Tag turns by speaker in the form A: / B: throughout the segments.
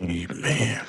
A: Amen.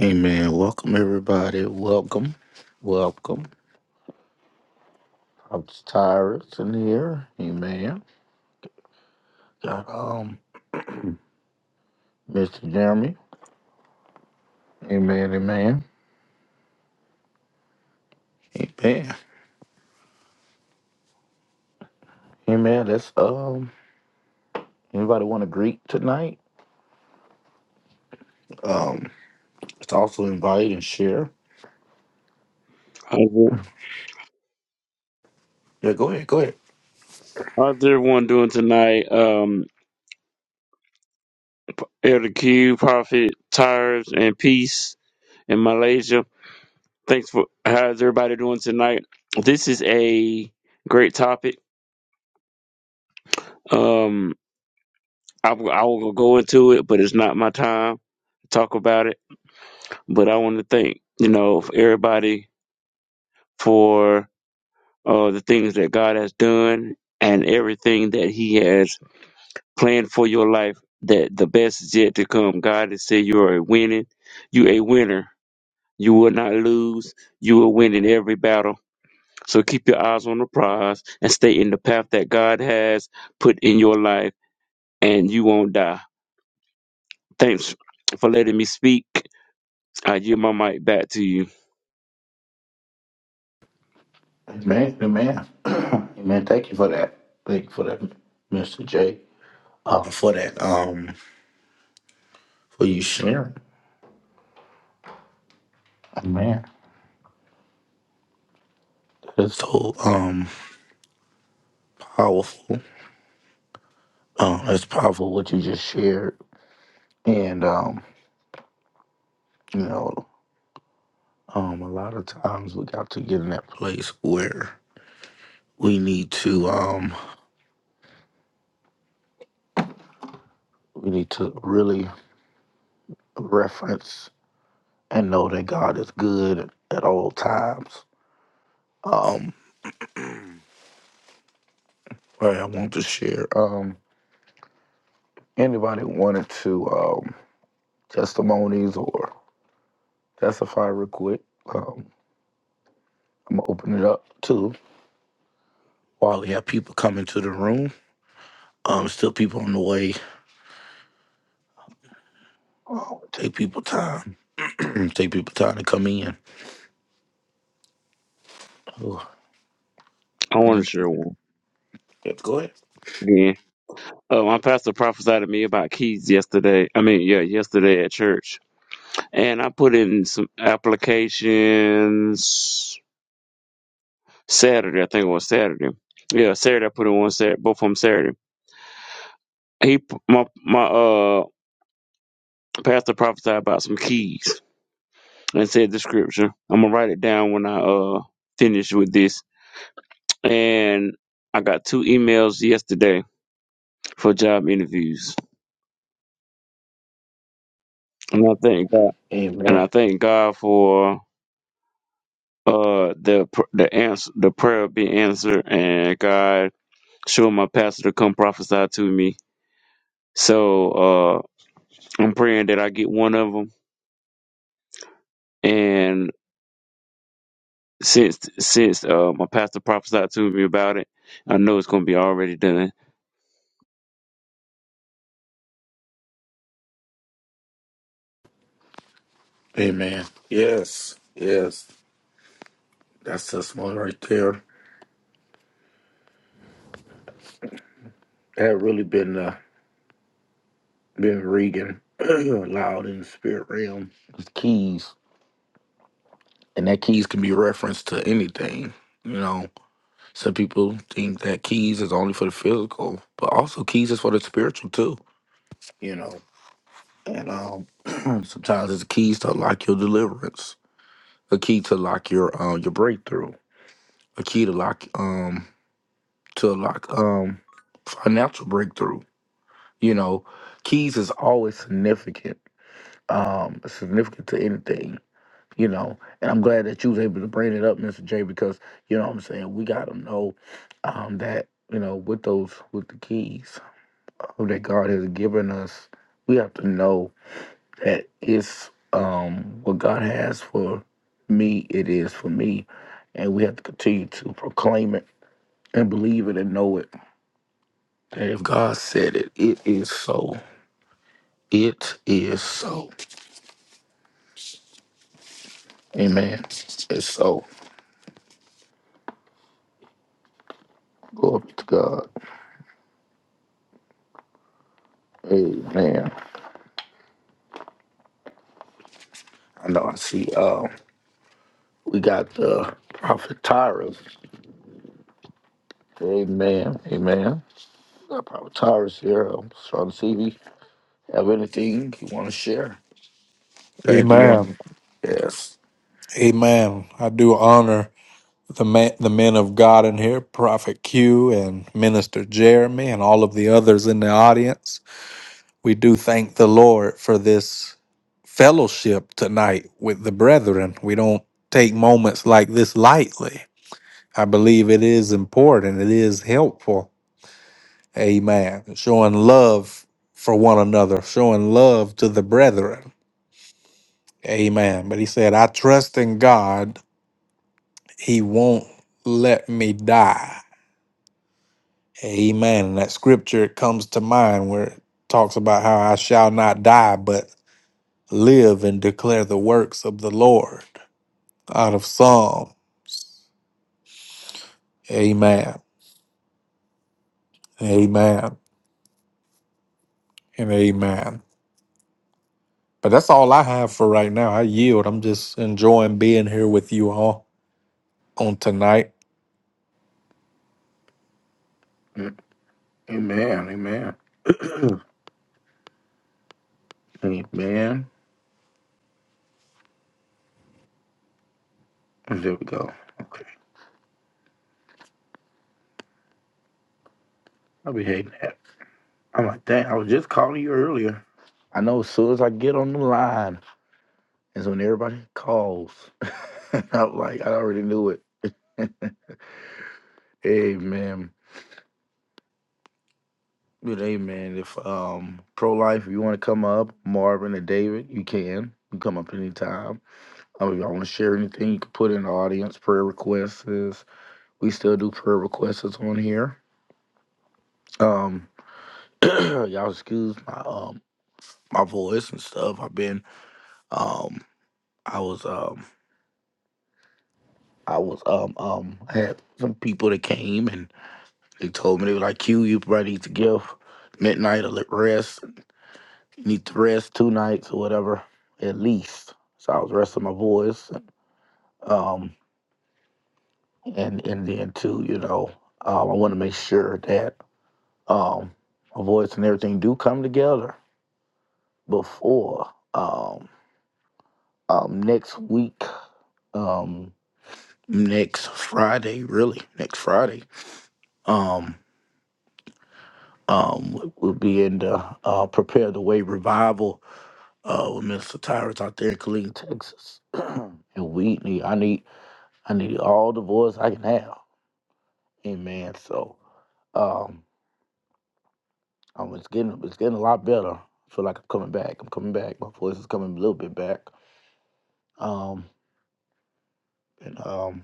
A: Amen. Welcome everybody. Welcome. Welcome. I'm Tyrus in here. Amen. Got um Mr. Jeremy. Amen. Amen. Amen. Amen. That's um anybody want to greet tonight? Um it's also invite and share.
B: How's it-
A: Yeah, go ahead, go ahead.
B: how's everyone doing tonight? Um, Elder Q, Prophet, Tires, and Peace in Malaysia. Thanks for how's everybody doing tonight? This is a great topic. Um, I, will- I will go into it, but it's not my time to talk about it. But I want to thank you know for everybody for uh, the things that God has done and everything that He has plan for your life that the best is yet to come. God has said you are a winning, you a winner. You will not lose. You will win in every battle. So keep your eyes on the prize and stay in the path that God has put in your life, and you won't die. Thanks for letting me speak. I give my mic back to you.
A: Amen. Amen. Amen. Thank you for that. Thank you for that, Mr. J. Uh, for that um for you sharing. Amen. It's so um powerful. Um, that's powerful what you just shared. And um, you know, um a lot of times we got to get in that place where we need to um we need to really reference and know that God is good at all times. Um all right, I want to share. Um anybody wanted to um testimonies or testify real quick. Um I'm gonna open it up too while we have people come into the room. Um still people on the way. Um, take people time Take people time to come in. Oh,
B: I want
A: thank-
B: to share one
A: Yes, go ahead.
B: again. Uh, my pastor prophesied to me about keys yesterday. I mean, yeah, yesterday at church, and I put in some applications Saturday, I think it was Saturday. Yeah, Saturday I put it on Saturday, both of them Saturday. He my my uh pastor prophesied about some keys and said the scripture. I'm gonna write it down when I uh finish with this. And I got two emails yesterday for job interviews, and I thank God. And
A: Amen.
B: I thank God for uh the pr- the answer the prayer being answered and God showing my pastor to come prophesy to me. So uh I'm praying that I get one of 'em And since since uh, my pastor prophesied to me about it, I know it's going to be already done.
A: Amen. Yes. Yes. That's the small right there. That really been uh, been Regan loud in the spirit realm. It's keys. And that keys can be referenced to anything. You know, some people think that keys is only for the physical, but also keys is for the spiritual too. You know. And um sometimes it's keys to lock your deliverance. A key to lock your um your breakthrough a key to lock um to lock um financial breakthrough. You know, keys is always significant. Um significant to anything, you know. And I'm glad that you was able to bring it up, Mr. J, because you know what I'm saying, we gotta know um that, you know, with those with the keys that God has given us, we have to know that it's um what God has for me, it is for me. And we have to continue to proclaim it and believe it and know it If God said it, it is so. It is so. Amen. It's so. Glory to God. Amen. I know I see uh we got the prophet Tyrus. Amen. Amen. We got prophet Tyrus here. I'm just trying to see if you have anything you want to share. Anything you want?
C: Amen.
A: Yes.
C: Amen. I do honor the man, the men of God in here, Prophet Q and Minister Jeremy and all of the others in the audience. We do thank the Lord for this fellowship tonight with the brethren. We don't take moments like this lightly. I believe it is important. It is helpful. Amen. Showing love for one another, showing love to the brethren. Amen. But he said, I trust in God He won't let me die. Amen. And that scripture comes to mind where it talks about how I shall not die, but live and declare the works of the Lord out of Psalm. Amen. Amen. And amen. But that's all I have for right now. I yield. I'm just enjoying being here with you all on tonight.
A: Mm, Amen. Amen. Amen. And There we go. Okay. I'll be hating that. I'm like, dang, I was just calling you earlier. I know as soon as I get on the line. And so when everybody calls, I'm like, I already knew it. Amen. But amen. If um pro life, if you want to come up, Marvin or David, you can. You can come up anytime. Um, if y'all want to share anything, you can put in the audience prayer requests. We still do prayer requests on here. Um, y'all excuse my um my voice and stuff. I've been um I was um I was um um I had some people that came and. They told me they were like, Q, you probably need to give midnight a little rest. You need to rest two nights or whatever, at least. So I was resting my voice. Um, and and then too, you know, um, I want to make sure that um, my voice and everything do come together before um, um, next week, um, next Friday, really, next Friday. Um, um, we'll be in the uh, Prepare the Way revival uh, with Mr. Tyrus out there in Killeen, Texas. and we need, I need, I need all the voice I can have. Amen. So, um, um, it's getting, it's getting a lot better. I feel like I'm coming back. I'm coming back. My voice is coming a little bit back. Um, and um,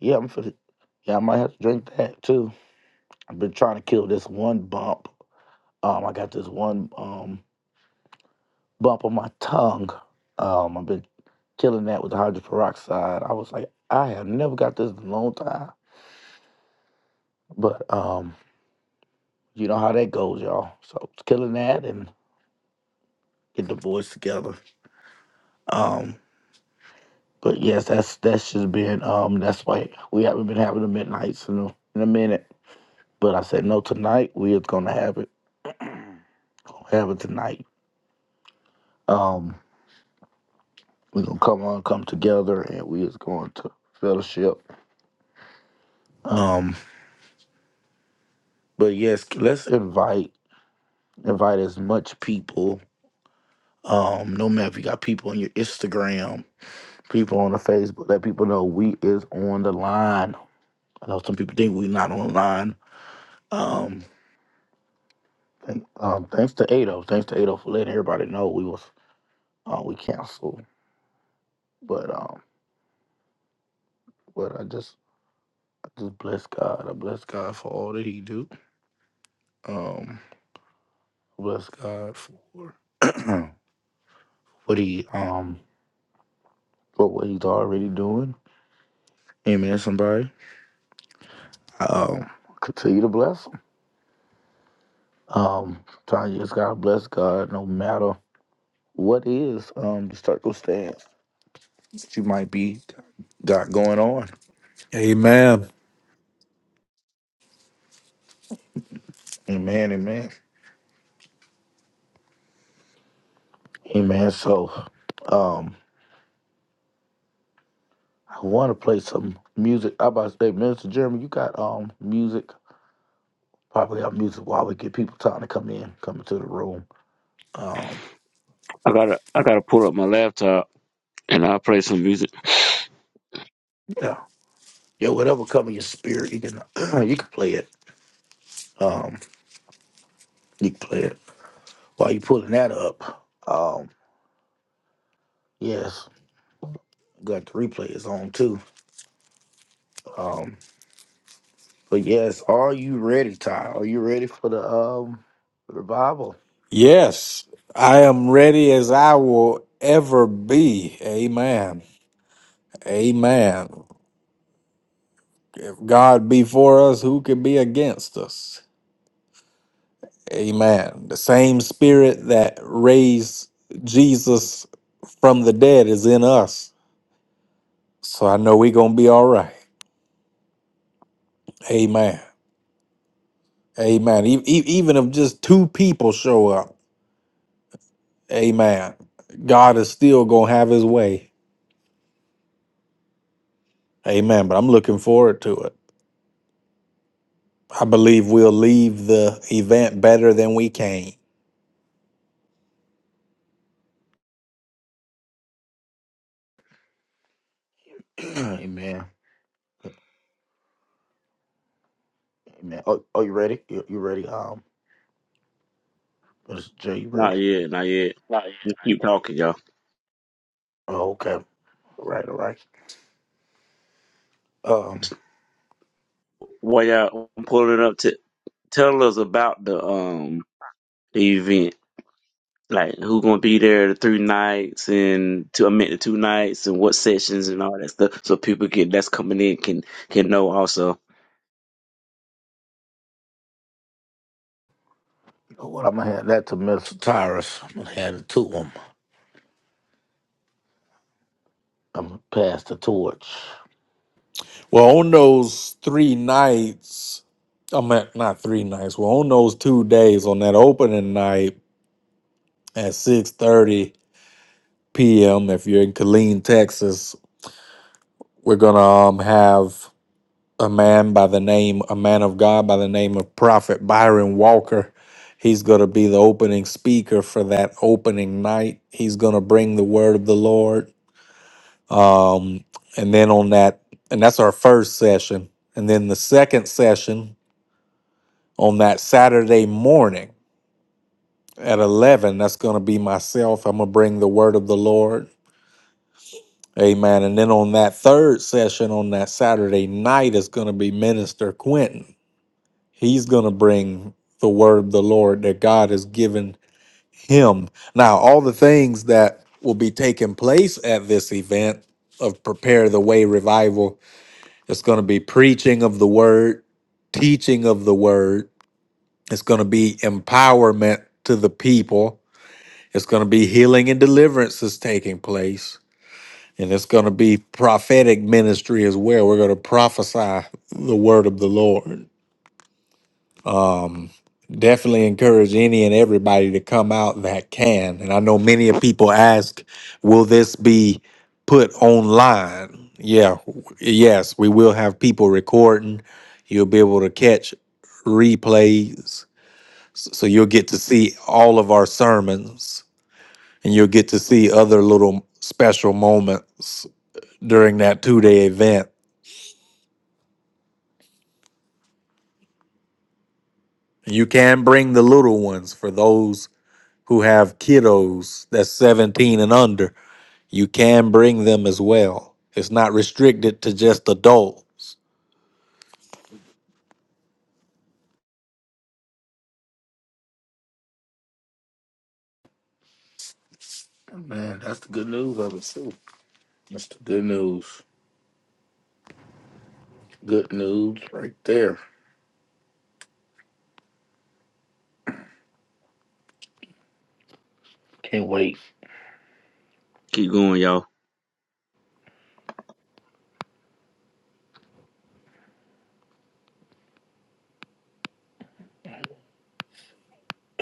A: yeah, I'm feeling. Yeah, I might have to drink that too. I've been trying to kill this one bump. Um, I got this one um bump on my tongue. Um, I've been killing that with the hydrogen peroxide. I was like, I have never got this in a long time. But um, you know how that goes, y'all. So it's killing that and get the boys together. Um, but yes, that's that's just been um that's why we haven't been having the midnights in a, in a minute. But I said no tonight. We is gonna have it, gonna have it tonight. Um, we're gonna come on, come together, and we is going to fellowship. Um, but yes, let's invite invite as much people. Um, no matter if you got people on your Instagram people on the Facebook. Let people know we is on the line. I know some people think we not on the line. Um, thank, um thanks to Ado, thanks to Ado for letting everybody know we was uh, we canceled. But um, but I just I just bless God. I bless God for all that He do. Um, bless God for what He um for what He's already doing. Amen. Somebody. Um, continue to bless. Him. Um, Tanya just gotta bless God no matter. what is um the circumstance that you might be got going on.
C: Amen.
A: Amen, amen. Amen. So um I wanna play some music. I about to say, Minister Jeremy, you got um music, probably got music while we get people time to come in, come into the room. Um
B: I gotta I gotta pull up my laptop and I'll play some music.
A: yeah. Yeah, whatever come in your spirit, you can you can play it. Um you can play it while you pulling that up. Um yes. Got the replay is on too. Um, But yes, are you ready, Ty? Are you ready for the um revival?
C: Yes, I am ready as I will ever be. Amen. Amen. God be for us, who can be against us? Amen. The same spirit that raised Jesus from the dead is in us. So I know we're going to be all right. Amen. Amen. E- e- even if just two people show up, amen, God is still going to have his way. Amen. But I'm looking forward to it. I believe we'll leave the event better than we came.
A: Amen. Amen. Oh, are you ready? You, you ready? Um, Mr. J, you ready?
B: Not yet, not yet.
A: Not yet.
B: We Keep talking, y'all.
A: Oh, okay. All right, all right. Um,
B: While y'all I'm pulling up to tell us about the um the event. Like who gonna be there the three nights and to I meant the two nights and what sessions and all that stuff so people get that's coming in can can know also.
A: you know what? I'm gonna hand that to Mr. Tyrus. I'm gonna hand it to him. I'm gonna pass the torch.
C: Well, on those three nights, I mean not three nights. Well, on those two days, on that opening night at six thirty p.m., if you're in Killeen, Texas, we're gonna um have a man by the name, a man of God by the name of Prophet Byron Walker. He's gonna be the opening speaker for that opening night. He's gonna bring the word of the Lord. Um, and then on that, and that's our first session. And then the second session on that Saturday morning at 11. That's going to be myself. I'm going to bring the word of the Lord. Amen. And then on that third session on that Saturday night is going to be Minister Quentin. He's going to bring the word of the Lord that God has given him. Now, all the things that will be taking place at this event of Prepare the Way Revival, it's going to be preaching of the word, teaching of the word, it's going to be empowerment to the people It's going to be healing and deliverance is taking place. And it's going to be prophetic ministry as well. We're going to prophesy the word of the Lord. Um, definitely encourage any and everybody to come out that can. And I know many of people ask, will this be put online? Yeah, w- yes, we will have people recording. You'll be able to catch replays. S- So you'll get to see all of our sermons and you'll get to see other little special moments during that two day event. You can bring the little ones for those who have kiddos that's 17 and under. You can bring them as well. It's not restricted to just adults.
A: Man, that's the good news of it too. That's the good news. Good news right there. Can't wait.
B: Keep going, y'all.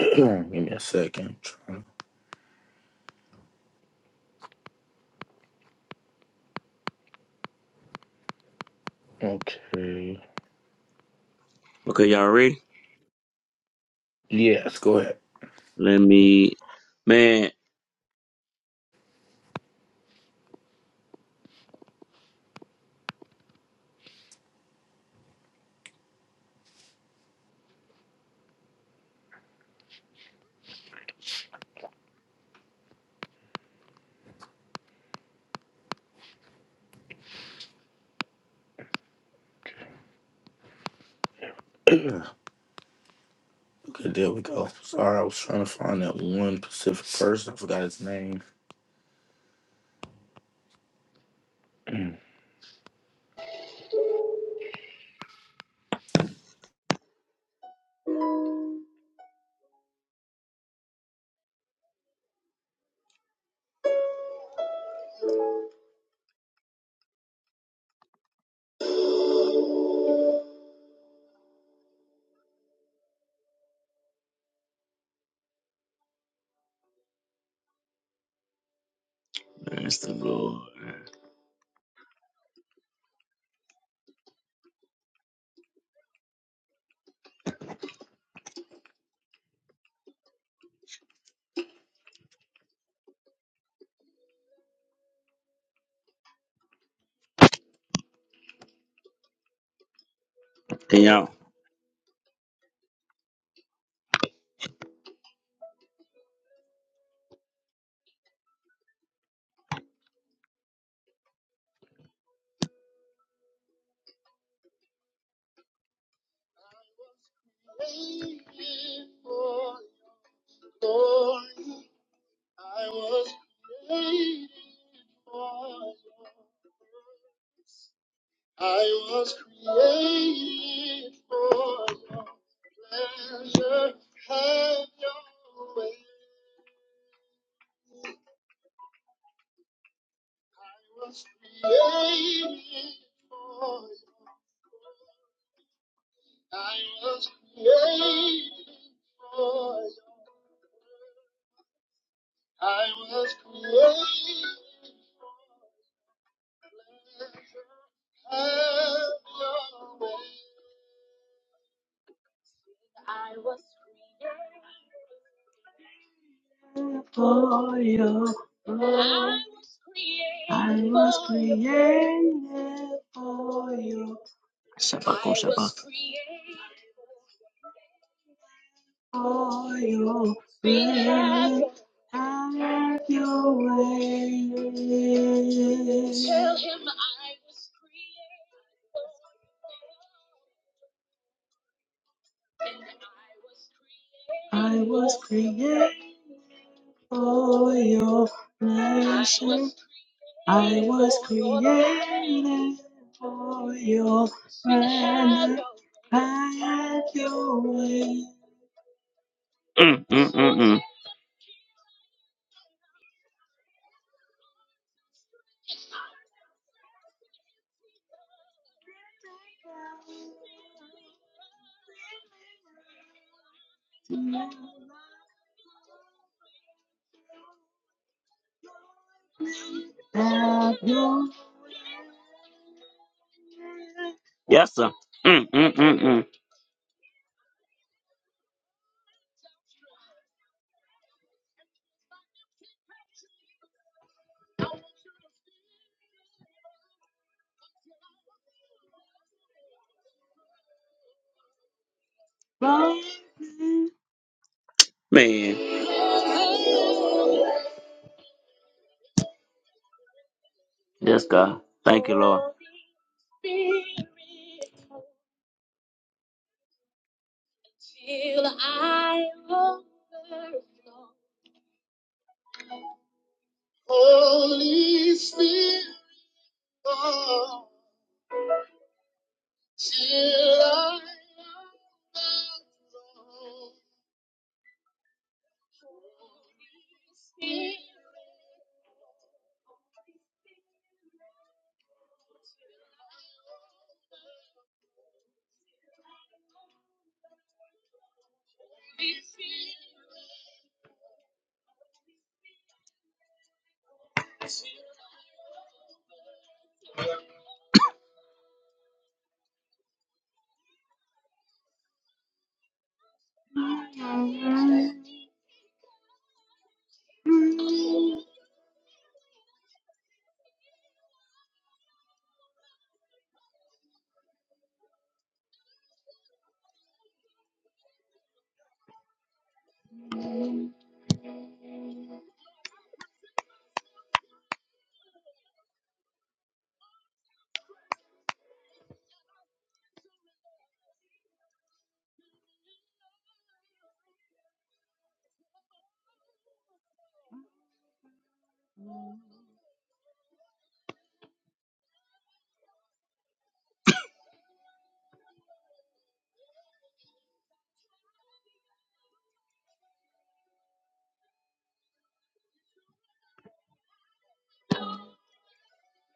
A: Give me a second. Okay.
B: Okay, y'all ready?
A: Yes, go ahead.
B: Let me man,
A: Okay, there we go. Sorry, I was trying to find that one Pacific person. I forgot his name.
B: there's the Lord. Can y'all for you. Yeah, yeah, for you. Shabbat on Shabbat. I was created For you. Have your way. Create for your life, for your life, your way. Mm, mm, mm, mm. Have your yes, sir. Mm, mm, mm, mm. Right. Man, yes, God. Thank you, Lord.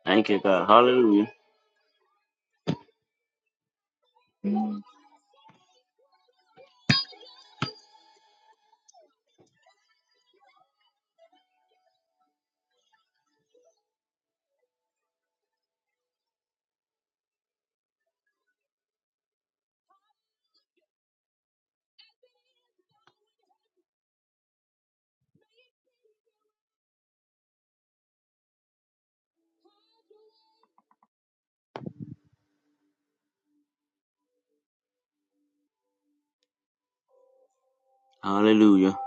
B: Thank you, God. Hallelujah. Hallelujah.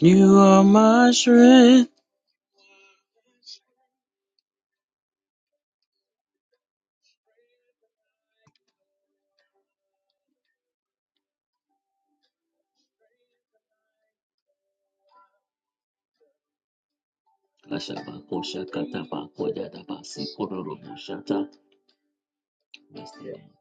B: You are my strength. Kashaba, koshata, taba, koyada, basi, kororo, moshata, Master,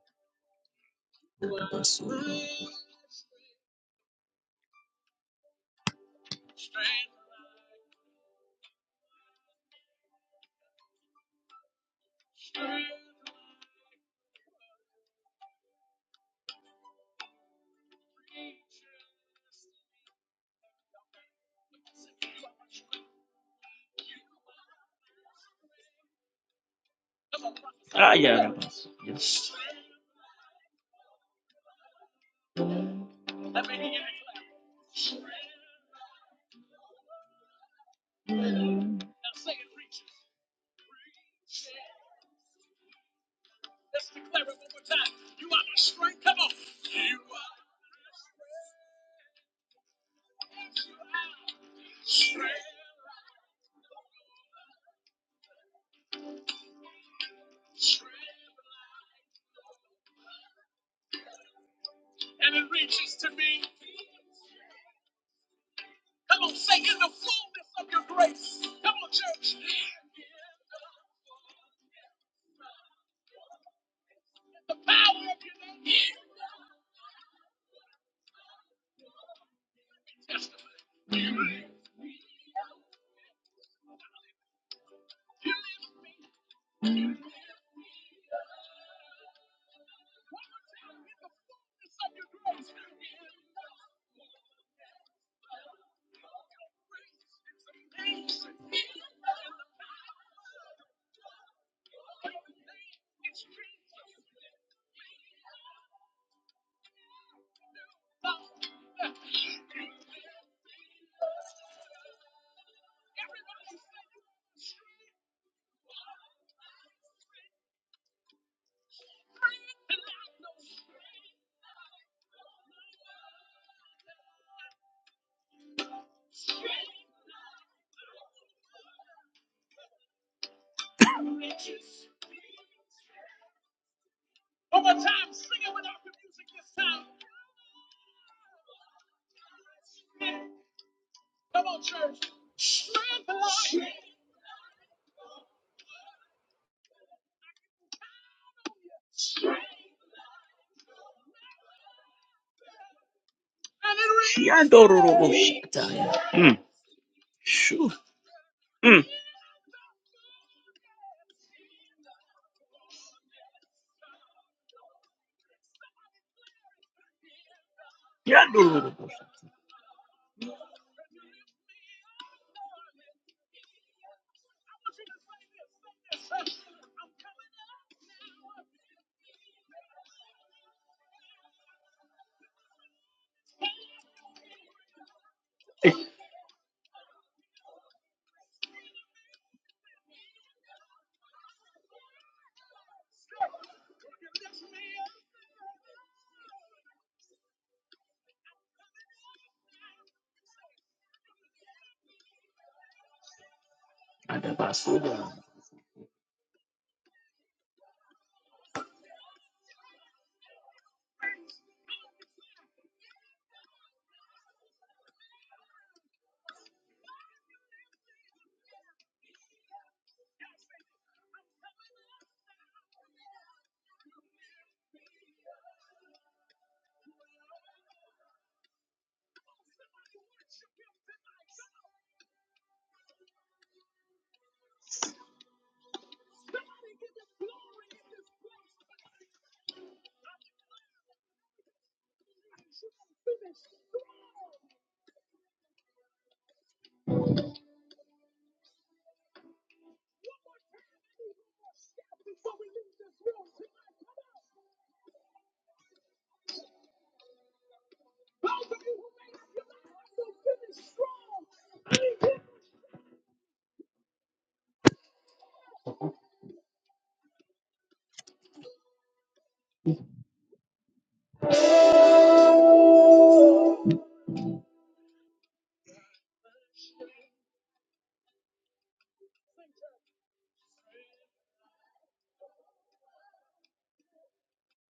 B: Ah, yeah, Yes. Mm. Shoo. Mm.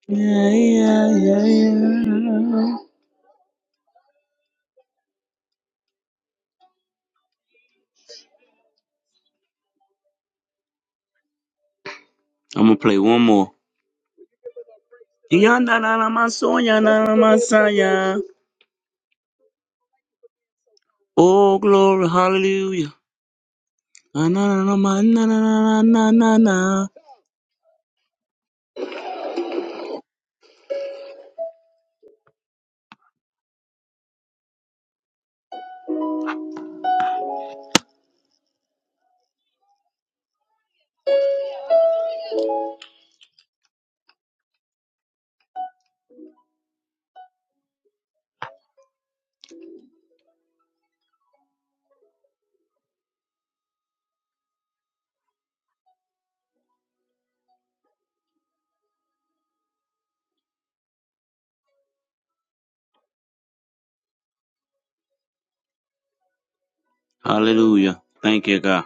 B: Yeah, yeah, yeah. I'm gonna play one more. Oh glory, hallelujah. Hallelujah. Thank you, God.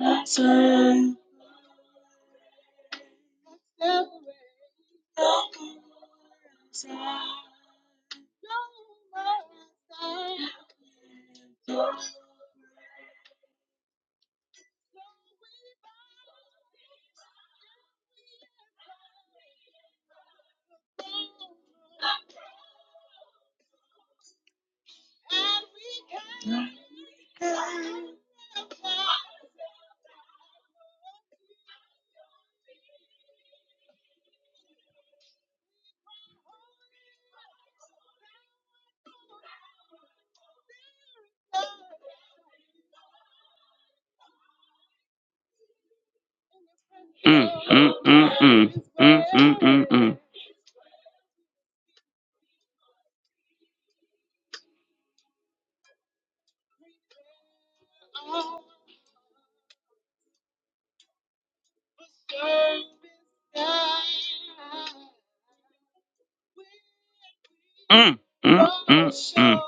B: Mm, mm, mm, mm, mm, mm, mm, mm. mm. Mm, mm, mm, mm.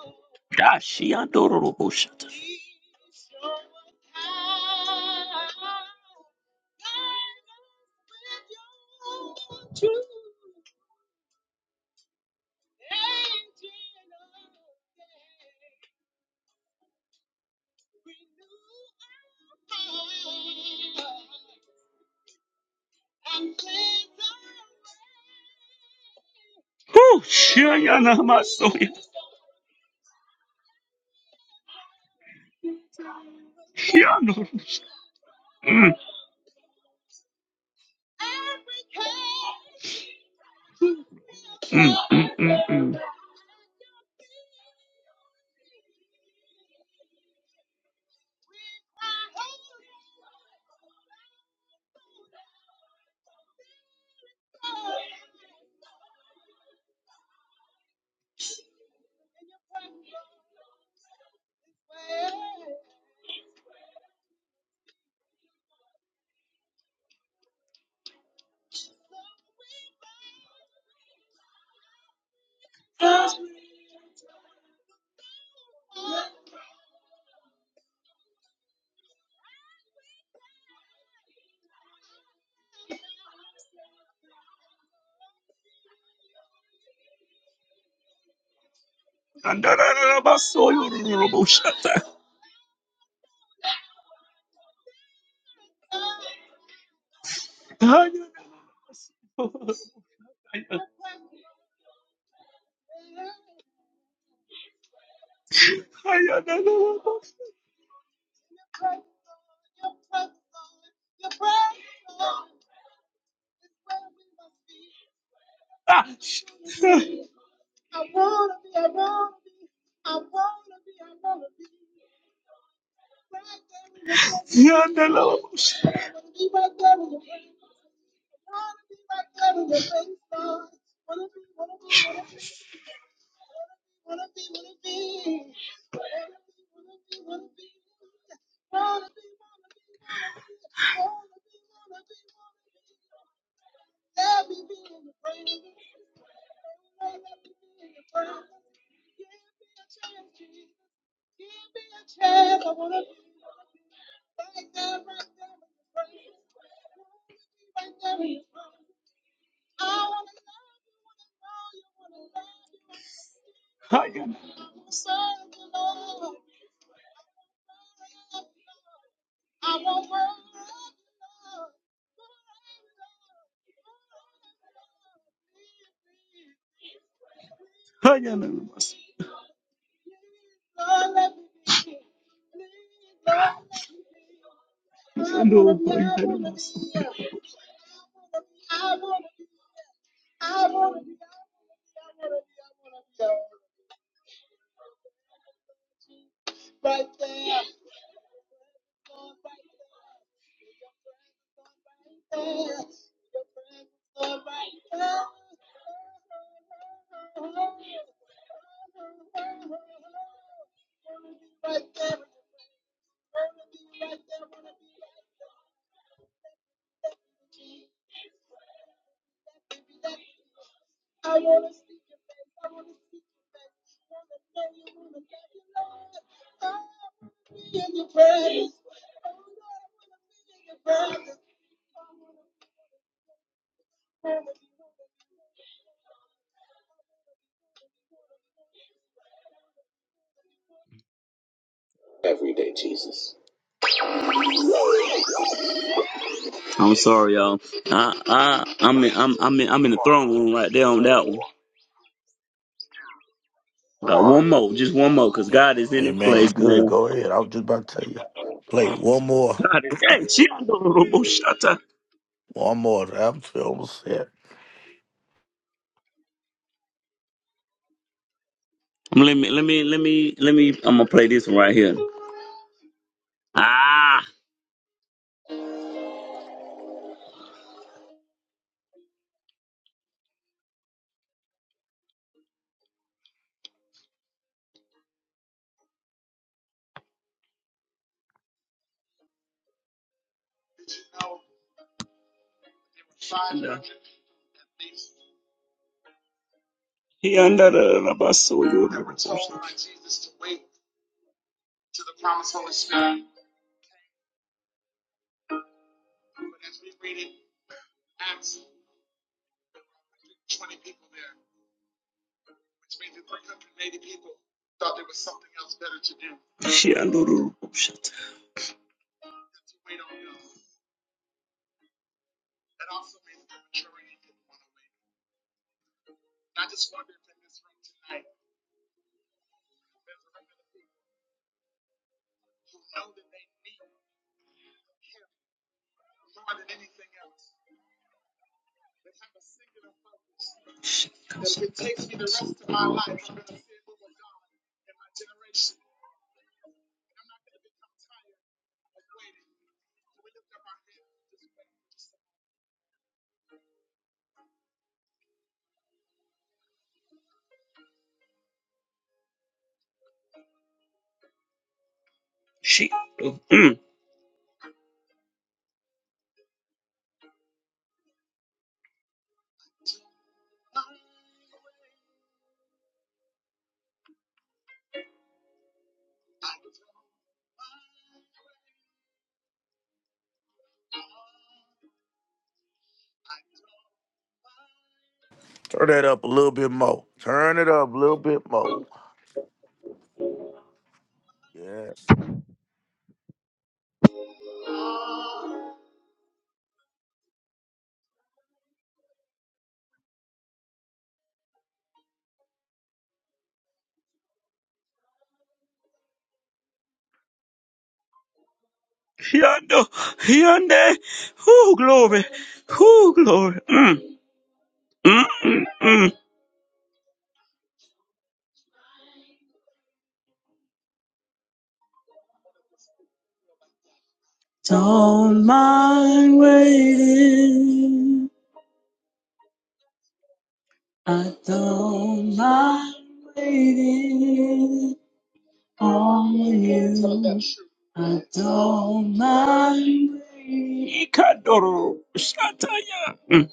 B: Gosh, she adorable shut. Adorable shut. I'm sorry, y'all. I, I, I'm in, I'm, I'm in, I'm in the throne room right there on that one. Got one more, just one more, cause
A: Yeah.
B: God is in
A: Hey,
B: His
A: man, you
B: place,
A: good.
B: man.
A: Go ahead. I was just about to tell you. Play one more.
B: God is, hey, she adorable shut. Let
A: One more. I'm almost set.
B: me, let me, let me, let me. I'm gonna play this one right here. Ah, he that she mm,
A: Turn that up a little bit more. Turn it up a little bit more. Yes.
B: no, Hyundai. Mm, mm, mm, mm. Don't mind waiting. I don't mind waiting on you. I don't mind waiting. Mm.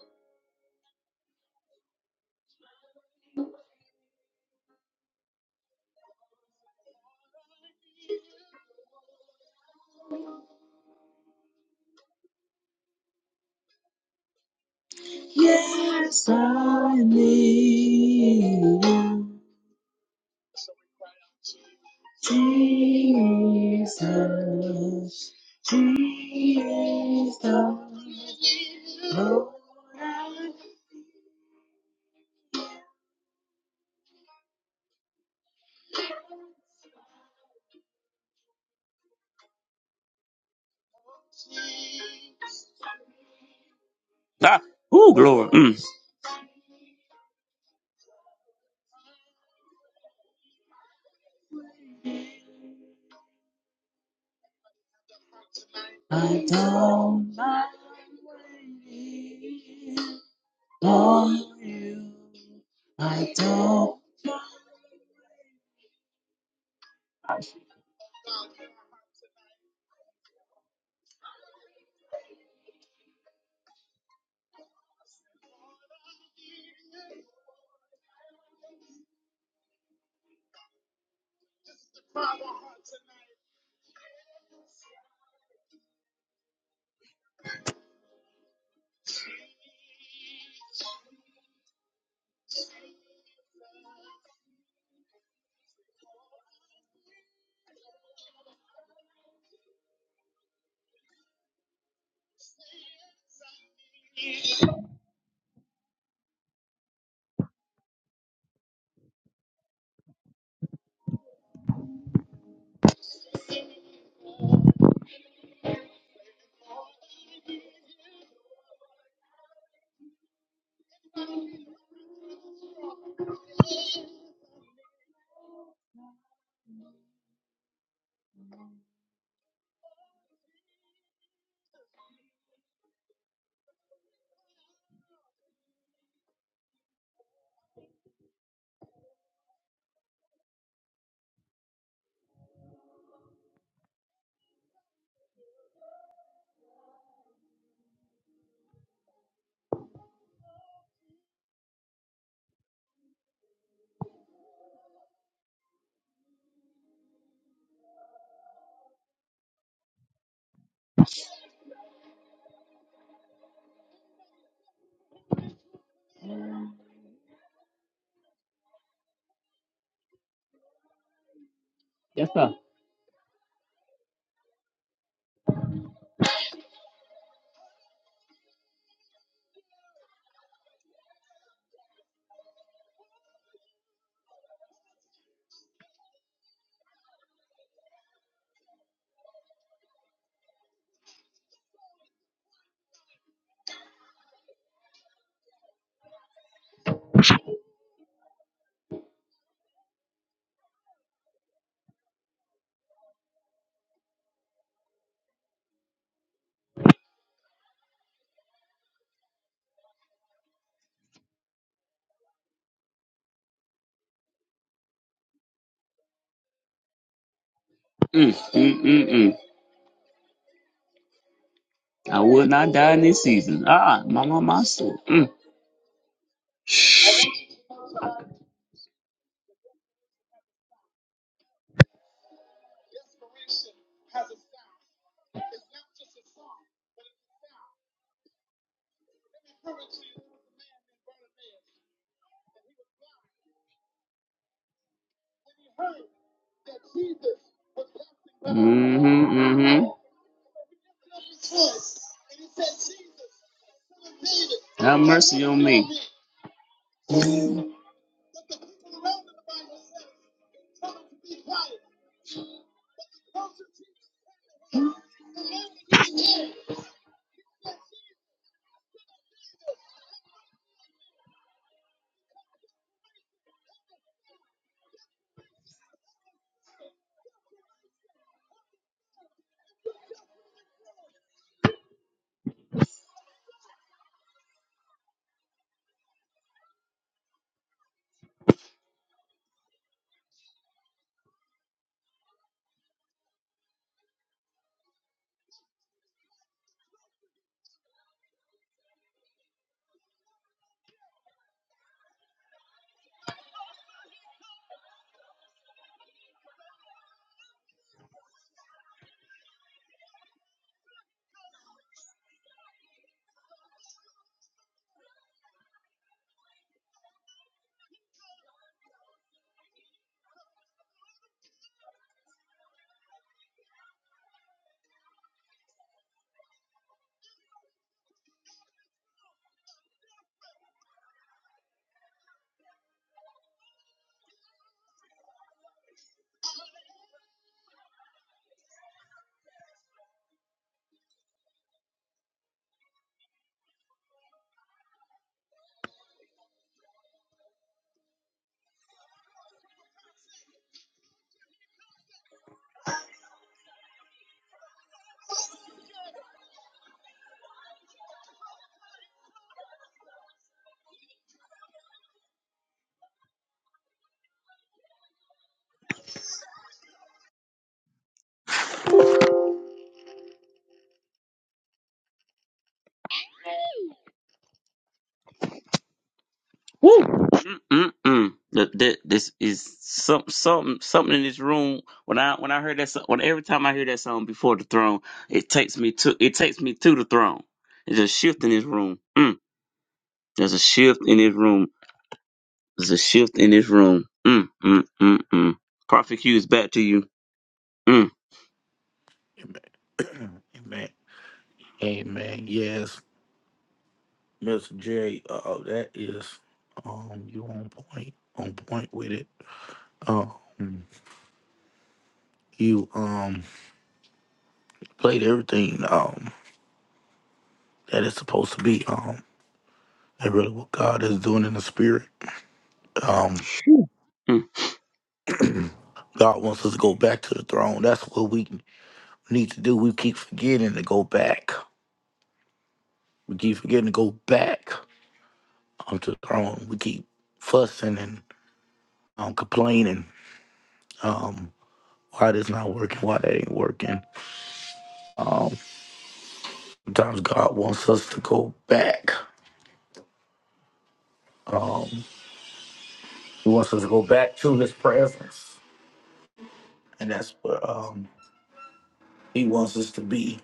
B: Yes, I need you. Jesus, Jesus, oh, Ah, ooh, glory. Mm. I down my knees on you. I don't. Yes, sir. Mm, mm, mm, mm. I will not die in this season. Ah, my, my, my soul. Mm, mm-hmm, mm-hmm. Mm-mm. That, that this is some something something in this room. When I when I heard that so- when every time I hear that song before the throne, it takes me to it takes me to the throne. There's a shift in this room. Mm. There's a shift in this room. There's a shift in this room. Mm, mm, mm, mm. Prophet Hughes, back to you. Mm.
A: Amen. Amen. Amen. Yes. Mr. J, uh, that is, um, you on point. On point with it. Um, you, um, played everything, um, that is supposed to be. um, and really what God is doing in the spirit. Um,
B: Phew. Mm.
A: God wants us to go back to the throne. That's what we need to do. We keep forgetting to go back. We keep forgetting to go back onto the throne. We keep fussing and um, complaining um, why this not working, why that ain't working. Sometimes God wants us to go back. He wants us to go back to His presence, and that's what um, He wants us to be.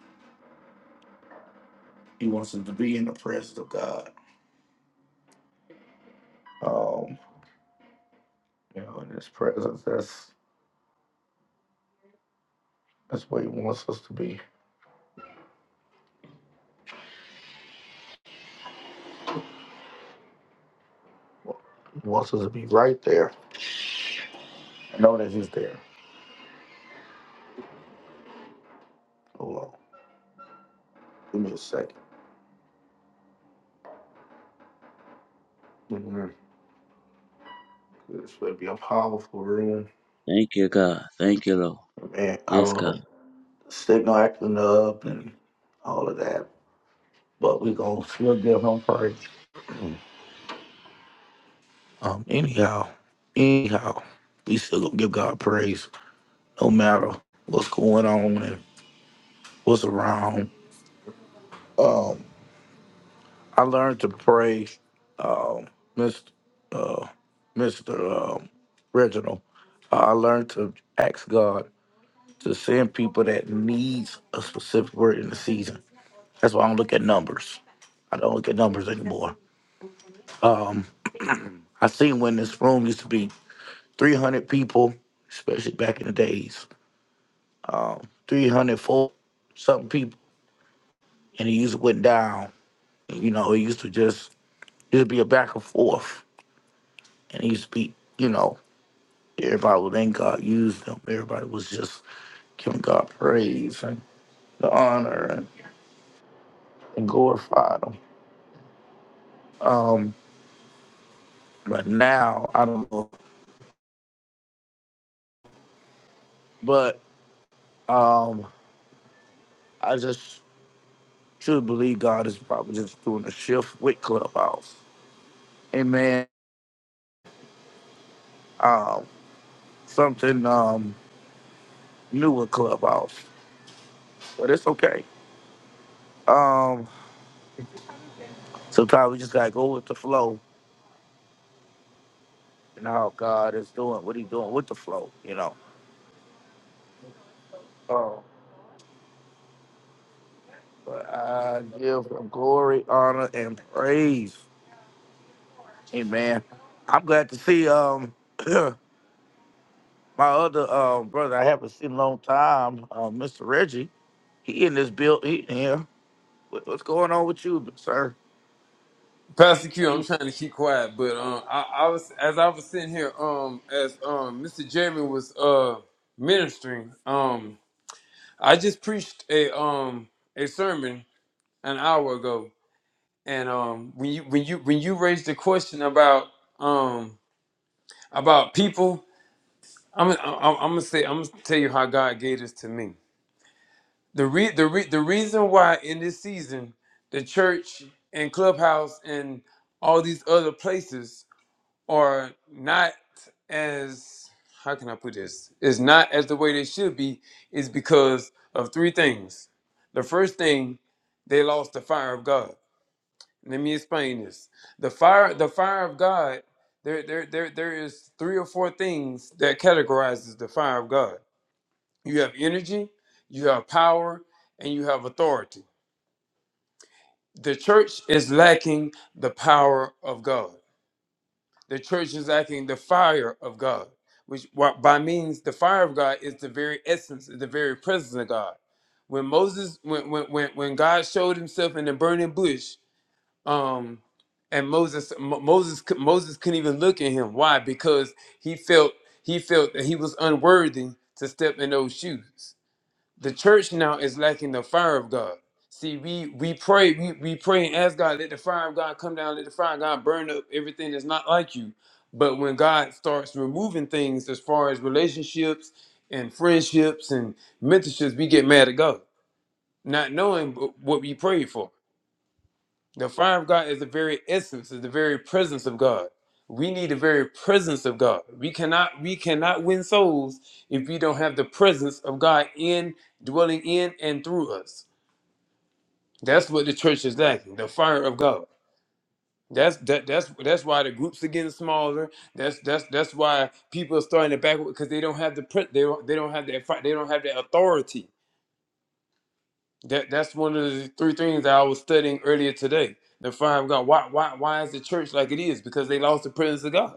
A: He wants us to be in the presence of God. Um, you know, in His presence, that's That's where he wants us to be. He wants us to be right there. I know that he's there. Hold on. Give me a 2nd Mm-hmm. This would be a powerful room.
B: Thank you, God. Thank you, Lord.
A: Man, I
B: Yes,
A: don't
B: God.
A: know. Signal acting up
B: Thank
A: and all of that. But we gonna still give him praise. Um, anyhow, anyhow, we still gonna give God praise no matter what's going on and what's around. Um, I learned to pray, uh, Mr. Uh, Mr. Um Reginald. Uh, I learned to ask God to send people that needs a specific word in the season. That's why I don't look at numbers. I don't look at numbers anymore. Um, I seen when this room used to be 300 people, especially back in the days, three hundred four something people, and it used to went down. You know, it used to just it used to be a back and forth, and it used to be, you know, Everybody would think God used them. Everybody was just giving God praise and the honor and, and glorified them. Um, but now I don't know. But um, I just truly believe God is probably just doing a shift with Clubhouse. Amen. Um, something um new with Clubhouse, but it's okay. Um, sometimes we just gotta go with the flow and how God is doing what He's doing with the flow. You know. Um, But I give him glory, honor, and praise. Amen. I'm glad to see um my other um brother I haven't seen in a long time, uh, Mr. Reggie. He in this build he here. What, what's going on with you, sir?
D: Pastor
A: Are
D: Q, I'm
A: you-
D: trying to keep quiet, but um, I, I was as I was sitting here, um, as um, Mr. Jeremy was uh ministering, um, I just preached a um a sermon an hour ago, and um, when you when you when you raised the question about um about people, I'm I'm, I'm gonna say I'm gonna tell you how God gave this to me. The re the re, the reason why in this season the church and clubhouse and all these other places are not as how can I put this? It's not as the way they should be is because of three things. The first thing, they lost the fire of God. Let me explain this. The fire, the fire of God, there, there, there, there is three or four things that categorizes the fire of God. You have energy, you have power, and you have authority. The church is lacking the power of God. The church is lacking the fire of God, which what by means the fire of God is the very essence, is the very presence of God. When Moses, when when when, when God showed Himself in the burning bush, um, and Moses Mo- Moses cou- Moses couldn't even look at Him. Why? Because he felt he felt that he was unworthy to step in those shoes the church now is lacking the fire of God. See, we we pray, we, we pray and ask God, let the fire of God come down, let the fire of God burn up everything that's not like you. But when God starts removing things as far as relationships and friendships and mentorships, we get mad at God, not knowing what we prayed for. The fire of God is the very essence, is the very presence of God. We need the very presence of God. We cannot we cannot win souls if we don't have the presence of God in dwelling in and through us. That's what the church is lacking, the fire of God. That's that that's that's why the groups are getting smaller. That's that's that's why people are starting to back because they don't have the pre- they don't they don't have that fi- they don't have that authority That that's one of the three things that I was studying earlier today. The fire of God. Why why why is the church like it is? Because they lost the presence of God.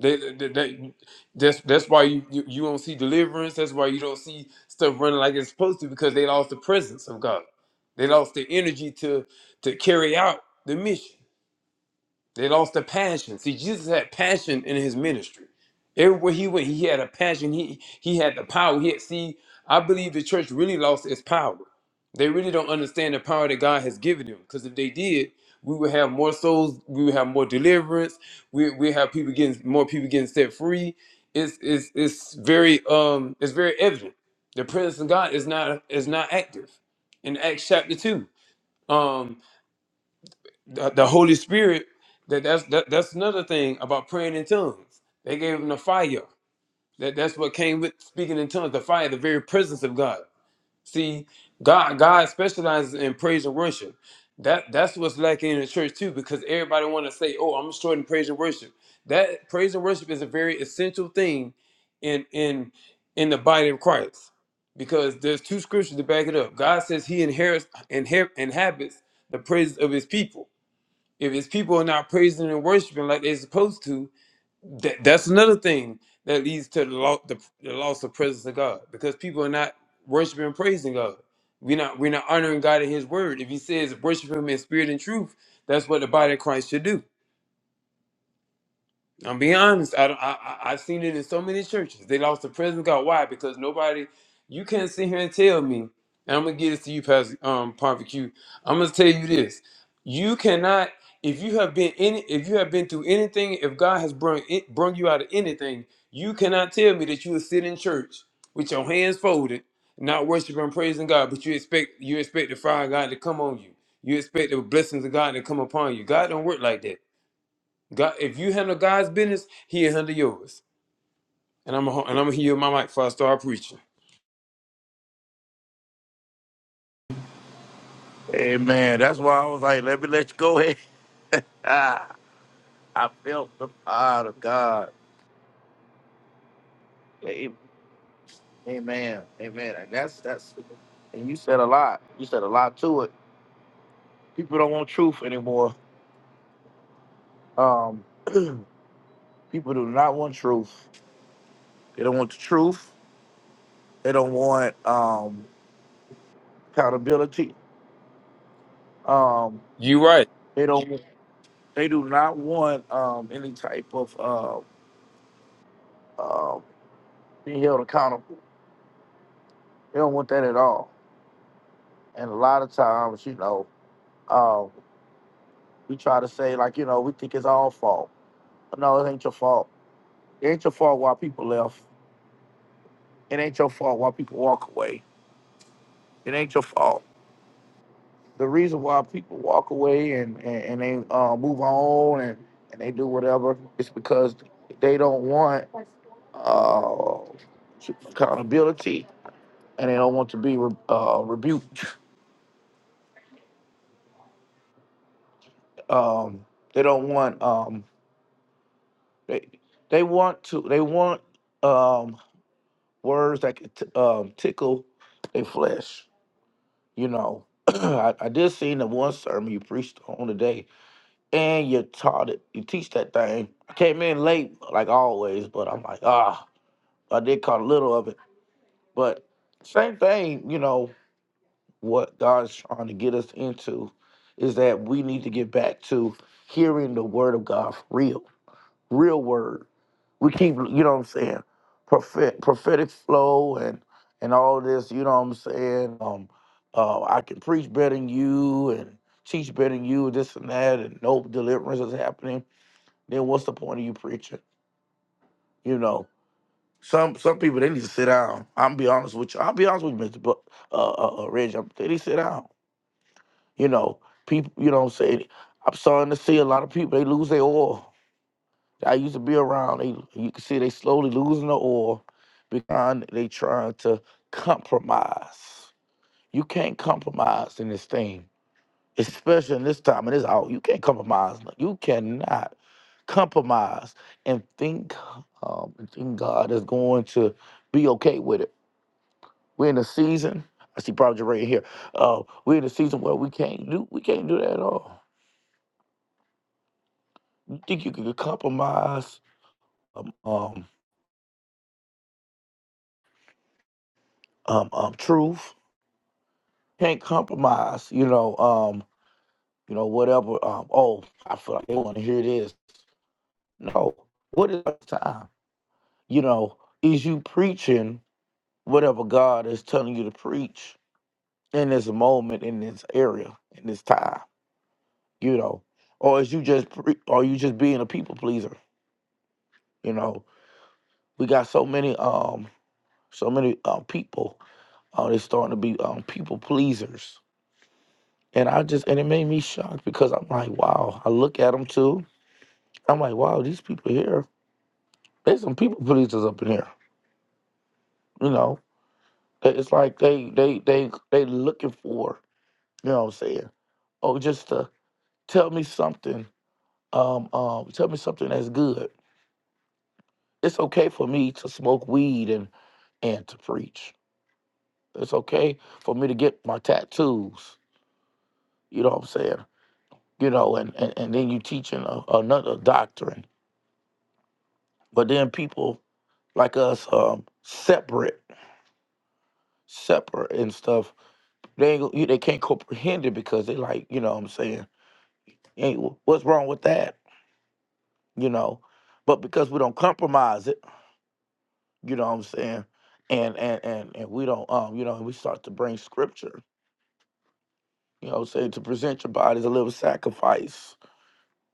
D: They, they, they- that's that's why you, you you don't see deliverance. That's why you don't see stuff running like it's supposed to because they lost the presence of God. They lost the energy to to carry out the mission. They lost their passion. See, Jesus had passion in his ministry. Everywhere he went, he had a passion. He he had the power. He had, see, I believe the church really lost its power. They really don't understand the power that God has given them. Because if they did, we would have more souls. We would have more deliverance. We we have people getting more people getting set free. It's it's it's very um it's very evident. The presence of God is not is not active. In Acts chapter two. um, the, the Holy Spirit. That that's that, that's another thing about praying in tongues. They gave him the fire. That that's what came with speaking in tongues. The fire, the very presence of God. See, God God specializes in praise and worship. That that's what's lacking in the church too, because everybody want to say, "Oh, I'm destroyed in praise and worship." That praise and worship is a very essential thing in in in the body of Christ, because there's two scriptures to back it up. God says He inherits inher- inhabits the praises of His people if his people are not praising and worshiping like they're supposed to, that, that's another thing that leads to the, lo- the, the loss of presence of God because people are not worshiping and praising God. We're not we're not honoring God in His Word. If He says worship Him in spirit and truth, that's what the body of Christ should do. I'm being honest. I, I I- I've seen it in so many churches. They lost the presence of God. Why? Because nobody. You can't sit here and tell me. And I'm gonna give this to you, Pastor um, Barbecue. I'm gonna tell you this. You cannot. If you have been in, if you have been through anything, if God has brung it, brung you out of anything, you cannot tell me that you will sit in church with your hands folded, not worshiping, and praising God, but you expect you expect the fire of God to come on you. You expect the blessings of God to come upon you. God don't work like that. God, if you handle God's business, He'll handle yours. And I'm a, and I'm gonna heal my mic before I start preaching.
A: Amen. That's why I was like, let me let you go ahead. Ah, I felt the power of God. A- Amen. Amen. And that's that's and you said a lot. You said a lot to it. People don't want truth anymore. Um People do not want truth. They don't want the truth. They don't want um, accountability. Um,
D: You right.
A: they don't. They do not want um, any type of uh, uh, being held accountable. They don't want that at all. And a lot of times, you know, um, we try to say like, you know, we think it's all fault. No, it ain't your fault. It ain't your fault why people left. It ain't your fault why people walk away. It ain't your fault. the reason why people walk away and and, and they uh, move on and, and they do whatever is because they don't want uh, accountability and they don't want to be re- uh, rebuked. Um, they don't want um, they they want to they want um, words that can t- um, tickle their flesh. You know, I, I did see in the one sermon you preached on today and you taught it. You teach that thing. I came in late, like always, but I'm like, ah, I did caught a little of it. But same thing, you know, what God's trying to get us into is that we need to get back to hearing the word of God for real, real word. We keep, you know what I'm saying, prophet, prophetic flow and and all this, you know what I'm saying. Um, uh, I can preach better than you and teach better than you, this and that, and no deliverance is happening then what's the point of you preaching? You know, some some people they need to sit down. I'm be honest with you. I'll be honest with you, Mr. Book, uh, uh, uh, Reg. I'm- They need to sit down. You know, people. You know, what I'm saying I'm starting to see a lot of people they lose their oil. I used to be around. They you can see they slowly losing the oil because they trying to compromise. You can't compromise in this thing. especially in this time and this hour. You can't compromise. No, You cannot compromise and think um, and think God is going to be okay with it. We're in a season. I see Prophet right here. Uh, we're in a season where we can't do we can't do that at all. You think you can compromise um, um, um, um, truth? Can't compromise. You know um, you know whatever. Um, oh, I feel like they want to hear this. No, what is our time? You know, is you preaching? whatever God is telling you to preach in this moment, in this area, in this time, you know, or is you just pre- or you just being a people pleaser? You know, we got so many um so many uh, people uh, they starting to be um people pleasers, and I just and it made me shocked because I'm like, wow, I look at them too. I'm like, wow, these people here, there's some people pleasers up in here. You know, It- it's like they they they they looking for, you know what I'm saying? Oh, just to tell me something Um, um, tell me something that's good. It's okay for me to smoke weed and and to preach. It's okay for me to get my tattoos. You know what I'm saying? You know, and and, and then you teaching a, another doctrine, but then people like us um separate, separate and stuff. They ain't, go- they can't comprehend it because they like you know what I'm saying. Ain't what's wrong with that? You know, but because we don't compromise it. you know what I'm saying? And and and and we don't um, you know, and we start to bring scripture, you know what I'm saying, to present your body as a living sacrifice.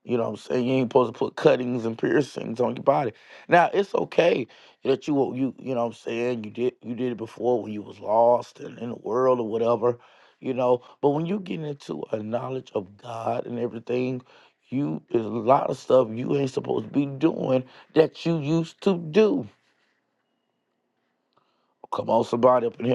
A: You know what I'm saying? You ain't supposed to put cuttings and piercings on your body. Now it's okay that you you you know what I'm saying, you did you did it before when you was lost and in the world or whatever, you know. But when you get into a knowledge of God and everything, you there's a lot of stuff you ain't supposed to be doing that you used to do. Come on, somebody up in here.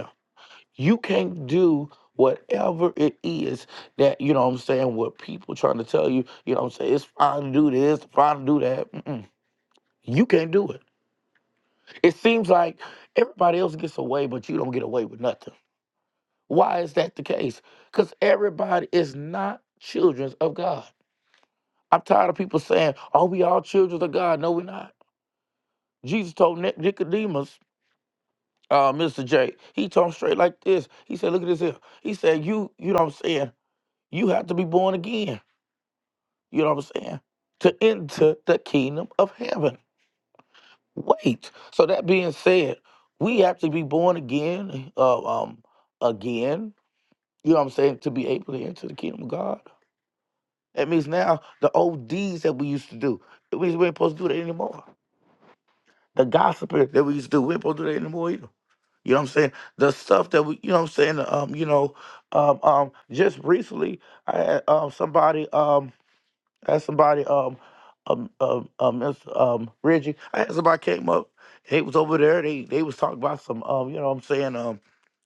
A: You can't do whatever it is that, you know what I'm saying, what people trying to tell you, you know what I'm saying, it's fine to do this, fine to do that. Mm-mm. You can't do it. It seems like everybody else gets away, but you don't get away with nothing. Why is that the case? Because everybody is not children of God. I'm tired of people saying, are we all children of God? No, we're not. Jesus told Nic- Nicodemus, uh, Mr. J, he told him straight like this. He said, look at this here. He said, you, you know what I'm saying, you have to be born again. You know what I'm saying? To enter the kingdom of heaven. Wait. So that being said, we have to be born again, uh, um, again. You know what I'm saying? To be able to enter the kingdom of God. That means now the old deeds that we used to do, we we ain't supposed to do that anymore. The gossip that we used to do, we ain't supposed to do that anymore either. You know what I'm saying? The stuff that we, you know what I'm saying? Um, you know, um, um, just recently I had um somebody um asked somebody, um, um, um, um, Mr. um, Reggie. I had somebody came up. They was over there. They they was talking about some, um, you know, what I'm saying, um,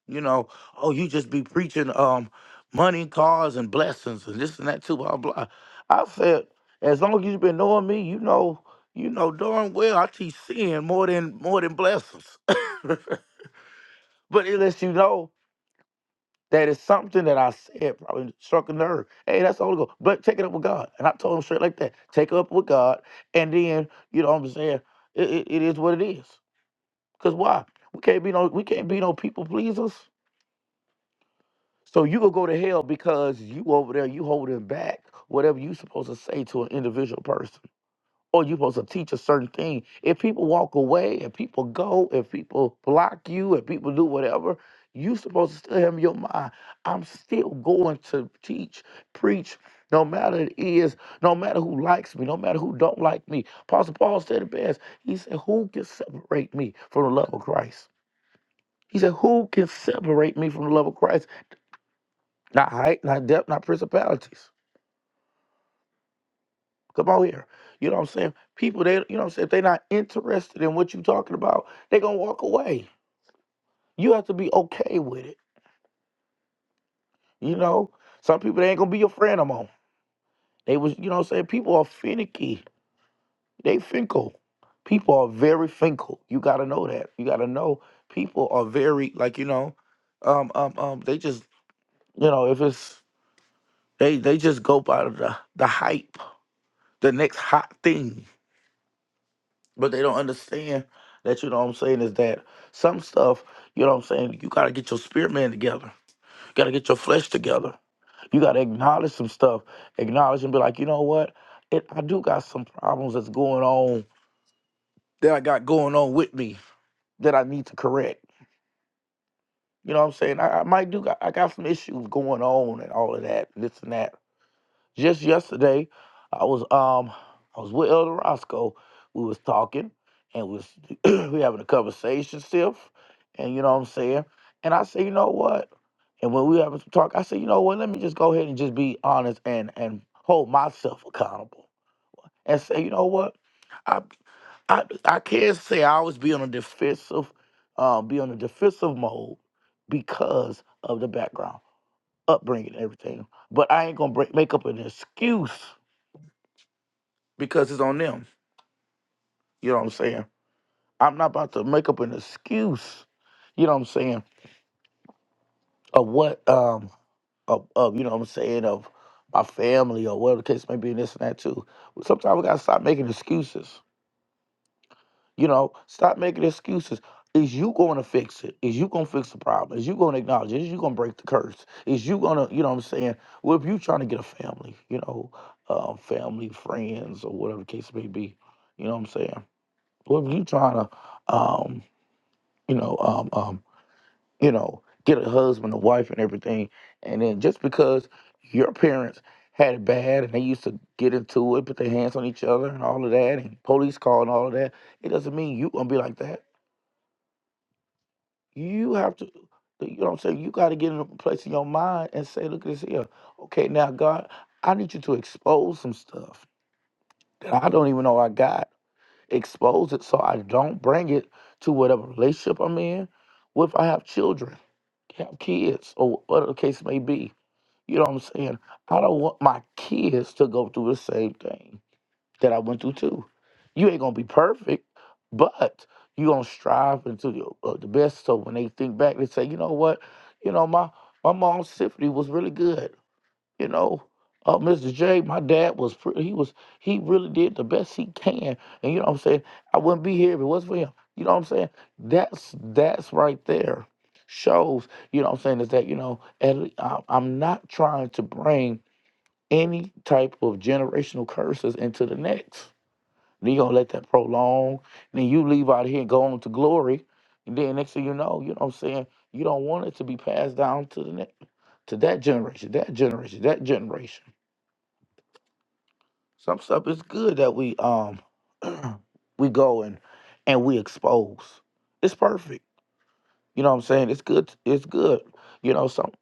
A: you know, oh, you just be preaching, um, money, cars, and blessings, and this and that too, blah blah. I said, as long as you've been knowing me, you know, you know darn well I teach sin more than more than blessings. but it lets you know that is something that I said probably struck a nerve. Hey, that's the Holy Ghost. But take it up with God. And I told him straight like that. Take it up with God. And then, you know what I'm saying? It, it, it is what it is. Cause why? We can't be no we can't be no people pleasers. So you gonna go to hell because you over there, you holding back whatever you supposed to say to an individual person or you're supposed to teach a certain thing. If people walk away, if people go, if people block you, if people do whatever, you supposed to still have in your mind. I'm still going to teach, preach, no matter it is, no matter who likes me, no matter who don't like me. Apostle Paul said it best. He said, Who can separate me from the love of Christ? He said, Who can separate me from the love of Christ? Not height, not depth, not principalities. Come on here. You know what I'm saying? People, they, you know what I'm saying? If they're not interested in what you're talking about, they're going to walk away. You have to be okay with it. You know, some people, they ain't going to be your friend no more. They was, you know what I'm saying? People are finicky. They finkle. People are very finkle. You got to know that. You got to know people are very, like, you know, um, um, um, they just, you know, if it's, they, they just go by the, the hype, the next hot thing. But they don't understand that, you know what I'm saying, is that some stuff, you know what I'm saying, you got to get your spirit man together. You got to get your flesh together. You got to acknowledge some stuff. Acknowledge and be like, you know what? It, I do got some problems that's going on that I got going on with me that I need to correct. You know what I'm saying? I, I might do got, I got some issues going on and all of that, this and that. Just yesterday, I was um I was with Elder Roscoe. We was talking and we was we having a conversation still, and you know what I'm saying. And I say, you know what? And when we having some talk, I say, you know what? Let me just go ahead and just be honest and and hold myself accountable and say, you know what? I I I can't say I always be on a defensive, um, be on a defensive mode because of the background, upbringing, and everything. But I ain't gonna break, make up an excuse because it's on them. You know what I'm saying? I'm not about to make up an excuse. You know what I'm saying? Of what um of, of you know what I'm saying of my family or whatever the case may be, and this and that too. Sometimes we gotta stop making excuses. You know, stop making excuses. Is you going to fix it? Is you going to fix the problem? Is you going to acknowledge it? Is you going to break the curse? Is you going to, you know what I'm saying? Well, if you trying to get a family, you know, uh, family, friends, or whatever the case may be, you know what I'm saying? Well, if you trying to, um, you know, um, um, you know, get a husband, a wife, and everything. And then just because your parents had it bad and they used to get into it, put their hands on each other and all of that, and police call and all of that, it doesn't mean you gonna be like that. You have to, you know what I'm saying? You got to get in a place in your mind and say, look at this here. Okay, now God, I need you to expose some stuff that I don't even know I got expose it so I don't bring it to whatever relationship I'm in. What if I have children, have kids, or whatever the case may be? You know what I'm saying? I don't want my kids to go through the same thing that I went through too. You ain't gonna be perfect, but you gonna strive into the, uh, the best. So when they think back, they say, you know what? You know my my mom's symphony was really good. You know, uh, Mr. J, my dad was pre- he was he really did the best he can, and you know what I'm saying. I wouldn't be here if it wasn't for him. You know what I'm saying. That's that's right there shows. You know what I'm saying is that you know at, le- I, I'm not trying to bring any type of generational curses into the next. Then you gonna let that prolong, then you leave out here and go on to glory, and then next thing you know, you know what I'm saying. You don't want it to be passed down to the next, to that generation, that generation, that generation. Some stuff is good that we um we go and and we expose. It's perfect. You know what I'm saying? It's good. It's good. You know some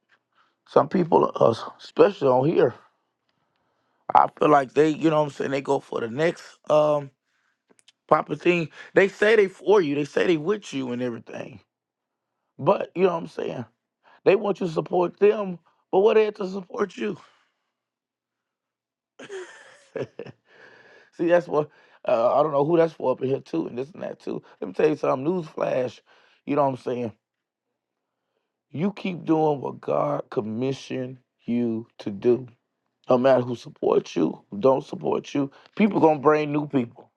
A: some people, uh, especially on here, I feel like they you know what I'm saying they go for the next um proper thing. They say they for you. They say they with you and everything. But you know what I'm saying? They want you to support them, but what they have to support you? See, that's what uh, I don't know who that's for up in here too, and this and that too. Let me tell you something. Newsflash, you know what I'm saying. You keep doing what God commissioned you to do. No matter who supports you, who don't support you, people gonna bring new people.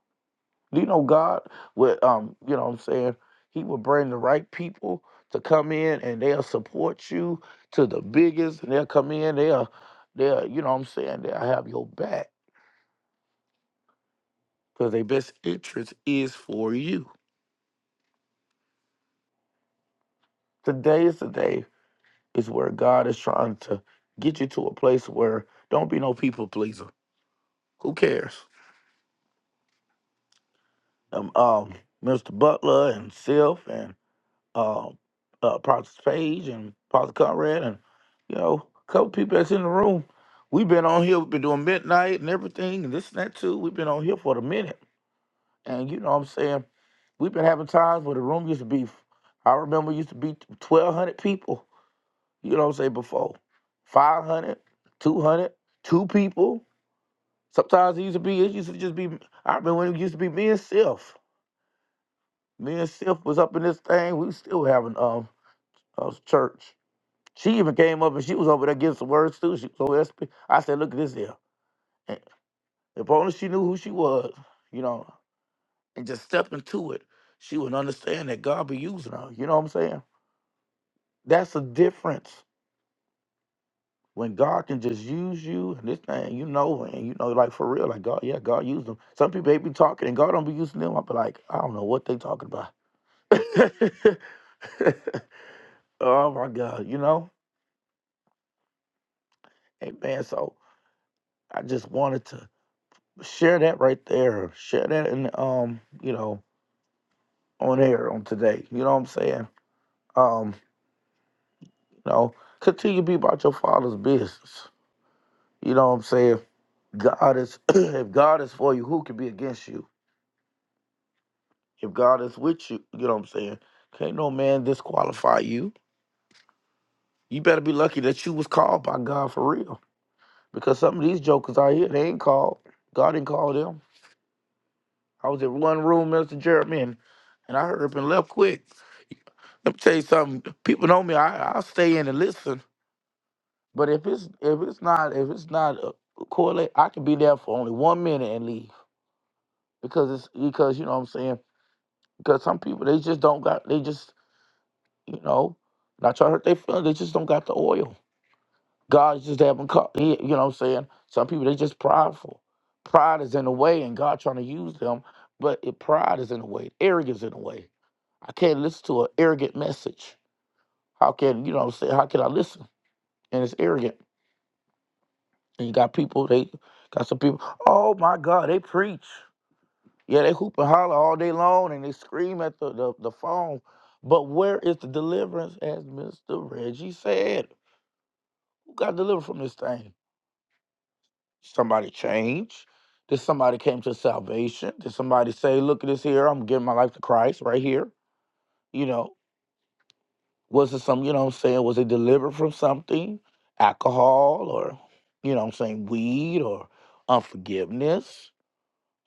A: Do you know God? With um, you know what I'm saying. He will bring the right people to come in, and they'll support you to the biggest, and they'll come in. They'll, they'll, you know what I'm saying. They'll have your back because their best interest is for you. Today is the day is where God is trying to get you to a place where don't be no people pleaser. Who cares? Um, um Mr. Butler and Sylph and um uh uh Prophet Page and Prophet Conrad and you know, a couple people that's in the room. We've been on here, we've been doing midnight and everything and this and that too. We've been on here for a minute. And you know what I'm saying? We've been having times where the room used to be I remember it used to be twelve hundred people you know what I'm saying, before. five hundred, two hundred, two people. Sometimes it used to be, it used to just be, I remember when it used to be me and Sif. Me and Sif was up in this thing. We still having um a church. She even came up and she was over there getting some words too. She was over there spe- I said, look at this here. And if only she knew who she was, you know, and just step into it, she would understand that God be using her. You know what I'm saying? That's the difference. when God can just use you and this thing, you know, and you know, like for real, like God, yeah, God used them. Some people they be talking and God don't be using them. I be like, I don't know what they talking about. oh my God, you know, Amen. So I just wanted to share that right there, share that in um, you know, on air on today. You know what I'm saying? Um, you know, continue to be about your father's business. You know what I'm saying? God is if God is for you, who can be against you? If God is with you, you know what I'm saying? Can't no man disqualify you. You better be lucky that you was called by God for real. Because some of these jokers out here, they ain't called. God didn't call them. I was in one room, Mr. Jeremy, and, and I heard up and left quick. Let me tell you something. People know me. I I stay in and listen. But if it's if it's not if it's not uh, correlate, I can be there for only one minute and leave because it's because you know what I'm saying. Because some people they just don't got they just you know not trying to hurt their feelings. They just don't got the oil. God just haven't called. He, you know what I'm saying? Some people, they just prideful. Pride is in the way, and God trying to use them, but it, pride is in the way. Arrogance in the way. I can't listen to an arrogant message. How can, you know what I'm saying? How can I listen? And it's arrogant. And you got people, they got some people, oh my God, they preach. Yeah, they hoop and holler all day long and they scream at the, the, the phone. But where is the deliverance, as Mr. Reggie said? Who got delivered from this thing? somebody change? Did somebody came to salvation? Did somebody say, look at this here, I'm giving my life to Christ right here? You know, was it some, you know what I'm saying, was it delivered from something? Alcohol or, you know what I'm saying, weed or unforgiveness,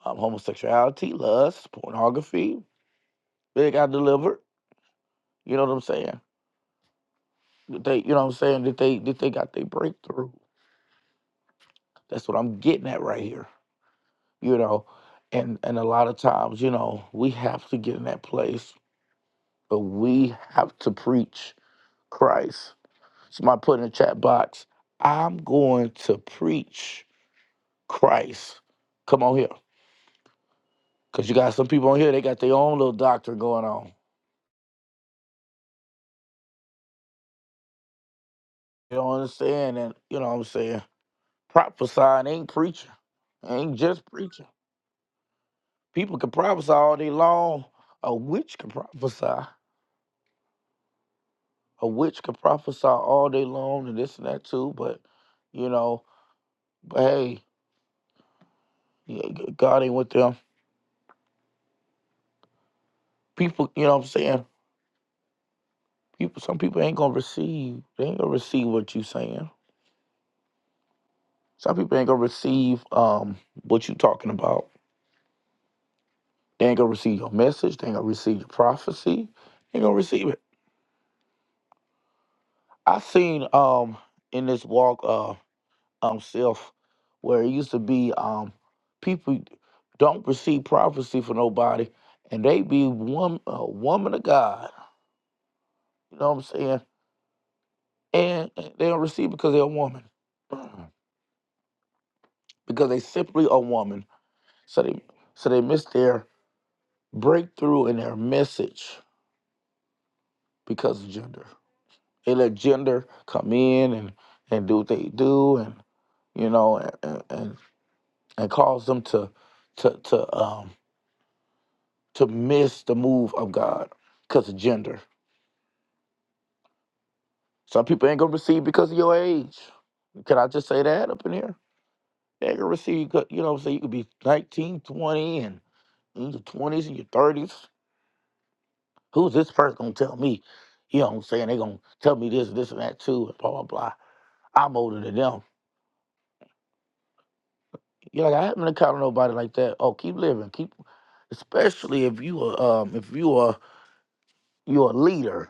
A: um, homosexuality, lust, pornography. They got delivered. You know what I'm saying? Did They, you know what I'm saying? That they that they got their breakthrough. That's what I'm getting at right here. You know, and and a lot of times, you know, we have to get in that place but we have to preach Christ. Somebody put in the chat box, I'm going to preach Christ. Come on here. Because you got some people on here, they got their own little doctrine going on. You don't understand? And you know what I'm saying? Prophesying ain't preaching, ain't just preaching. People can prophesy all day long. A witch can prophesy. A witch can prophesy all day long and this and that too. But, you know, but hey, yeah, g- God ain't with them. People, you know what I'm saying? people some people ain't gonna receive they ain't gonna receive what you saying some people ain't gonna receive um what you talking about they ain't gonna receive your message they ain't gonna receive your prophecy they ain't gonna receive it i seen um in this walk uh um self where it used to be um people don't receive prophecy for nobody and they be one a woman of god you know what i'm saying and and they don't receive because they're a woman because they simply a woman So they so they missed their breakthrough and their message because of gender. They let gender come in and and do what they do and you know and and, and and cause them to to to um to miss the move of God because of gender. Some people ain't gonna receive because of your age. Can I just say that up in here? They ain't gonna receive 'cause, you know, say you could be 19, 20, and in your twenties and your thirties. Who's this person gonna tell me? You know what I'm saying? They gonna tell me this, this, and that too, and blah blah blah. I'm older than them. You're like, I haven't encountered nobody like that. Oh, keep living, keep. Especially if you are, um, if you are, you're a leader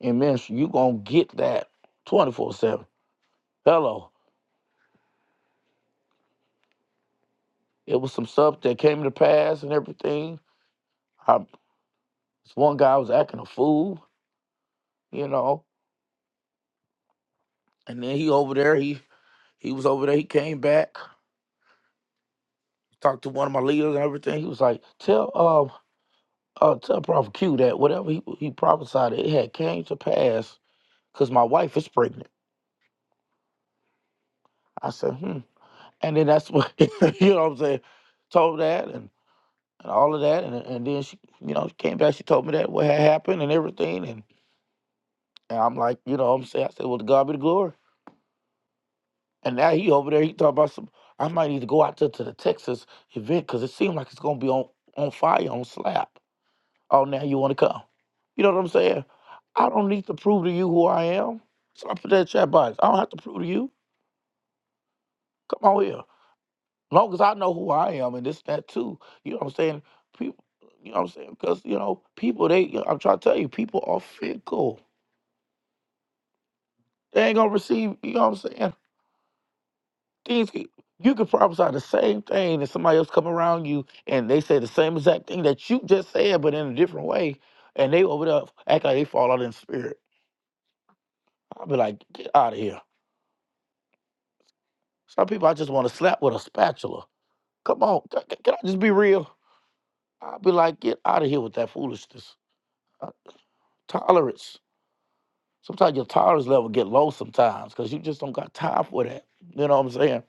A: in ministry, you gonna get that 24 seven. Hello, it was some stuff that came to pass and everything. I, this one guy was acting a fool, you know, and then he over there, he he was over there, he came back, talked to one of my leaders and everything. He was like, tell, um uh, tell Prophet Q that whatever he, he prophesied, it had came to pass because my wife is pregnant. I said, hmm. And then that's what, you know what I'm saying, told that and, and all of that. And, and then she, you know, she came back, she told me that what had happened and everything. And, and I'm like, you know what I'm saying? I said, well, to God be the glory. And now he over there, he talking about some, I might need to go out there to the Texas event because it seemed like it's going to be on, on fire on slap. Oh, now you want to come? You know what I'm saying? I don't need to prove to you who I am. So I put that in chat box. I don't have to prove to you. Come on here. long as I know who I am and this, that too. You know what I'm saying? People, you know what I'm saying? Because, you know, people, they, I'm trying to tell you, people are fickle. They ain't going to receive, you know what I'm saying? Things, can- you could prophesy the same thing and somebody else come around you and they say the same exact thing that you just said, but in a different way. And they over there act like they fall out in spirit. I'll be like, get out of here. Some people I just want to slap with a spatula. Come on, c- c- can I just be real? I'll be like, get out of here with that foolishness. Uh, tolerance. Sometimes your tolerance level get low sometimes because you just don't got time for that. You know what I'm saying?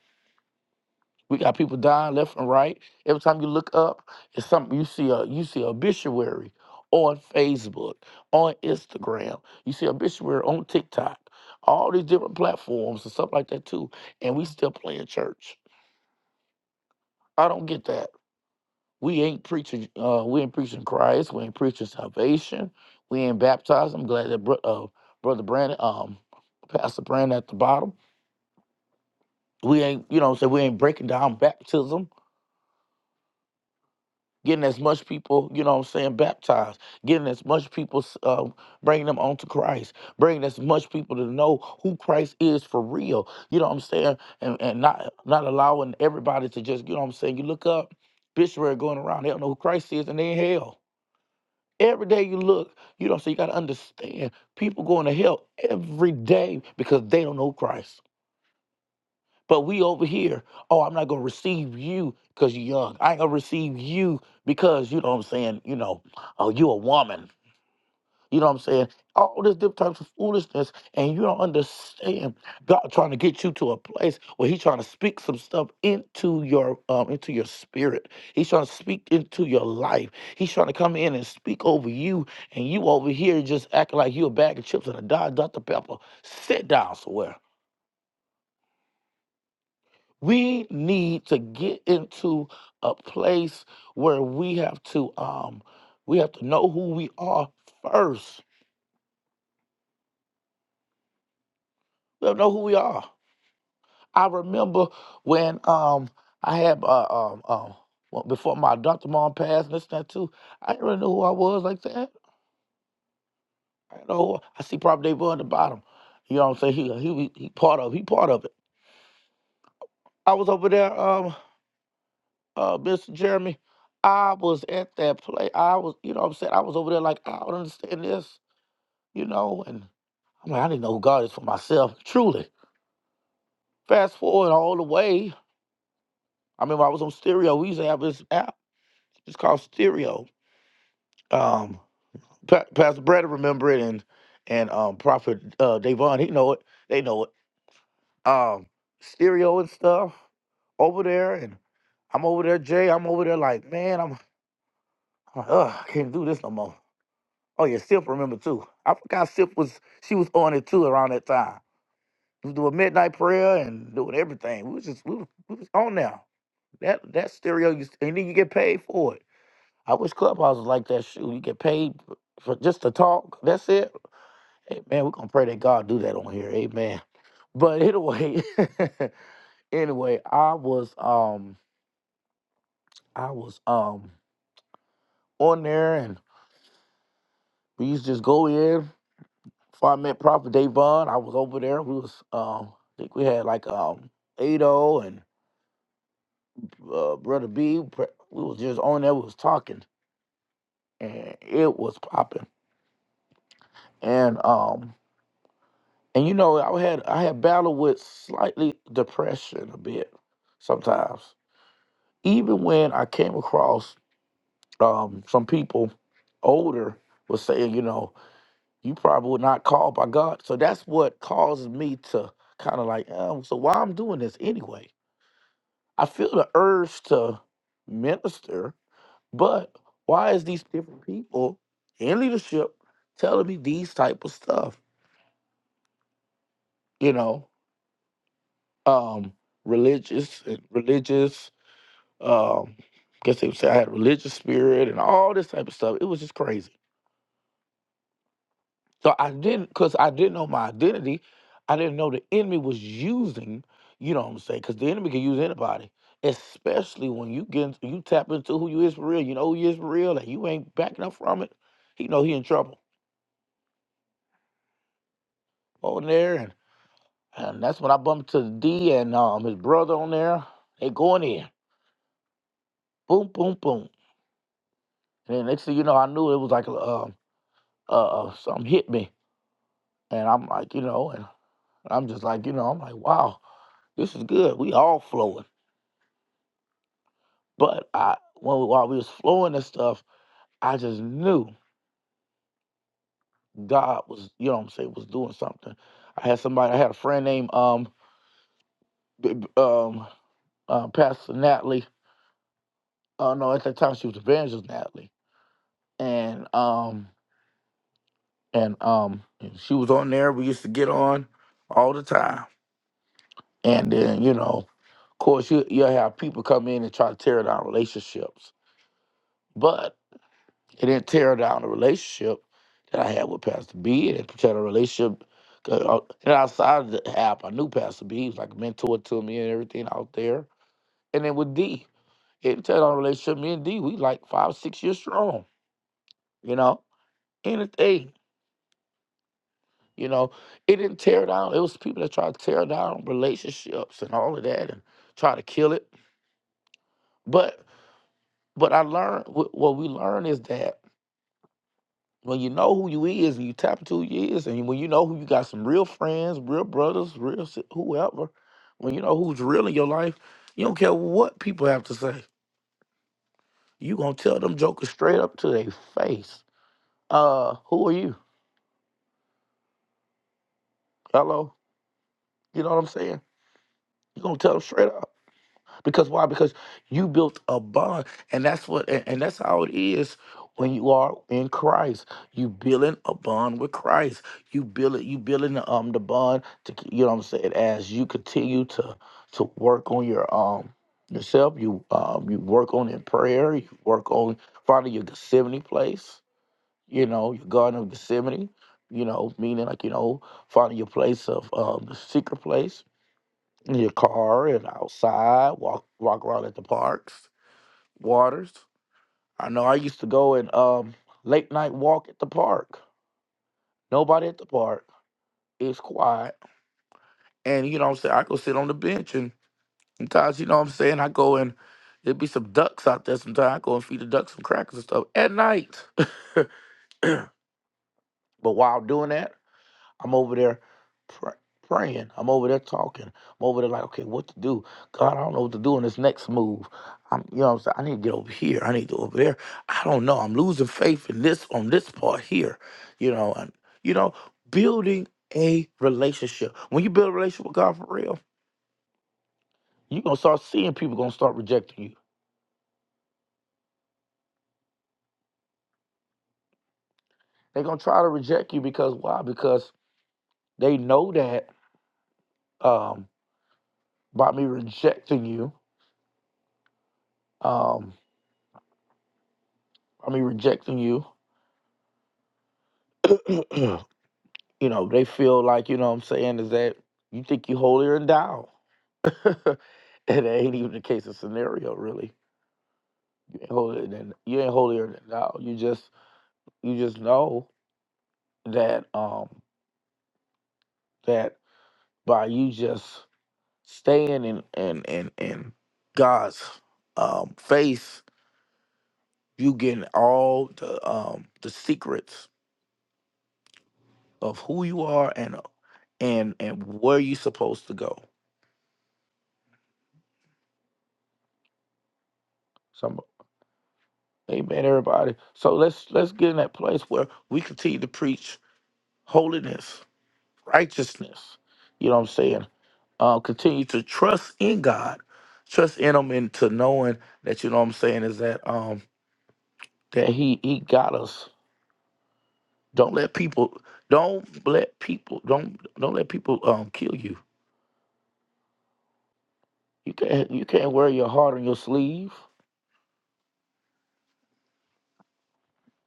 A: We got people dying left and right. Every time you look up, it's something you see a you see a obituary on Facebook, on Instagram. You see obituary on TikTok. All these different platforms and stuff like that too. And we still playing church. I don't get that. We ain't preaching. Uh, we ain't preaching Christ. We ain't preaching salvation. We ain't baptized. I'm glad that bro, uh, brother Brandon, um, Pastor Brandon at the bottom. We ain't, you know, what I'm saying we ain't breaking down baptism, getting as much people, you know, what I'm saying baptized, getting as much people, uh, bringing them onto Christ, bringing as much people to know who Christ is for real. You know what I'm saying, and, and not not allowing everybody to just, you know, what I'm saying you look up obituary going around. They don't know who Christ is, and they in hell. Every day you look, you don't. So you got to understand, people going to hell every day because they don't know Christ. But we over here, oh, I'm not gonna receive you because you're young. I ain't gonna receive you because you know what I'm saying. You know, oh, you a woman. You know what I'm saying? All this different types of foolishness, and you don't understand God trying to get you to a place where He's trying to speak some stuff into your um into your spirit. He's trying to speak into your life. He's trying to come in and speak over you, and you over here just acting like you a bag of chips and a Diet Dr. Pepper. Sit down somewhere. We need to get into a place where we have to um we have to know who we are first. We have to know who we are. I remember when um I had uh, um um well, before my adopted mom passed and this and that too. I didn't really know who I was like that. I didn't know. Who I, I see probably they were on the bottom. You know what I'm saying? He he was- he part of he part of it. I was over there, um, uh, Mr. Jeremy. I was at that play. I was, you know what I'm saying? I was over there like, I don't understand this, you know, and I'm like, I didn't know who God is for myself, truly. Fast forward all the way. I remember I was on stereo. We used to have this app, it's called Stereo. Um, Pa- Pastor Brady remember it, and and um, Prophet uh, Davon, he know it. They know it. Um, stereo and stuff over there, and I'm over there, Jay. I'm over there, like man, I'm I'm like, ugh, I can't do this no more. Oh yeah, Sip remember too. I forgot Sip was she was on it too around that time. We was doing midnight prayer and doing everything. We was just we was, we was on now. That that stereo, used and then you get paid for it. I wish Clubhouse was like that. Shoot, you get paid for just to talk. That's it. Amen. We're gonna pray that God do that on here. Amen. But anyway, anyway, I was um I was um on there and we used to just go in before I met Prophet Davon. I was over there. We was um I think we had like um Ado and uh, Brother B. Pr- We was just on there, we was talking and it was popping. And um and you know I had I had battled with slightly depression a bit sometimes even when I came across um, some people older was saying, you know, you probably were not called by God. So that's what causes me to kind of like, um, so why I'm doing this anyway? I feel the urge to minister, but why is these different people in leadership telling me these type of stuff? You know, um, religious and religious, um, guess they would say I had a religious spirit and all this type of stuff. It was just crazy. So I didn't, because I didn't know my identity. I didn't know the enemy was using, you know what I'm saying? Because the enemy can use anybody, especially when you get into- you tap into who you is for real. You know who you is for real, and you ain't backing up from it. He know he in trouble on there, and, and that's when I bumped to D and um his brother on there. They going in, boom, boom, boom, and then next thing you know, I knew it was like a um uh, uh something hit me, and I'm like, you know, and I'm just like, you know, I'm like, wow, this is good. We all flowing. But I when while we was flowing and stuff, I just knew God was, you know what I'm saying, was doing something. I had somebody, I had a friend named um B- B- um uh, Pastor Natalie. Uh no, at that time she was Evangelist Natalie. And um and um she was on there. We used to get on all the time. And then, you know, of course you you have people come in and try to tear down relationships. but. It didn't tear down the relationship that I had with Pastor B. It didn't tear the relationship. 'cause, uh, And outside of the app, I knew Pastor B. He was like a mentor to me and everything out there. And then with D, it didn't tear down the relationship. Me and D, we like five, six years strong, you know? Anything, you know? It didn't tear down. It was people that tried to tear down relationships and all of that and try to kill it. But but I learned, what what we learned is that When you know who you is and you tap into who you is, and when you know who you got some real friends, real brothers, real si- whoever, when you know who's real in your life, you don't care what people have to say. You gonna tell them jokers straight up to their face. Uh, who are you? Hello. You know what I'm saying? You gonna tell them straight up. Because why? Because you built a bond, and that's what, and, and that's how it is when you are in Christ. You building a bond with Christ. You build it. You building the, um the bond to c- you know what I'm saying. As you continue to to work on your um yourself, you um you work on in prayer. You work on finding your Gethsemane place. You know your Garden of Gethsemane. You know meaning like you know finding your place of um the secret place in your car and outside, walk walk around at the parks, waters. I know I used to go and um late night walk at the park. Nobody at the park. It's quiet. And you know what I'm saying? I go sit on the bench and sometimes, you know what I'm saying, I go and there'd be some ducks out there sometimes. I go and feed the ducks some crackers and stuff at night. but while doing that, I'm over there pr- praying. I'm over there talking. I'm over there like, okay, what to do? God, I don't know what to do in this next move. I'm, you know, what I'm saying I need to get over here. I need to go over there. I don't know. I'm losing faith in this on this part here. You know, and you know, building a relationship. When you build a relationship with God for real, you're gonna start seeing people gonna start rejecting you. They're gonna try to reject you because why? Because they know that um, by me rejecting you, um, by me rejecting you. you know, they feel like, you know what I'm saying, is that you think you holier than thou. and that ain't even the case of scenario, really. You ain't holier than you ain't holier than thou. You just you just know that um that by you just staying in in in, in God's um face, you getting all the um the secrets of who you are and and and where you supposed to go. So. I'm Amen, everybody. So let's let's get in that place where we continue to preach holiness, righteousness. You know what I'm saying? Uh, continue to trust in God, trust in Him, and to knowing that you know what I'm saying is that um that He He got us. Don't let people don't let people don't don't let people um kill you. You can't you can't wear your heart on your sleeve.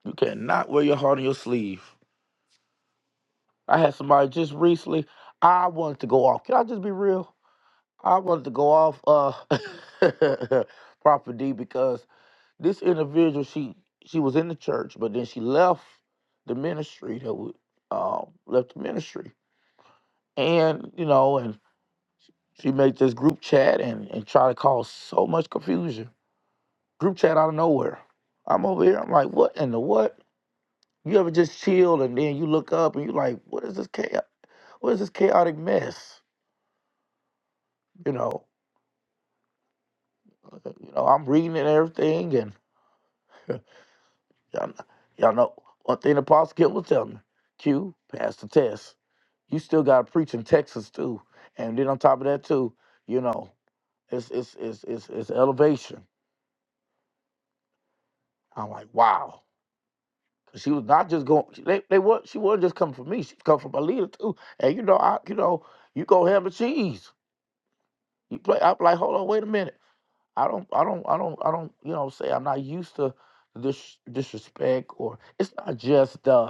A: You cannot wear your heart on your sleeve. I had somebody just recently. I wanted to go off. Can I just be real? I wanted to go off uh Prophet D because this individual she she was in the church, but then she left the ministry that we um left the ministry. And, you know, and she made this group chat and, and try to cause so much confusion. Group chat out of nowhere. I'm over here, I'm like, what in the what? You ever just chill and then you look up and you like, what is this chaos? What is this chaotic mess? You know, uh, you know, I'm reading and everything and Y'all, kn- y'all know one thing the Apostle Kid was telling me. Q, pass the test. You still gotta preach in Texas too. And then on top of that too, you know, it's it's it's it's, it's elevation. I'm like, wow. 'Cause She was not just going. They they were she wasn't just coming for me. She come for my leader too. And you know, I you know, you go ham and cheese. You play. I'm like, hold on, wait a minute. I don't I don't I don't I don't. You know, say I'm I'm not used to this disrespect or it's not just the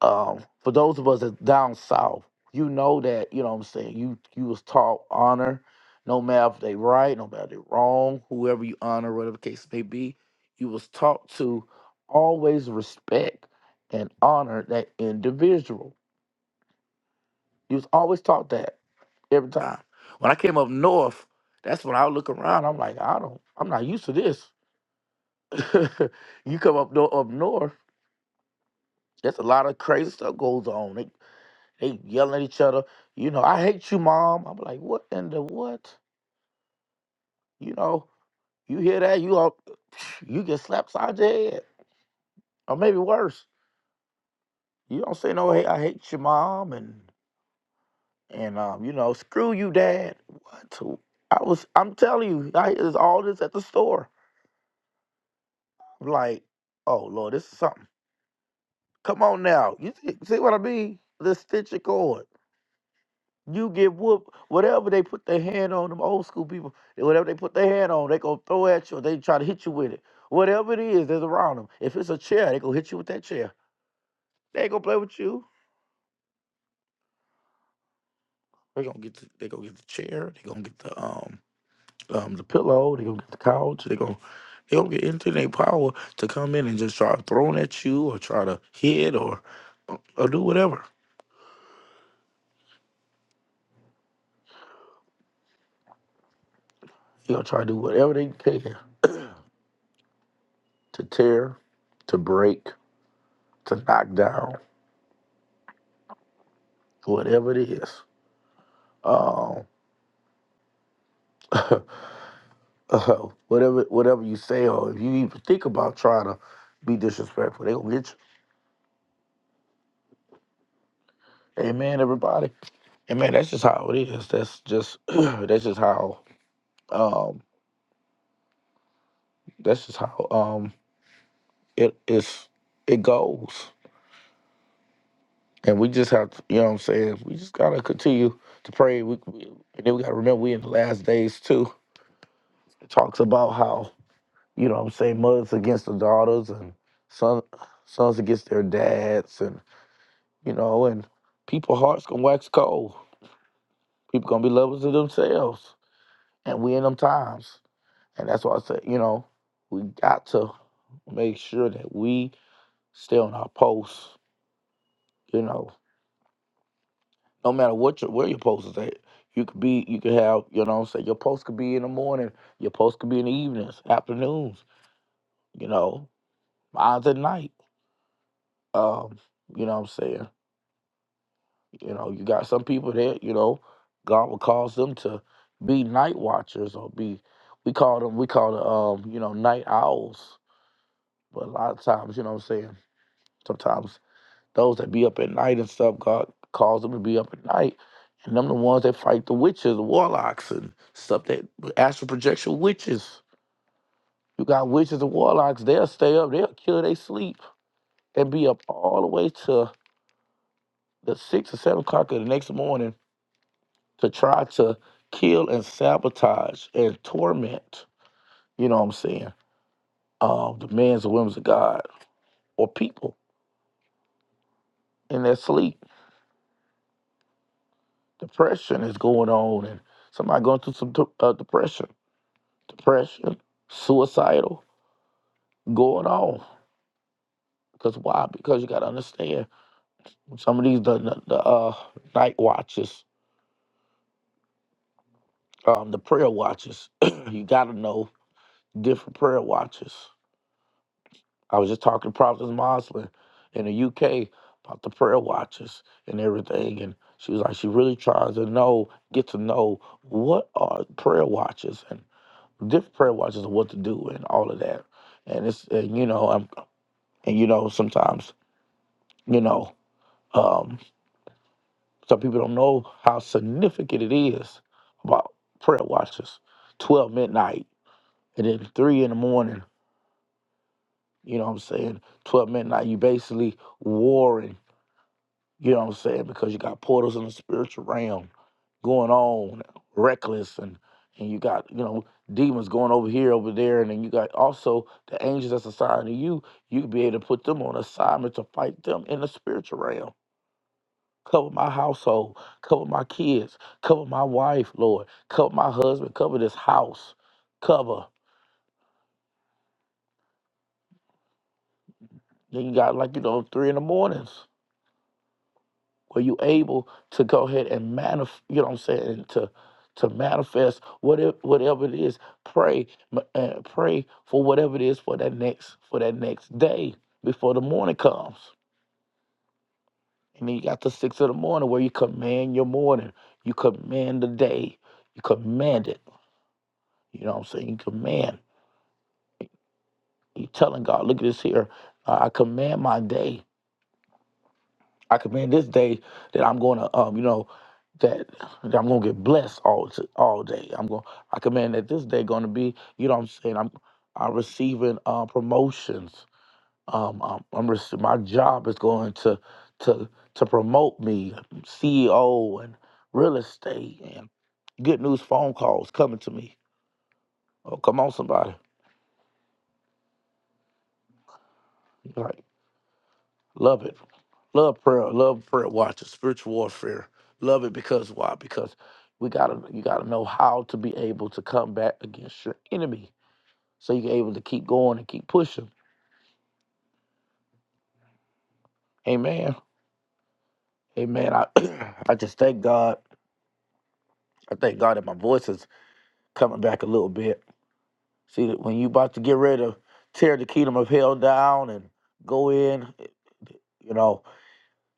A: um, for those of us that's down south, you know that, you know what I'm saying, you you was taught honor, no matter if they right, no matter if they wrong, whoever you honor, whatever the case may be, you was taught to always respect and honor that individual. You was always taught that every time. When I came up north, that's when I would look around, I'm like, I don't, I'm not used to this. you come up north, up north, there's a lot of crazy stuff goes on. They yelling at each other. You know, I hate you, mom. I'm like, what in the what? You know, you hear that? You all, you get slapped side your head, or maybe worse. You don't say no. Hey, I hate you, mom, and and um, you know, screw you, dad. What? I was. I'm telling you, I is all this at the store. I'm like, oh lord, this is something. Come on now. You see, see what I mean? This stitch of cord. You get whooped. Whatever they put their hand on, them old school people, whatever they put their hand on, they gonna throw at you. Or they try to hit you with it. Whatever it is that's around them. If it's a chair, they gonna hit you with that chair. They ain't gonna play with you. They gonna get the, they gonna get the chair. They gonna get the um um the pillow. They gonna get the couch. They gonna they gonna get into their power to come in and just try throwing at you or try to hit or or do whatever. They gonna try to do whatever they can to tear, to break, to knock down, whatever it is. um, whatever whatever you say, or if you even think about trying to be disrespectful, they gonna get you. Amen, everybody. And man, that's just how it is. That's just that's just how um that's just how um it is it goes. And we just have to, you know what I'm saying? We just gotta continue to pray. We, we and then we gotta remember we in the last days too. It talks about how, you know what I'm saying, mothers against the daughters and son sons against their dads and. you know, and people hearts gonna wax cold. People gonna be lovers to themselves, and we in them times, and that's why I said, you know, we got to make sure that we stay on our posts. You know, no matter what your where your post is at, you could be, you could have, you know, what I'm saying your post could be in the morning, your post could be in the evenings, afternoons, you know, mine's at night. Um, you know what I'm saying? You know, you got some people that, you know, God will cause them to be night watchers or be we call them we call them um, you know, night owls. But a lot of times, you know what I'm saying, sometimes those that be up at night and stuff, God calls them to be up at night. And them the ones that fight the witches, the warlocks and stuff that astral projection witches. You got witches and warlocks, they'll stay up, they'll kill they sleep and be up all the way to the six or seven o'clock of the next morning to try to kill and sabotage and torment, you know what I'm saying, um, the men's and women's of God or people in their sleep. Depression is going on and somebody going through some de- uh, depression, depression, suicidal, going on. Because why? Because you got to understand some of these the, the, the uh, night watches, um, the prayer watches, you got to know different prayer watches. I was just talking to Prophet Moslin in the UK about the prayer watches and everything. And she was like, she really tries to know, get to know what are prayer watches and different prayer watches and what to do and all of that. And it's, and, you know, i and you know, sometimes, you know, um, some people don't know how significant it is about prayer watches. 12 midnight and then 3 in the morning, you know what I'm saying? 12 midnight, you basically warring You know what I'm saying? Because you got portals in the spiritual realm going on, reckless, and and you got you know demons going over here, over there, and then you got also the angels that's assigned to you. You could be able to put them on assignment to fight them in the spiritual realm. Cover my household, cover my kids, cover my wife, Lord, cover my husband, cover this house, cover. Then you got like you know three in the mornings. Were you able to go ahead and manifest, you know what I'm saying, and to to manifest whatever whatever it is. Pray m- uh, pray for whatever it is for that next for that next day before the morning comes. And then you got the six of the morning where you command your morning. You command the day. You command it. You know what I'm saying? You command. You telling God, look at this here. I I command my day. I command this day that I'm going to, um, you know, that, that I'm going to get blessed all t- all day. I'm going. I command that this day going to be, you know, what I'm saying I'm I'm receiving uh, promotions. Um, I'm, I'm rece- my job is going to to to promote me, CEO and real estate and good news phone calls coming to me. Oh, come on, somebody, like love it. Love prayer. Love prayer. Watch it. Spiritual warfare. Love it because why? Because we gotta you gotta know how to be able to come back against your enemy, so you're able to keep going and keep pushing. Amen. Amen. I I just thank God. I thank God that my voice is coming back a little bit. See that when you about to get ready to tear the kingdom of hell down and go in, you know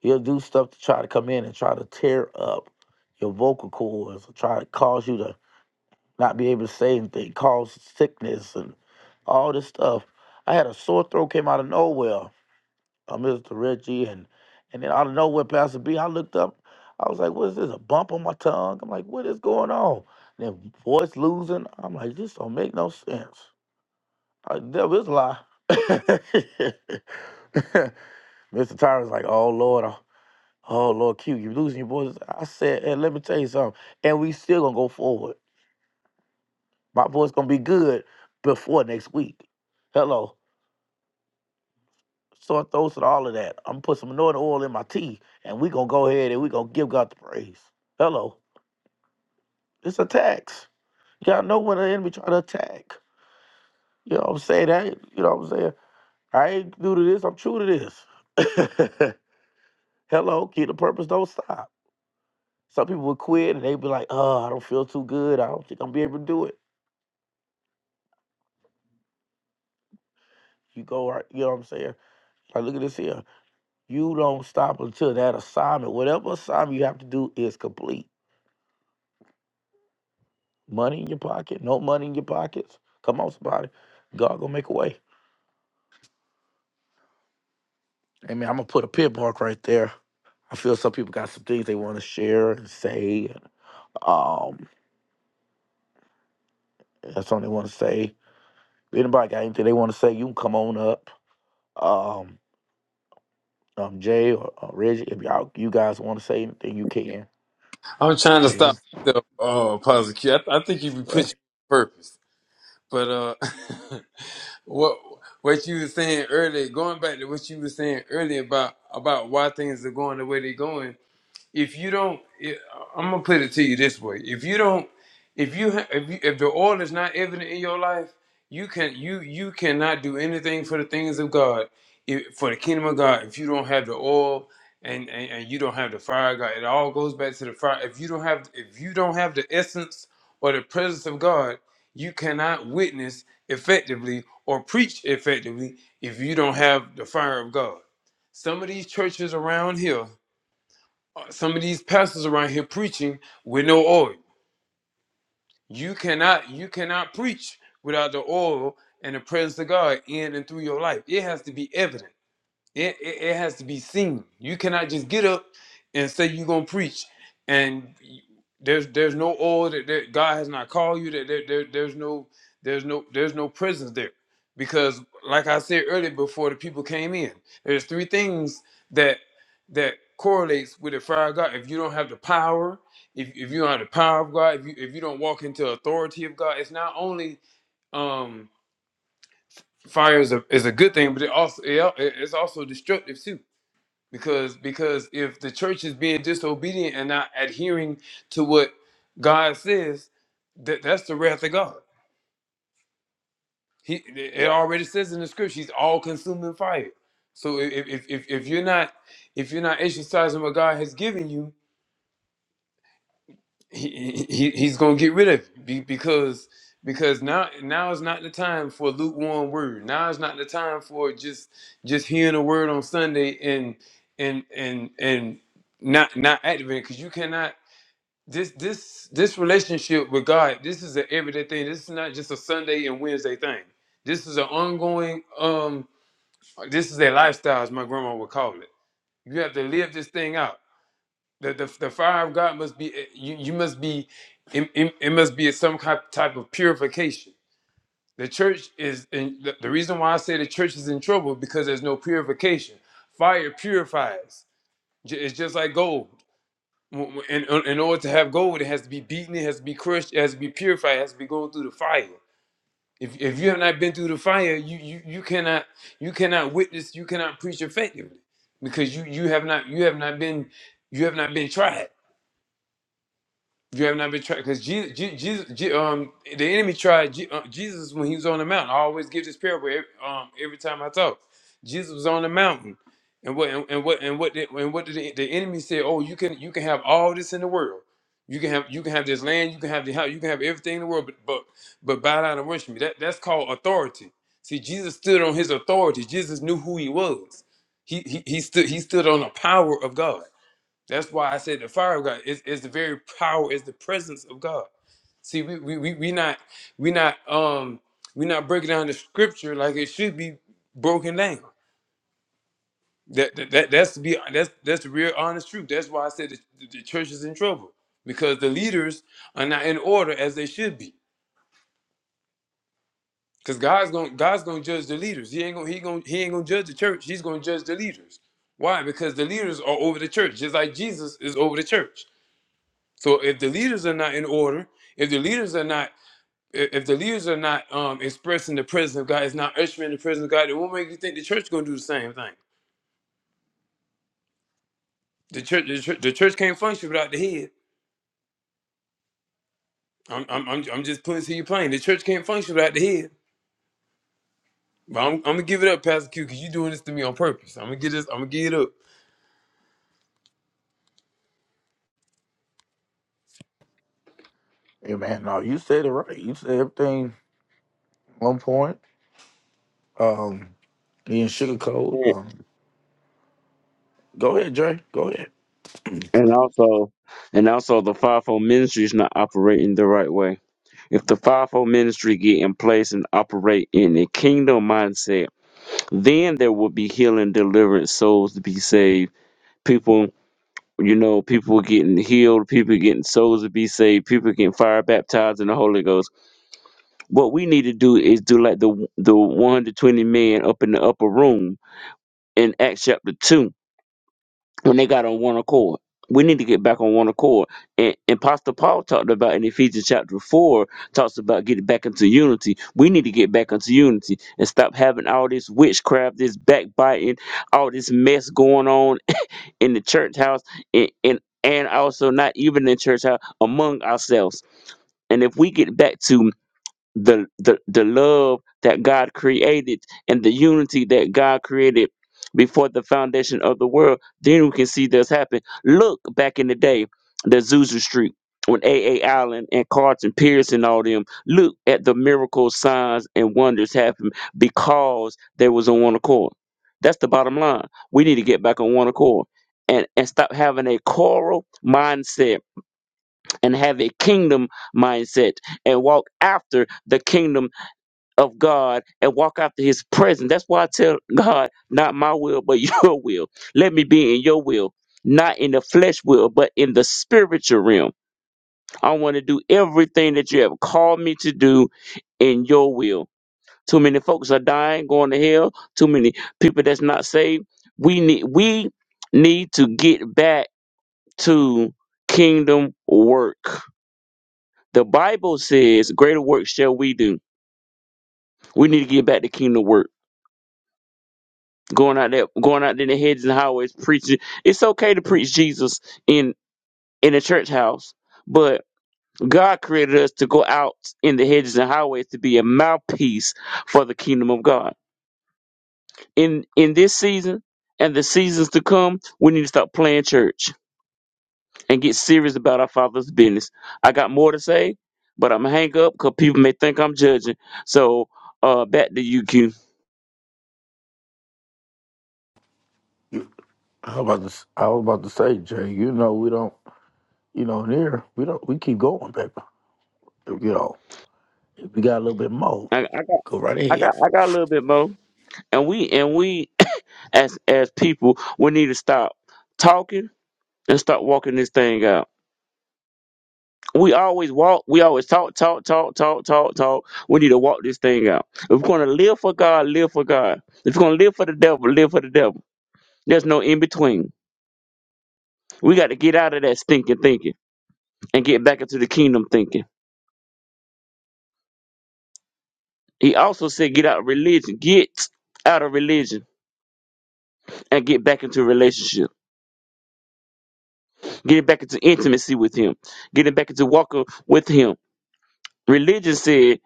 A: he'll do stuff to try to come in and try to tear up your vocal cords, try to cause you to not be able to say anything, cause sickness and all this stuff. I had a sore throat came out of nowhere. I Mr. Reggie and and then out of nowhere, Pastor B, I looked up, I was like, what is this? A bump on my tongue? I'm like, what is going on? And then voice losing. I'm like, this don't make no sense. I, devil is a lie. Mr. Tyron's like, oh Lord, oh oh, Lord Q, you losing your voice. I said, and let me tell you something. And we still gonna go forward. My voice gonna be good before next week. Hello. Sore throats and all of that. I'm gonna put some anointing oil in my tea and we gonna go ahead and we gonna give God the praise. Hello. It's a tax. Y'all know when the enemy try to attack. You know what I'm saying? I, ain't- you know what I'm saying? I ain't new to this, I'm true to this. Hello, keep the purpose, don't stop. Some people would quit and they be like, oh, I don't feel too good. I don't think I'm gonna be able to do it. You go right, you know what I'm saying? Like, look at this here. You don't stop until that assignment, whatever assignment you have to do, is complete. Money in your pocket, no money in your pockets. Come on, somebody. God gonna make a way. Amen. I'm gonna put a pit mark right there. I feel some people got some things they want to share and say. Um, that's something they want to say. If Anybody got anything they want to say? You can come on up. Um, um, Jay or, or Reggie, if y'all you guys want to say anything, you can.
D: I'm trying to stop
A: Yes.
D: myself. Oh, Pastor Q. I, I think you be
A: Yes.
D: pushing purpose. But uh, what what you were saying earlier, going back to what you were saying earlier about about why things are going the way they're going. if you don't i am gonna put it to you this way if you don't if you ha- if, you, if the oil is not evident in your life you can you you cannot do anything for the things of god if, for the kingdom of god if you don't have the oil and, and and you don't have the fire of god it all goes back to the fire if you don't have if you don't have the essence or the presence of god you cannot witness effectively or preach effectively if you don't have the fire of god some of these churches around here some of these pastors around here preaching with no oil. You cannot you cannot preach without the oil and the presence of God in and through your life. It has to be evident. It, it, it has to be seen. You cannot just get up and say you're gonna preach, and you- there's there's no oil that, that God has not called you. That there, there, there's no there's no there's no presence there, because like I said earlier, before the people came in, there's three things that that correlates with the fire of God. If you don't have the power, if, if you don't have the power of God, if you if you don't walk into authority of God, it's not only um fire is a is a good thing, but it also it, al- it's also destructive too because because if the church is being disobedient and not adhering to what God says, that that's the wrath of God. He it already says in the scripture, He's all consuming fire. So if if if if you're not if you're not exercising what God has given you, he, he he's gonna get rid of you be- because because now now is not the time for a lukewarm word. Now is not the time for just just hearing a word on Sunday and and and and not not activating because you cannot. this this this relationship with God, this is an everyday thing. This is not just a Sunday and Wednesday thing. This is an ongoing um this is a lifestyle as my grandma would call it. You have to live this thing out. The the, the fire of God must be eh, you, you must be it, it, it must be some ki- type of purification. The church is in the, the reason why I say the church is in trouble because there's no purification. Fire purifies. Ju- It's just like gold w- w- in, in in order to have gold, it has to be beaten, it has to be crushed, it has to be purified, it has to be going through the fire. If, if you have not been through the fire, you, you, you cannot you cannot witness, you cannot preach effectively because you, you have not you have not been you have not been tried. You have not been tried because Jesus, Jesus, um, the enemy tried Je- uh, Jesus when he was on the mountain. I always give this parable every, um, every time I talk. Jesus was on the mountain, and what and, and what and what did, and what did the, the enemy say? Oh, you can you can have all this in the world. You can have you can have this land. You can have the house. You can have everything in the world, but but but bow down and worship me. That that's called authority. See, Jesus stood on his authority. Jesus knew who he was. He he, he stood he stood on the power of God. That's why I said the fire of God is, is the very power, is the presence of God. See, we we we we not we not um we not breaking down the scripture like it should be broken down. That that, that that's to be that's that's the real honest truth. That's why I said the, the church is in trouble because the leaders are not in order as they should be. Because God's gonna God's gonna judge the leaders. He ain't gonna he gonna he ain't gonna judge the church. He's gonna judge the leaders. Why? Because the leaders are over the church, just like Jesus is over the church. So if the leaders are not in order, if the leaders are not, if the leaders are not um, expressing the presence of God, it's not ushering the presence of God. It won't make you think the church going to do the same thing. The church, the church, the church can't function without the head. I'm, I'm, I'm, I'm just putting to you plain. The church can't function without the head. But I'm, I'm gonna give it up, Pastor Q, because you're doing this to me on purpose. I'm gonna get this. I'm gonna give it up.
A: Hey, man, no, you said it right. You said everything on point. Um, Being sugar cold.
B: you.
A: Um, go ahead, Dre. Go ahead.
B: And also, and also, the fivefold ministry is not operating the right way If the fivefold ministry get in place and operate in a kingdom mindset, then there will be healing, deliverance, souls to be saved. People, you know, people getting healed, people getting souls to be saved, people getting fire baptized in the Holy Ghost. What we need to do is do like the the 120 men up in the upper room in Acts chapter two when they got on one accord. We need to get back on one accord. And, and Pastor Paul talked about in Ephesians chapter 4, talks about getting back into unity. We need to get back into unity and stop having all this witchcraft, this backbiting, all this mess going on in the church house and, and, and also not even in church house, among ourselves. And if we get back to the the the love that God created and the unity that God created before the foundation of the world, then we can see this happen. Look back in the day, the Zuzu Street when A. A. Allen and Carlton Pierce and all them look at the miracles, signs, and wonders happen because they was on one accord. That's the bottom line. We need to get back on one accord and, and stop having a choral mindset and have a kingdom mindset and walk after the kingdom of God and walk after his presence. That's why I tell God, not my will, but your will. Let me be in your will, not in the flesh will, but in the spiritual realm. I want to do everything that you have called me to do in your will. Too many folks are dying, going to hell. Too many people that's not saved. We need we need to get back to kingdom work. The Bible says, greater work shall we do. We need to get back to kingdom work going out there, going out in the hedges and highways preaching. It's okay to preach Jesus in in a church house, but God created us to go out in the hedges and highways to be a mouthpiece for the kingdom of God. In in this season and the seasons to come, we need to stop playing church and get serious about our Father's business. I got more to say, but I'm gonna hang up because people may think I'm judging. So uh, back to you, Q.
A: You- I was about to. s- I was about to say, Dre. You know we don't. You know in here We don't. We keep going, baby. You know if we got a little bit more.
B: I, I got
A: Go right
B: I got
A: ahead.
B: I got a little bit more, and we and we. as as people, we need to stop talking and start walking this thing out. We always walk, we always talk, talk, talk, talk, talk, talk. We need to walk this thing out. If we're gonna live for God, live for God. If we're gonna live for the devil, live for the devil. There's no in between. We got to get out of that stinking thinking and get back into the kingdom thinking. He also said, get out of religion, get out of religion and get back into relationship, get back into intimacy with Him, getting back into walking with Him Religion said,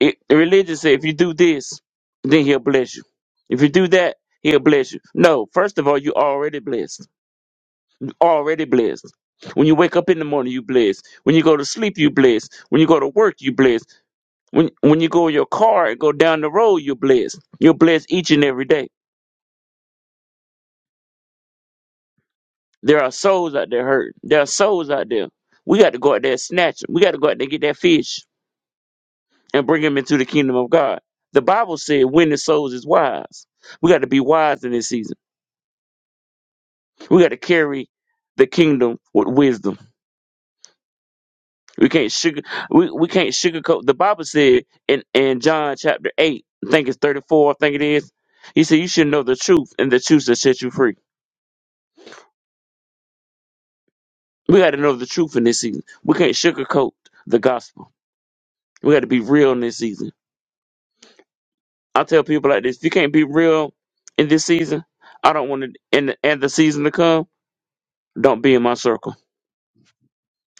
B: it, religion said, if you do this, then he'll bless you. If you do that, he'll bless you. No, first of all, you already blessed. Already blessed. When you wake up in the morning, you blessed. When you go to sleep, you blessed. When you go to work, you blessed. When when you go in your car and go down the road, you're blessed. You're blessed each and every day. There are souls out there hurting. There are souls out there. We got to go out there and snatch them. We got to go out there and get that fish. and bring them into the kingdom of God. The Bible said, "When the souls is wise." We got to be wise in this season. We got to carry the kingdom with wisdom. We can't sugar. We, we can't sugarcoat. The Bible said in in John chapter eight, I think it's thirty four. I think it is. He said, "You should know the truth, and the truth that set you free." We got to know the truth in this season. We can't sugarcoat the gospel. We got to be real in this season. I tell people like this: If you can't be real in this season, I don't want to. And and the season to come. Don't be in my circle.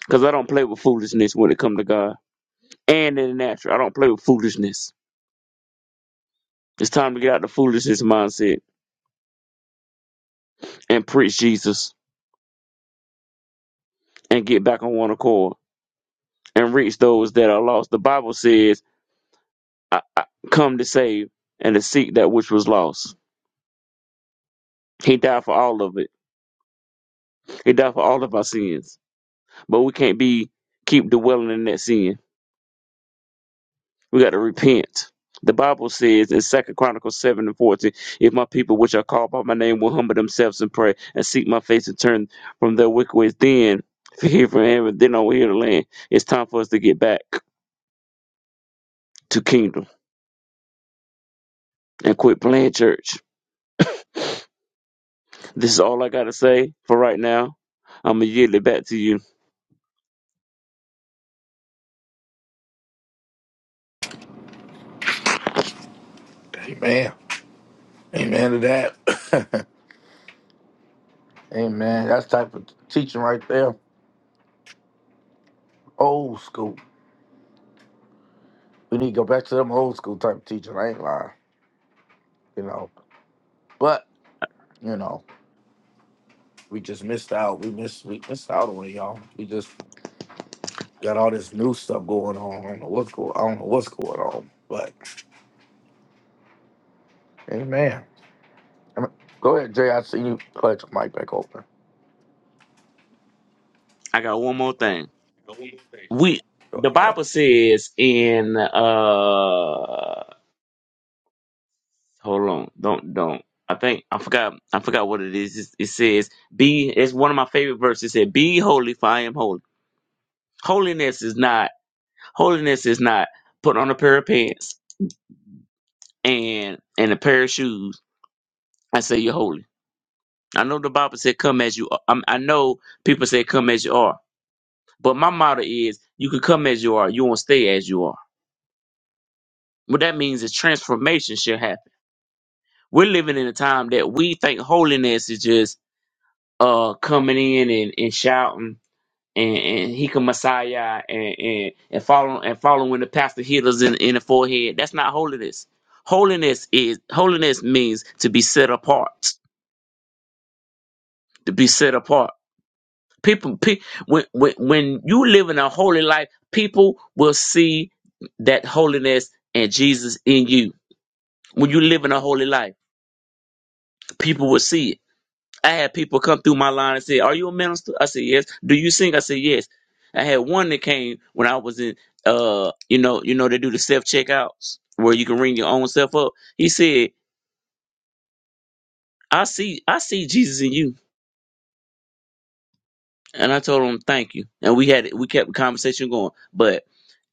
B: Because I don't play with foolishness when it come to God. And in the natural, I don't play with foolishness. It's time to get out the foolishness mindset and preach Jesus and get back on one accord and reach those that are lost. The Bible says, I, I come to save and to seek that which was lost. He died for all of it. He died for all of our sins. But we can't be keep dwelling in that sin We got to repent. The Bible says in Second Chronicles 7 and 14, if my people which are called by my name will humble themselves and pray and seek my face and turn from their wicked ways, then if you hear from heaven, then I will hear the land. It's time for us to get back to kingdom and quit playing church. This is all I gotta say for right now. I'm gonna yield it back to you.
A: Amen. Amen to that. Amen. That's type of teaching right there. Old school. We need to go back to them old school type of teaching. I ain't lying. You know, but you know we just missed out. We missed. We missed out on it, y'all. We just Got all this new stuff going on. I don't know what's going. I don't know what's going on. But hey, man, I mean, go ahead, Jay. I see you. Put your mic back open.
B: I got one more
A: Go
B: thing. We the
A: ahead. Go ahead.
B: Bible says in uh Hold on. Don't don't. I think I forgot I forgot what it is. It's- It says be it's one of my favorite verses. It said, Be holy for I am holy. Holiness is not holiness is not put on a pair of pants and and a pair of shoes I say you're holy. I know the Bible said come as you are. I'm, I know people say come as you are. But my motto is you can come as you are, you won't stay as you are. What that means is transformation should happen. We're living in a time that we think holiness is just uh coming in and, and shouting and, and he can Messiah and, and and following and following the pastor healers in, in the forehead. That's not holiness. Holiness is holiness means to be set apart. To be set apart. People, pe- when when when you live in a holy life, people will see that holiness and Jesus in you. When you live in a holy life, people will see it I had people come through my line and say, "Are you a minister?" I said, "Yes." Do you sing? I said, "Yes." I had one that came when I was in, uh, you know, you know, they do the self checkouts where you can ring your own self up. He said, "I see, I see Jesus in you," and I told him, "Thank you." And we had we kept the conversation going. But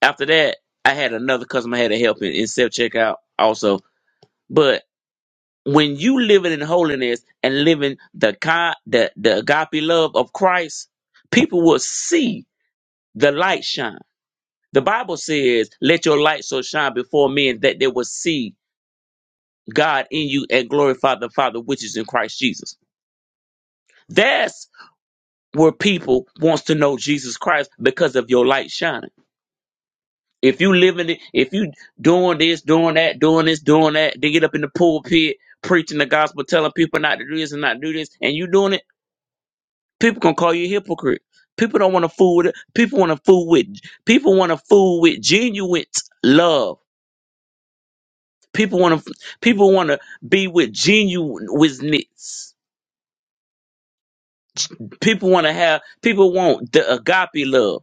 B: after that, I had another customer I had to help in, in self checkout also. But when you living in holiness and living the kind the the agape love of Christ, people will see the light shine. The Bible says, Let your light so shine before men that they will see God in you and glorify the Father which is in Christ Jesus. That's where people wants to know Jesus Christ because of your light shining. If you living it, if you doing this, doing that, doing this, doing that, they get up in the pulpit preaching the gospel, telling people not to do this and not do this, and you doing it, people gonna call you a hypocrite. People don't want to fool with it. People want to fool with. People want to fool with genuine love People want to people want to be with genuine witness. People want to have people want the agape love.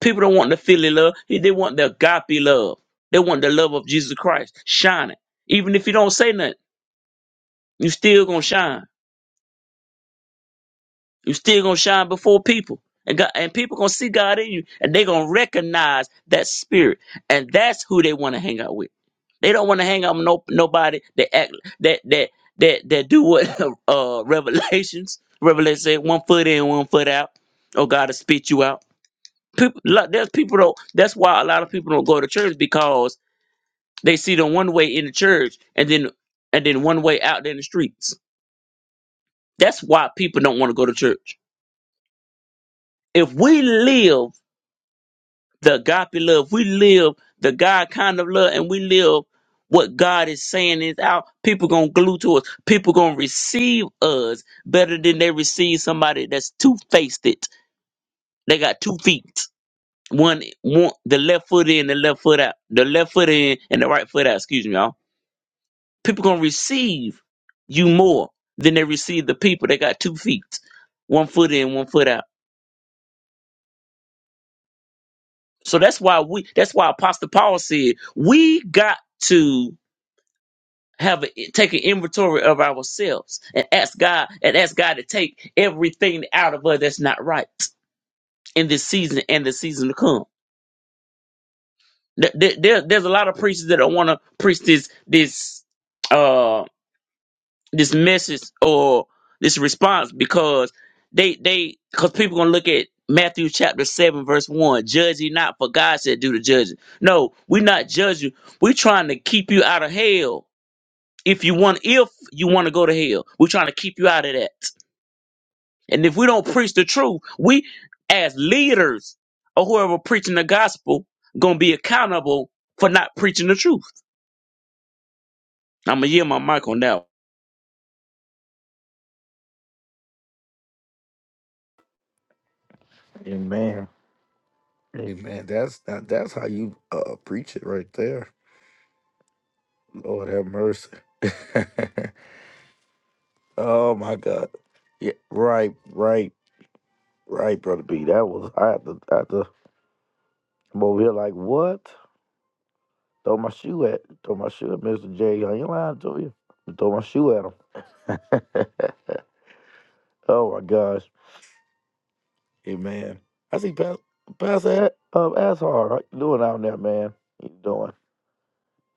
B: People don't want the Philly love. They want the agape love. They want the love of Jesus Christ shining. Even if you don't say nothing, you still gonna shine. You still gonna shine before people. And God, and people gonna see God in you, and they gonna recognize that spirit, and that's who they want to hang out with. They don't want to hang out with no nobody that act that that that that do what uh revelations revelation say one foot in one foot out oh God to spit you out. People, lot- there's people don't. That's why a lot of people don't go to church because they see them one way in the church and then and then one way out there in the streets. That's why people don't want to go to church. If we live the agape love. We live the God kind of love, and we live what God is saying is out. People gonna glue to us. People gonna receive us better than they receive somebody that's two faced. It they got two feet. One, one, the left foot in, the left foot out. The left foot in and the right foot out. Excuse me, y'all. People gonna receive you more than they receive the people that got two feet, one foot in, one foot out. So that's why we. That's why Apostle Paul said we got to have a, take an inventory of ourselves and ask God and ask God to take everything out of us that's not right in this season and the season to come. There, there- there- there's a lot of preachers that don't want to preach this this uh this message or this response because they they because people gonna look at Matthew chapter seven verse one judge ye not for God said do the judging. No, we not judging. We trying to keep you out of hell If you want, if you want to go to hell, we're trying to keep you out of that. And if we don't preach the truth, we as leaders or whoever preaching the gospel gonna be accountable for not preaching the truth. I'm gonna yield my mic on that. one.
A: Amen. Amen. That's that, that's how you uh, preach it right there. Lord have mercy. oh my God. Yeah. Right. Right. Right, brother B. That was I had to I had to come over here like what? Throw my shoe at throw my shoe at Mr. J. I ain't lying to you. Throw my shoe at him. oh my gosh. Amen. I see Pas- Pastor A- um, Ashar right, doing out there, man. He's doing.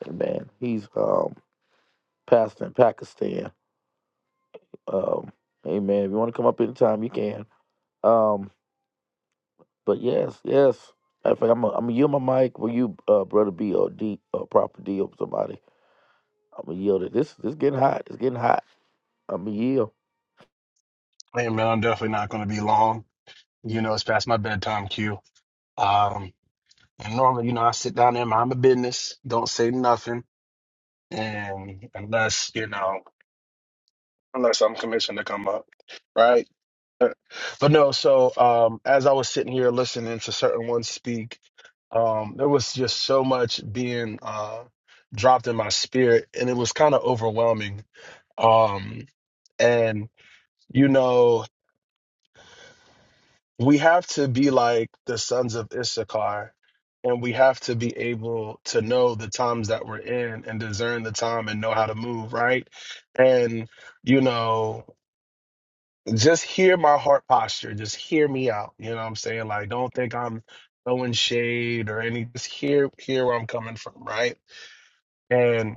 A: Amen. He's um pastor in Pakistan. Um, amen. If you want to come up anytime, you can. Um, but yes, yes. Matter of fact, I'm gonna I'm yield my mic. Will you, uh, brother B or D or proper D or somebody? I'm gonna yield it. This this getting hot. It's getting hot. I'm gonna yield.
E: Hey man, I'm definitely not going to be long. You know, it's past my bedtime cue. Um, and normally, you know, I sit down there, mind my business, don't say nothing, and unless you know, unless I'm commissioned to come up, right? But no. So, um, as I was sitting here listening to certain ones speak, um, there was just so much being uh, dropped in my spirit, and it was kind of overwhelming. Um, and you know. we have to be like the sons of Issachar, and we have to be able to know the times that we're in and discern the time and know how to move, right? And, you know, just hear my heart posture, just hear me out. You know what I'm saying? Like, don't think I'm throwing shade or any, just hear, hear where I'm coming from, right? And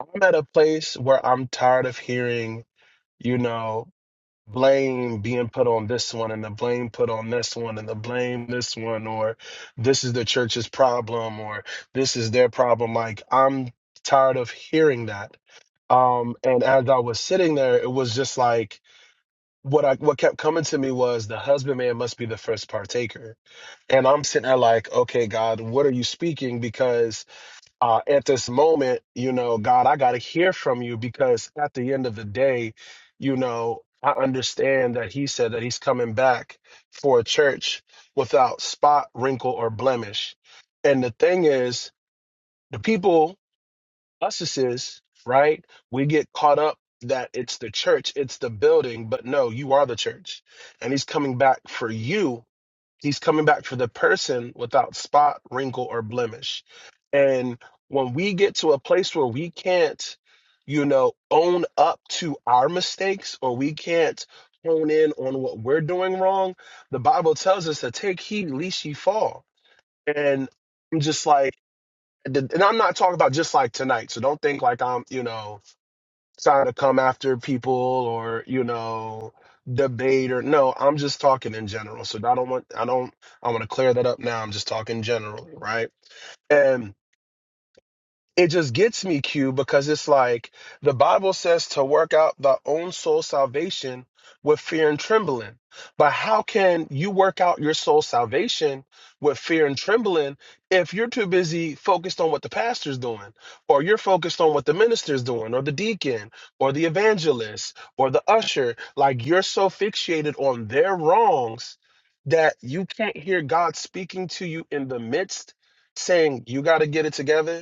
E: I'm at a place where I'm tired of hearing, you know, blame being put on this one and the blame put on this one and the blame this one or this is the church's problem or this is their problem like i'm tired of hearing that um and as i was sitting there it was just like what i what kept coming to me was the husbandman must be the first partaker and i'm sitting there like okay god what are you speaking because uh, at this moment, you know, God, I got to hear from you because at the end of the day, you know, I understand that He said that He's coming back for a church without spot, wrinkle, or blemish. And the thing is, the people, us is, is, right? We get caught up that it's the church, it's the building, but no, you are the church. And He's coming back for you He's coming back for the person without spot, wrinkle, or blemish. And when we get to a place where we can't, you know, own up to our mistakes or we can't hone in on what we're doing wrong, the Bible tells us to take heed lest ye fall. And I'm just like, and I'm not talking about just like tonight. So don't think like I'm, you know, trying to come after people or you know debate or no i'm just talking in general so i don't want i don't i want to clear that up now i'm just talking generally right and it just gets me q because it's like the bible says to work out thy own soul salvation with fear and trembling but how can you work out your soul salvation with fear and trembling if you're too busy focused on what the pastor's doing or you're focused on what the minister's doing or the deacon or the evangelist or the usher like you're so fixated on their wrongs that you can't hear god speaking to you in the midst saying you got to get it together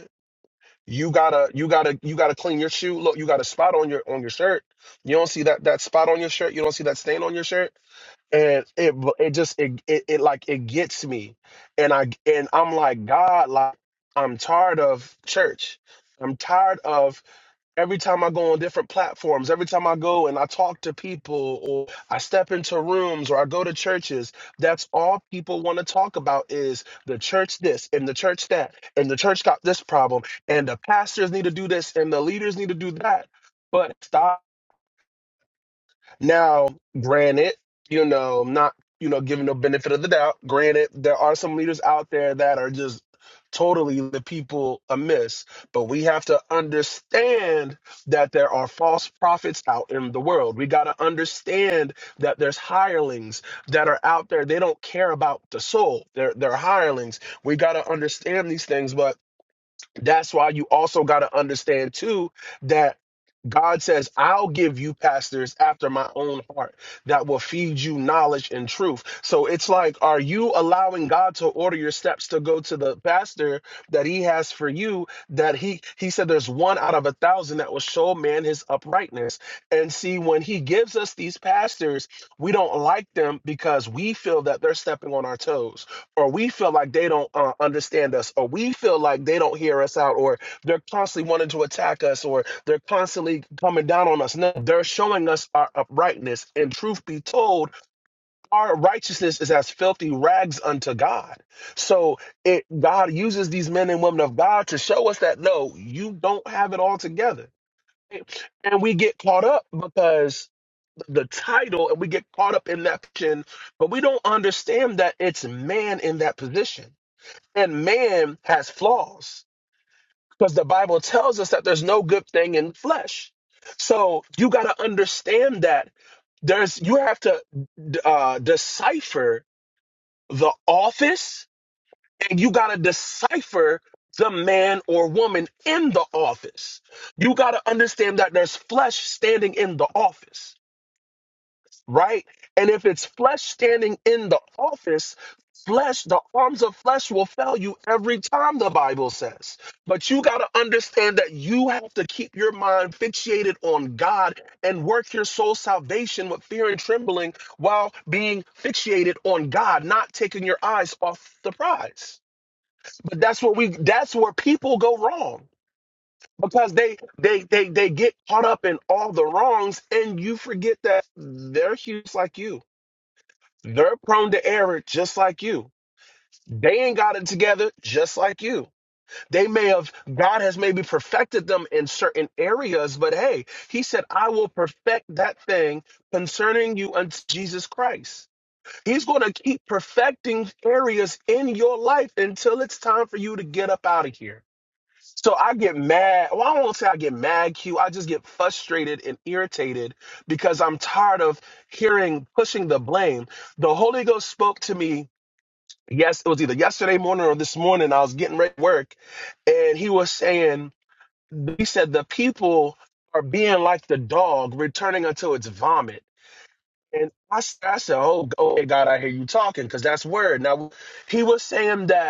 E: you gotta you gotta you gotta clean your shoe look you got a spot on your on your shirt you don't see that that spot on your shirt you don't see that stain on your shirt and it b- it just it it, it like it gets me and i and i'm like god like i'm tired of church i'm tired of every time I go on different platforms, every time I go and I talk to people or I step into rooms or I go to churches, that's all people want to talk about is the church this and the church that and the church got this problem and the pastors need to do this and the leaders need to do that. But stop. Now, granted, you know, not, you know, giving no benefit of the doubt. Granted, there are some leaders out there that are just totally the people amiss, but we have to understand that there are false prophets out in the world. We got to understand that there's hirelings that are out there. They don't care about the soul. They're they're hirelings. We got to understand these things, but that's why you also got to understand too that God says, I'll give you pastors after my own heart that will feed you knowledge and truth. So it's like, are you allowing God to order your steps to go to the pastor that he has for you? That he, he said, there's one out of a thousand that will show man his uprightness. And see, when he gives us these pastors, we don't like them because we feel that they're stepping on our toes or we feel like they don't uh, understand us or we feel like they don't hear us out or they're constantly wanting to attack us or they're constantly coming down on us no they're showing us our uprightness and truth be told our righteousness is as filthy rags unto god so it god uses these men and women of god to show us that no you don't have it all together and we get caught up because the title and we get caught up in that position, but we don't understand that it's man in that position. And man has flaws because the Bible tells us that there's no good thing in flesh. So you got to understand that there's you have to d- uh, decipher the office and you got to decipher the man or woman in the office. You got to understand that there's flesh standing in the office. right? And if it's flesh standing in the office, flesh, the arms of flesh will fail you every time, the Bible says. But you got to understand that you have to keep your mind fixated on God and work your soul salvation with fear and trembling while being fixated on God, not taking your eyes off the prize. But that's where we that's where people go wrong because they they they they get caught up in all the wrongs and you forget that they're huge like you they're prone to error just like you. They ain't got it together just like you. They may have, God has maybe perfected them in certain areas, but hey, He said, I will perfect that thing concerning you unto Jesus Christ. He's going to keep perfecting areas in your life until it's time for you to get up out of here. So I get mad. Well, I won't say I get mad, Q. I just get frustrated and irritated because I'm tired of hearing pushing the blame. The Holy Ghost spoke to me yes, it was either yesterday morning or this morning. I was getting ready to work, and he was saying, he said, the people are being like the dog returning unto its vomit. And I, s- I said, oh, okay, God, I hear you talking because that's word. Now, he was saying that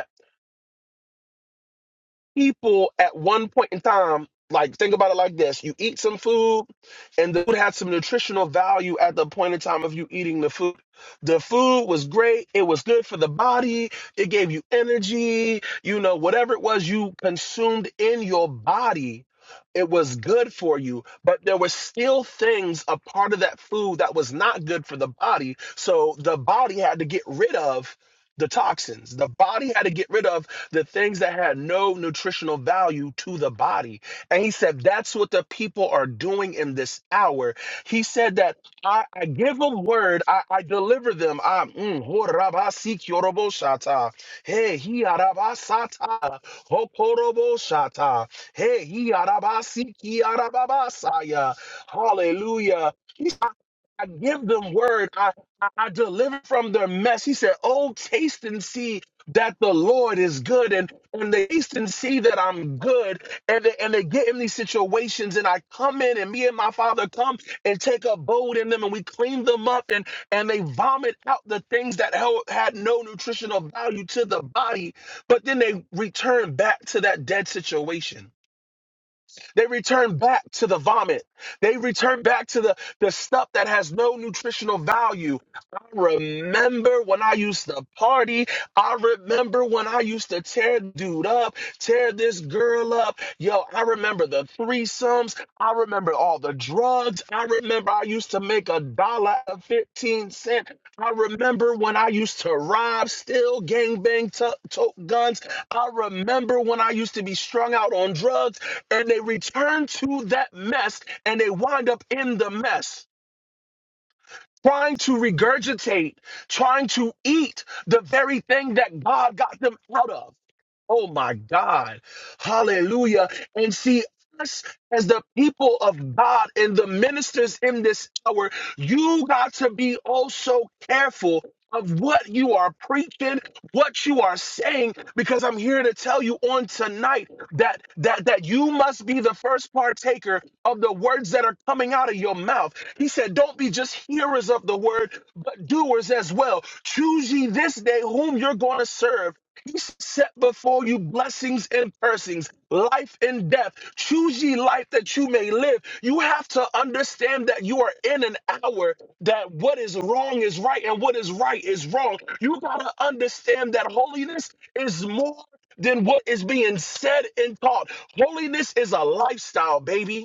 E: people at one point in time, like think about it like this: you eat some food, and the food had some nutritional value at the point in time of you eating the food. The food was great; it was good for the body. It gave you energy. You know, whatever it was you consumed in your body. It was good for you, but there were still things a part of that food that was not good for the body. So the body had to get rid of the toxins. The body had to get rid of the things that had no nutritional value to the body. And he said, That's what the people are doing in this hour. He said that I, I give them word, I, I deliver them. I, mm, ho raba si kyorobo shata. Hey, he araba sata. Ho korobo shata. Hey, he araba si ki araba basaya. Hallelujah. I give them word. I, I, I deliver from their mess. He said, Oh, taste and see that the Lord is good. And, and they taste and see that I'm good. And they, and they get in these situations. And I come in, and me and my father come and take abode in them. And we clean them up. And, and they vomit out the things that held- had no nutritional value to the body. But then they return back to that dead situation. They return back to the vomit. They return back to the, the stuff that has no nutritional value. I remember when I used to party I remember when I used to tear dude up, tear this girl up. Yo, I remember the threesomes. I remember all the drugs. I remember I used to make a dollar and 15 cent. I remember when I used to rob, steal, gangbang, to- tote guns. I remember when I used to be strung out on drugs and they return to that mess and they wind up in the mess trying to regurgitate, trying to eat the very thing that God got them out of. Oh my God. Hallelujah. And see, us as the people of God and the ministers in this hour, you got to be also careful of what you are preaching, what you are saying, because I'm here to tell you on tonight that that that you must be the first partaker of the words that are coming out of your mouth. He said, Don't be just hearers of the word, but doers as well. Choose ye this day whom you're going to serve he set before you blessings and cursings, life and death. Choose ye life that you may live. You have to understand that you are in an hour that what is wrong is right and what is right is wrong. You got to understand that holiness is more than what is being said and taught. Holiness is a lifestyle, baby.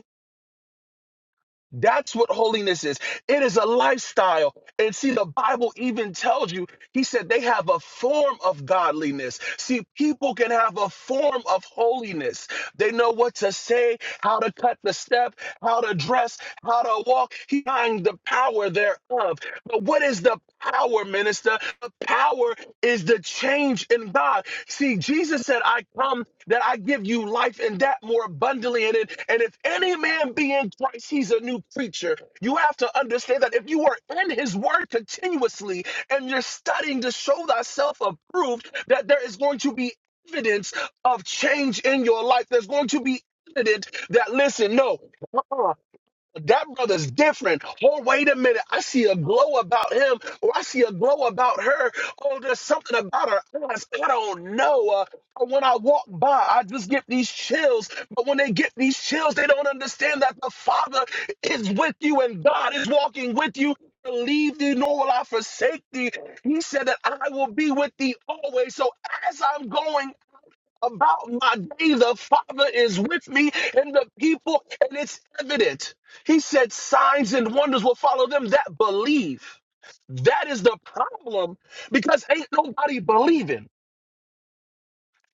E: That's what holiness is. It is a lifestyle. And see, the Bible even tells you, he said they have a form of godliness. See, people can have a form of holiness. They know what to say, how to cut the step, how to dress, how to walk, he finds the power thereof. But what is the power, minister? The power is the change in God. See, Jesus said, I come that I give you life and that more abundantly. And, it, and if any man be in Christ, he's a new creature. You have to understand that if you are in his word continuously and you're studying to show thyself approved, that there is going to be evidence of change in your life. There's going to be evidence that, listen, no that brother's different. Oh, wait a minute, I see a glow about him, or I see a glow about her. Oh, there's something about her eyes. I don't know. Uh, when I walk by, I just get these chills. But when they get these chills, they don't understand that the Father is with you and God is walking with you. Leave thee, nor will I forsake thee. He said that I will be with thee always. So as I'm going about my day. The Father is with me and the people, and it's evident. He said, Signs and wonders will follow them that believe. That is the problem because ain't nobody believing.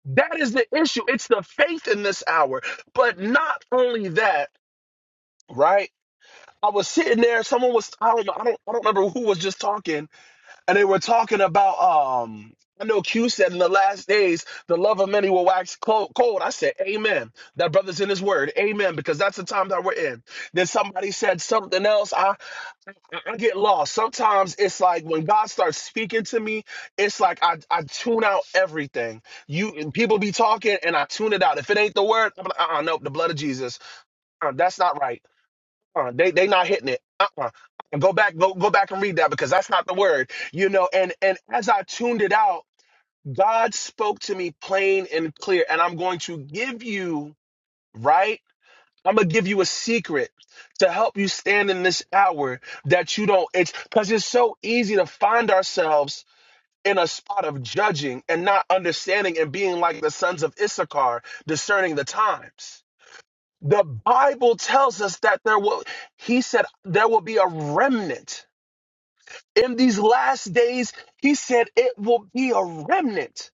E: That is the issue. It's the faith in this hour. But not only that, right? I was sitting there, someone was, I don't know, I don't, I don't remember who was just talking, and they were talking about um I know Q said in the last days the love of many will wax clo- cold. I said, Amen. That brother's in his word. Amen. Because that's the time that we're in. Then somebody said something else. I, I I get lost. Sometimes it's like when God starts speaking to me, it's like I, I tune out everything. You and people be talking and I tune it out. If it ain't the word, I'm like, uh-uh, nope, the blood of Jesus. Uh, that's not right uh, they they not hitting it. Uh-uh. Go back, go go back and read that because that's not the word, you know. And and as I tuned it out, God spoke to me plain and clear, and I'm going to give you right. I'm gonna give you a secret to help you stand in this hour that you don't. It's because it's so easy to find ourselves in a spot of judging and not understanding and being like the sons of Issachar, discerning the times. The Bible tells us that there will, he said, there will be a remnant. In these last days, he said, it will be a remnant.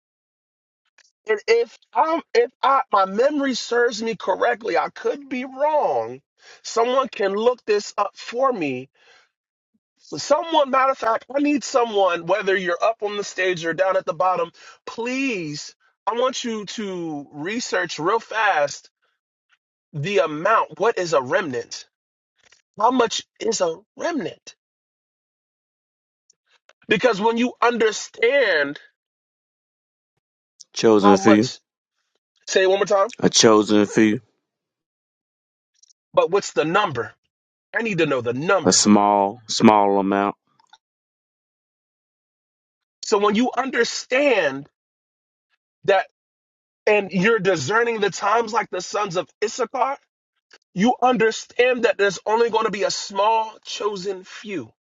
E: And if I'm, if I, my memory serves me correctly, I could be wrong. Someone can look this up for me. Someone, matter of fact, I need someone, whether you're up on the stage or down at the bottom, please, I want you to research real fast the amount. What is a remnant? How much is a remnant? Because when you understand
B: Chosen
E: how
B: few,
E: much, say it one more time,
B: a chosen few,
E: but what's the number? I need to know the
B: a
E: number.
B: small, small amount.
E: So when you understand that and you're discerning the times like the sons of Issachar, you understand that there's only going to be a small chosen few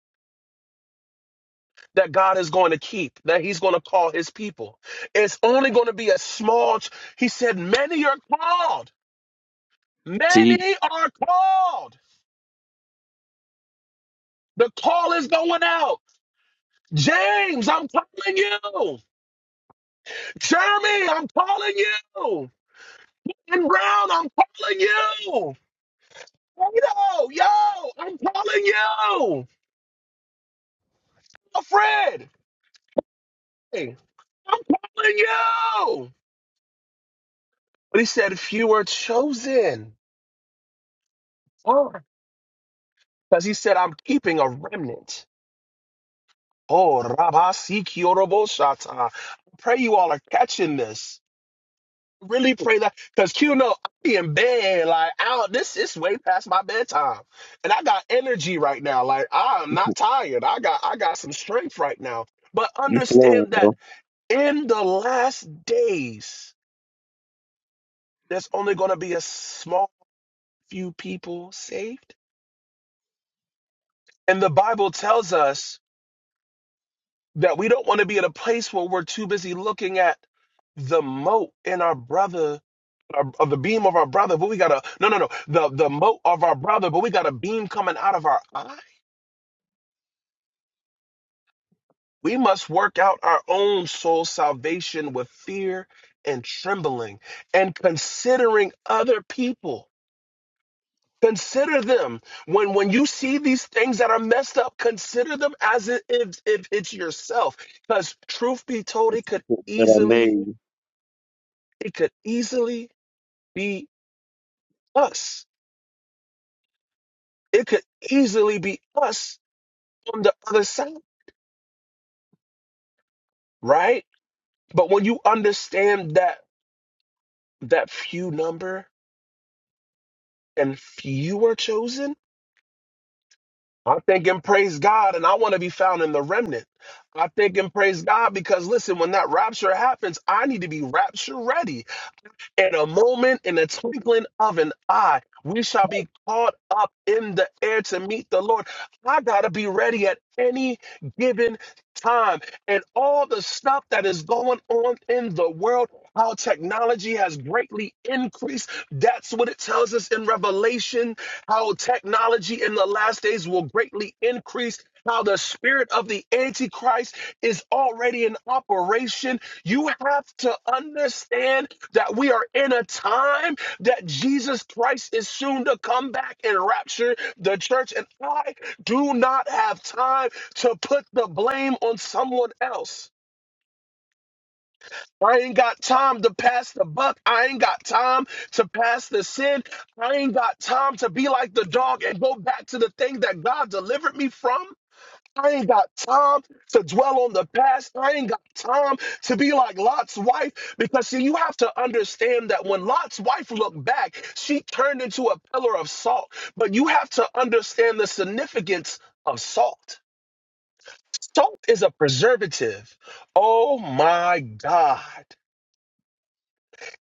E: that God is going to keep, that he's going to call his people. It's only going to be a small, ch- he said, many are called.
B: See,
E: Many are called. The call is going out. James, I'm calling you. Jeremy, I'm calling you. And Brown, I'm calling you. Yo, yo, I'm calling you. Alfred, hey, I'm calling you. But he said, few are chosen. Oh, because he said, I'm keeping a remnant. Oh, Rabasi Kyorobosata. I pray you all are catching this. really pray that because Q know I be in bed like out this is way past my bedtime, and I got energy right now. Like I'm not tired. I got I got some strength right now. But
B: you flowing,
E: understand that
B: bro.
E: in the last days, there's only going to be a small few people saved, and the Bible tells us that we don't want to be at a place where we're too busy looking at the moat in our brother's our- of the beam of our brother, but we got a no, no, no, the the mote of our brother, but we got a beam coming out of our eye. We must work out our own soul salvation with fear and trembling, and considering other people. Consider them when when you see these things that are messed up. Consider them as if if if it's yourself, because truth be told, it could
B: That I
E: easily
B: made.
E: it could easily be us. It could easily be us on the other side right? But when you understand that that few number and few are chosen, I'm thinking praise God and I want to be found in the remnant. I'm thinking praise God because listen, when that rapture happens, I need to be rapture ready. In a moment, in a twinkling of an eye, we shall be caught up in the air to meet the Lord. I got to be ready at any given time. And all the stuff that is going on in the world, how technology has greatly increased, that's what it tells us in Revelation, how technology in the last days will greatly increase, how the spirit of the Antichrist is already in operation. You have to understand that we are in a time that Jesus Christ is soon to come back and rapture the church. And I do not have time to put the blame on someone else. I ain't got time to pass the buck. I ain't got time to pass the sin. I ain't got time to be like the dog and go back to the thing that God delivered me from. I ain't got time to dwell on the past. I ain't got time to be like Lot's wife because, see, you have to understand that when Lot's wife looked back, she turned into a pillar of salt. But you have to understand the significance of salt. Salt is a preservative. Oh my God.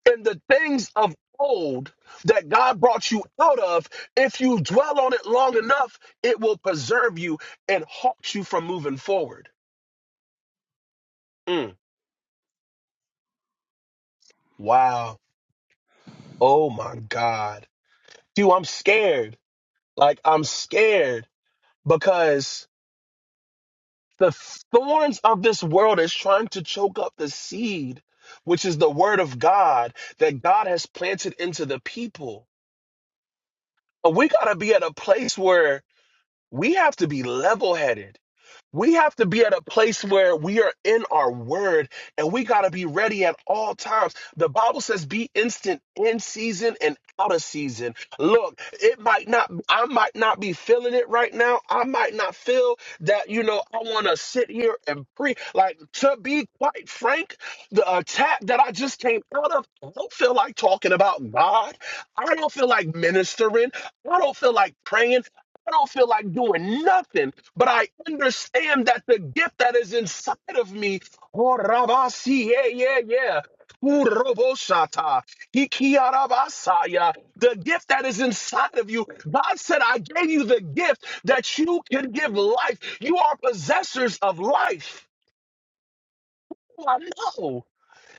E: And the things of old that God brought you out of, if you dwell on it long enough, it will preserve you and halt you from moving forward. Mm. Wow. Oh my God. Dude, I'm scared. Like, I'm scared because the thorns of this world is trying to choke up the seed, which is the word of God that God has planted into the people. But we got to be at a place where we have to be level headed. We have to be at a place where we are in our word and we got to be ready at all times. The Bible says be instant in season and out of season. Look, it might not, I might not be feeling it right now. I might not feel that, you know, I want to sit here and preach. Like, to be quite frank, the attack that I just came out of, I don't feel like talking about God. I don't feel like ministering. I don't feel like praying. I don't feel like doing nothing, but I understand that the gift that is inside of me, oh, Rabasi, yeah, yeah, yeah. Ooh, Roboshata, Ikiarabasaya, The gift that is inside of you. God said, I gave you the gift that you can give life. You are possessors of life. Oh, I know.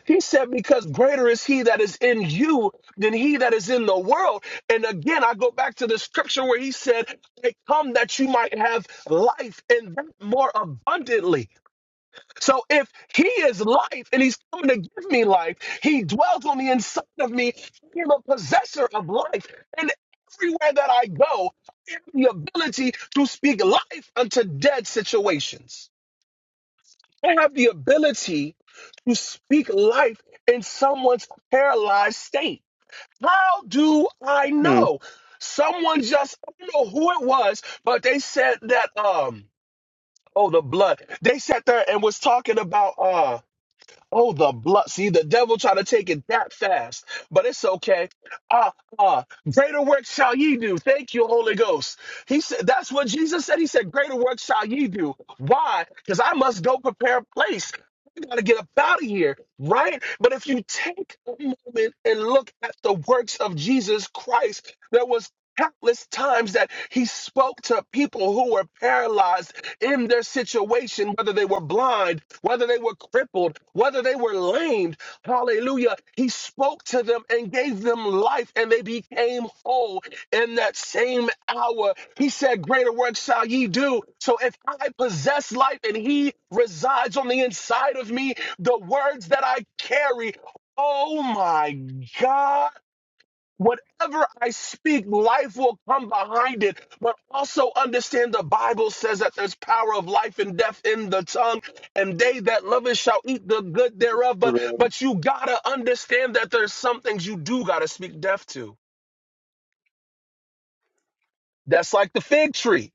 E: He said, Because greater is he that is in you than he that is in the world. And again, I go back to the scripture where he said, I come that you might have life and that more abundantly. So if he is life and he's coming to give me life, he dwells on the inside of me. I am a possessor of life. And everywhere that I go, I have the ability to speak life unto dead situations. I have the ability to speak life in someone's paralyzed state. How do I
B: Hmm.
E: know? Someone just, I don't know who it was, but they said that, um, oh, the blood. They sat there and was talking about, uh, oh, the blood. See, the devil try to take it that fast, but it's okay. Uh, uh, greater work shall ye do. Thank you, Holy Ghost. He said, that's what Jesus said. He said, greater work shall ye do. Why? Because I must go prepare a place you got to get up out of here, right? But if you take a moment and look at the works of Jesus Christ, there was countless times that he spoke to people who were paralyzed in their situation, whether they were blind, whether they were crippled, whether they were lamed. Hallelujah. He spoke to them and gave them life, and they became whole in that same hour. He said, Greater works shall ye do. So if I possess life and he resides on the inside of me, the words that I carry, oh my God, whatever I speak, life will come behind it. But also understand the Bible says that there's power of life and death in the tongue, and they that love it shall eat the good thereof. But but you gotta understand that there's some things you do gotta speak death to. That's like the fig tree.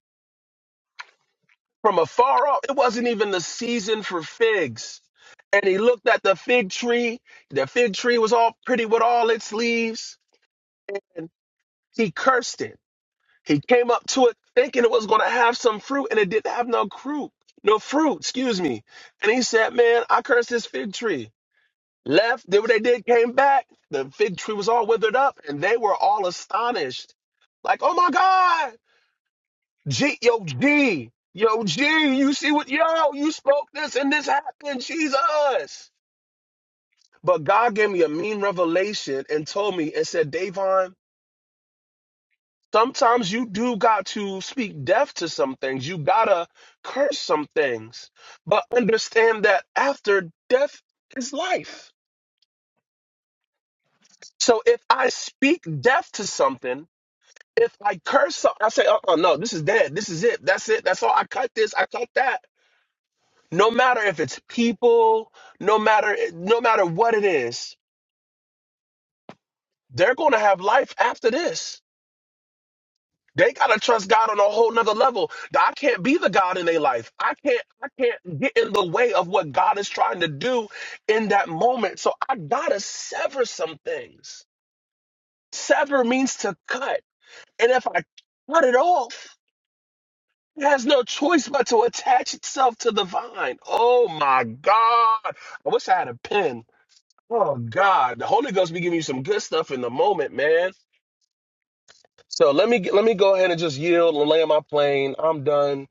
E: from afar off. It wasn't even the season for figs. And he looked at the fig tree. The fig tree was all pretty with all its leaves. And he cursed it. He came up to it thinking it was going to have some fruit, and it didn't have no fruit. No fruit, excuse me. And he said, Man, I cursed this fig tree. Left, did what they did, came back. The fig tree was all withered up, and they were all astonished. Like, oh my God, G, yo, G, yo, G, you see what, yo, you spoke this and this happened, Jesus. But God gave me a mean revelation and told me and said, Davon, sometimes you do got to speak death to some things. You gotta curse some things, but understand that after death is life. So if I speak death to something, if I curse something, I say, uh uh no, this is dead. This is it. That's it. That's all. I cut this. I cut that. no matter if it's people no matter no matter what it is they're going to have life after this they got to trust god on a whole nother level i can't be the god in their life i can't i can't get in the way of what god is trying to do in that moment so i gotta sever some things sever means to cut and if i cut it off it has no choice but to attach itself to the vine oh my god i wish i had a pen Oh God, the Holy Ghost be giving you some good stuff in the moment, man. So let me let me go ahead and just yield and lay on my plane. I'm done.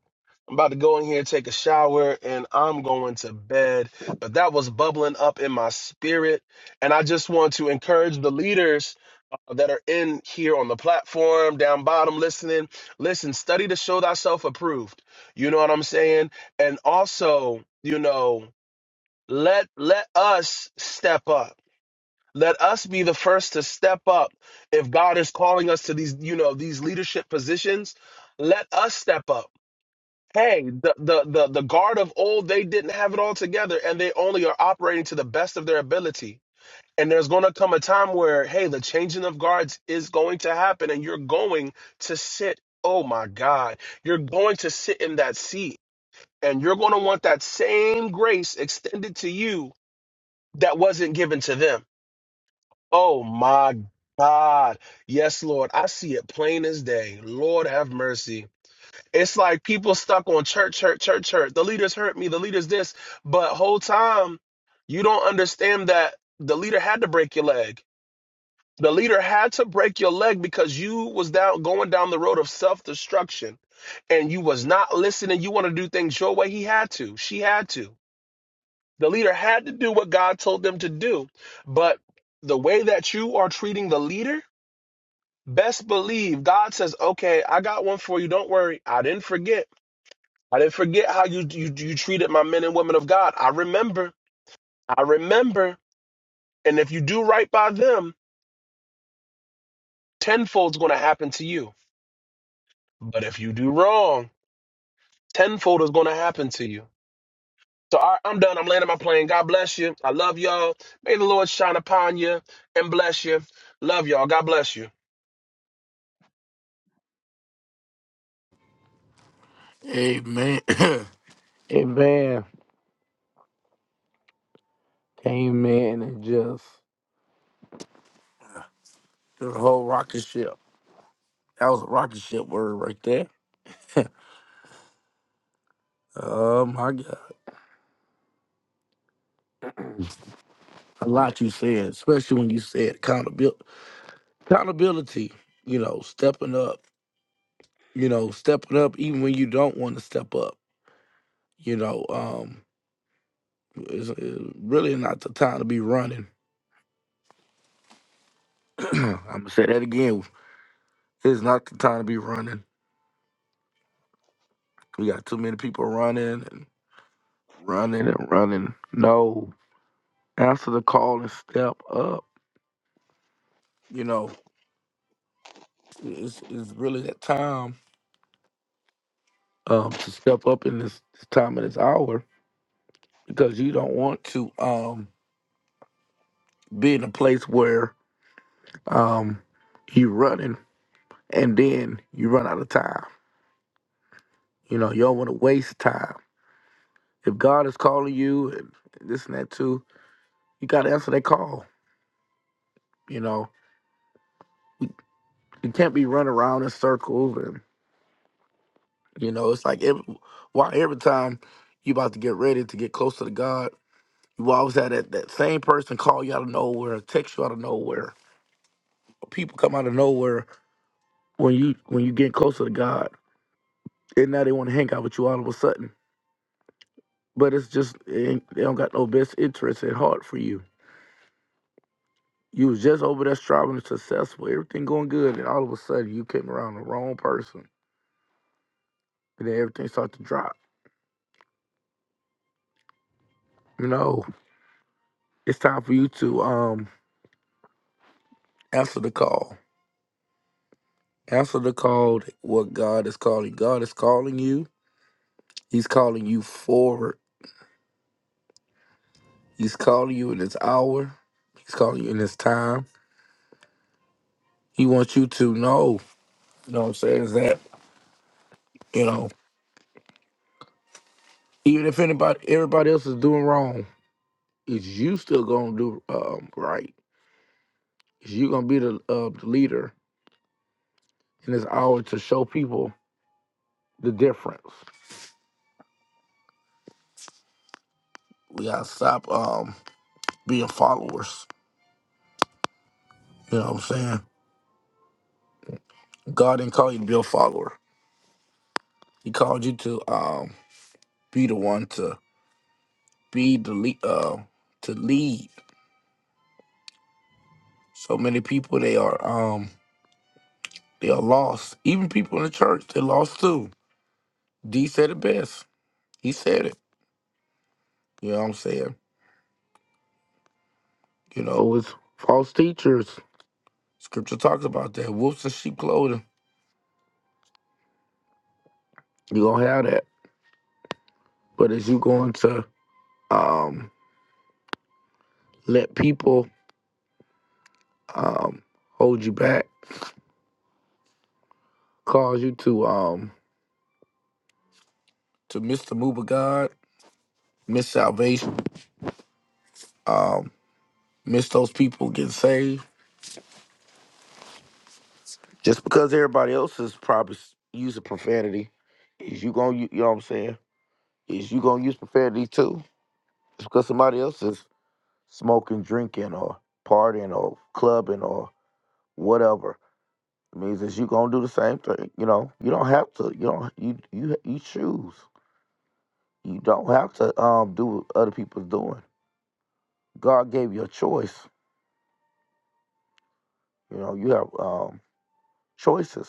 E: I'm about to go in here, take a shower, and I'm going to bed. But that was bubbling up in my spirit, and I just want to encourage the leaders uh, that are in here on the platform down bottom listening. Listen, study to show thyself approved. You know what I'm saying? And also, you know, let let us step up let us be the first to step up if god is calling us to these you know these leadership positions let us step up hey the the the, the guard of old they didn't have it all together and they only are operating to the best of their ability and there's going to come a time where hey the changing of guards is going to happen and you're going to sit oh my god you're going to sit in that seat and you're going to want that same grace extended to you that wasn't given to them Oh my God. Yes, Lord. I see it plain as day. Lord have mercy. It's like people stuck on church, church, church, church. The leaders hurt me. The leaders this. But whole time, you don't understand that the leader had to break your leg. The leader had to break your leg because you was down going down the road of self-destruction and you was not listening. You want to do things your way. He had to. She had to. The leader had to do what God told them to do. But the way that you are treating the leader Best believe God says, "Okay, I got one for you. Don't worry. I didn't forget. I didn't forget how you you, you treated my men and women of God. I remember. I remember. And if you do right by them, tenfold's going to happen to you. But if you do wrong, tenfold is going to happen to you." So all right, I'm done. I'm landing my plane. God bless you. I love y'all. May the Lord shine upon you and bless you. Love y'all. God bless you.
A: Amen. The Amen. Came in and just the whole rocket ship. That was a rocket ship word right there. Oh my God. A lot you said, especially when you said accountability. Accountability, you know, stepping up, you know, stepping up even when you don't want to step up, you know, um, it's, it's really not the time to be running. I'm going to say that again. It's not the time to be running. We got too many people running and running and running. No, answer the call and step up. You know, it's, it's really that time um, to step up in this, this time and this hour because you don't want to um be in a place where um you running and then you run out of time. You know, you don't want to waste time. If God is calling you and this and that too, you got to answer that call. You know, you, you can't be running around in circles and you know it's like every, why every time you about to get ready to get closer to God. You always have that, that same person call you out of nowhere, text you out of nowhere. People come out of nowhere when you when you get closer to God and now they want to hang out with you all of a sudden. But it's just it ain't- they don't got no best interest at heart for you. You was just over there striving and successful, everything going good, and all of a sudden you came around the wrong person, and then everything started to drop. You know, it's time for you to um answer the call. Answer the call. What God is calling. God is calling you. He's calling you forward. He's calling you in this hour. He's calling you in this time. He wants you to know. You know what I'm saying? Is that you know? Even if anybody, everybody else is doing wrong, it's you still gonna do um, right. It's you gonna be the, uh, the leader And it's hour to show people the difference. We gotta stop um, being followers. You know what I'm saying? God didn't call you to be a follower. He called you to um, be the one to be the lead. Uh, to lead. So many people they are um, they are lost. Even people in the church, they're lost too. D said it best. He said it. You know what I'm saying? You know, it's false teachers. Scripture talks about that. Wolves in sheep clothing. You gonna have that. But is you going to um let people um hold you back, cause you to um to miss the move of God, miss salvation, um, miss those people getting saved. Just because everybody else is probably s- using profanity, is you gonna you know what I'm saying? Is you gonna use profanity too? Just because somebody else is smoking, drinking, or partying, or clubbing, or whatever. It means that you gonna do the same thing. You know, you don't have to. You don't. You you you choose. You don't have to um do what other people's doing. God gave you a choice. You know, you have um choices.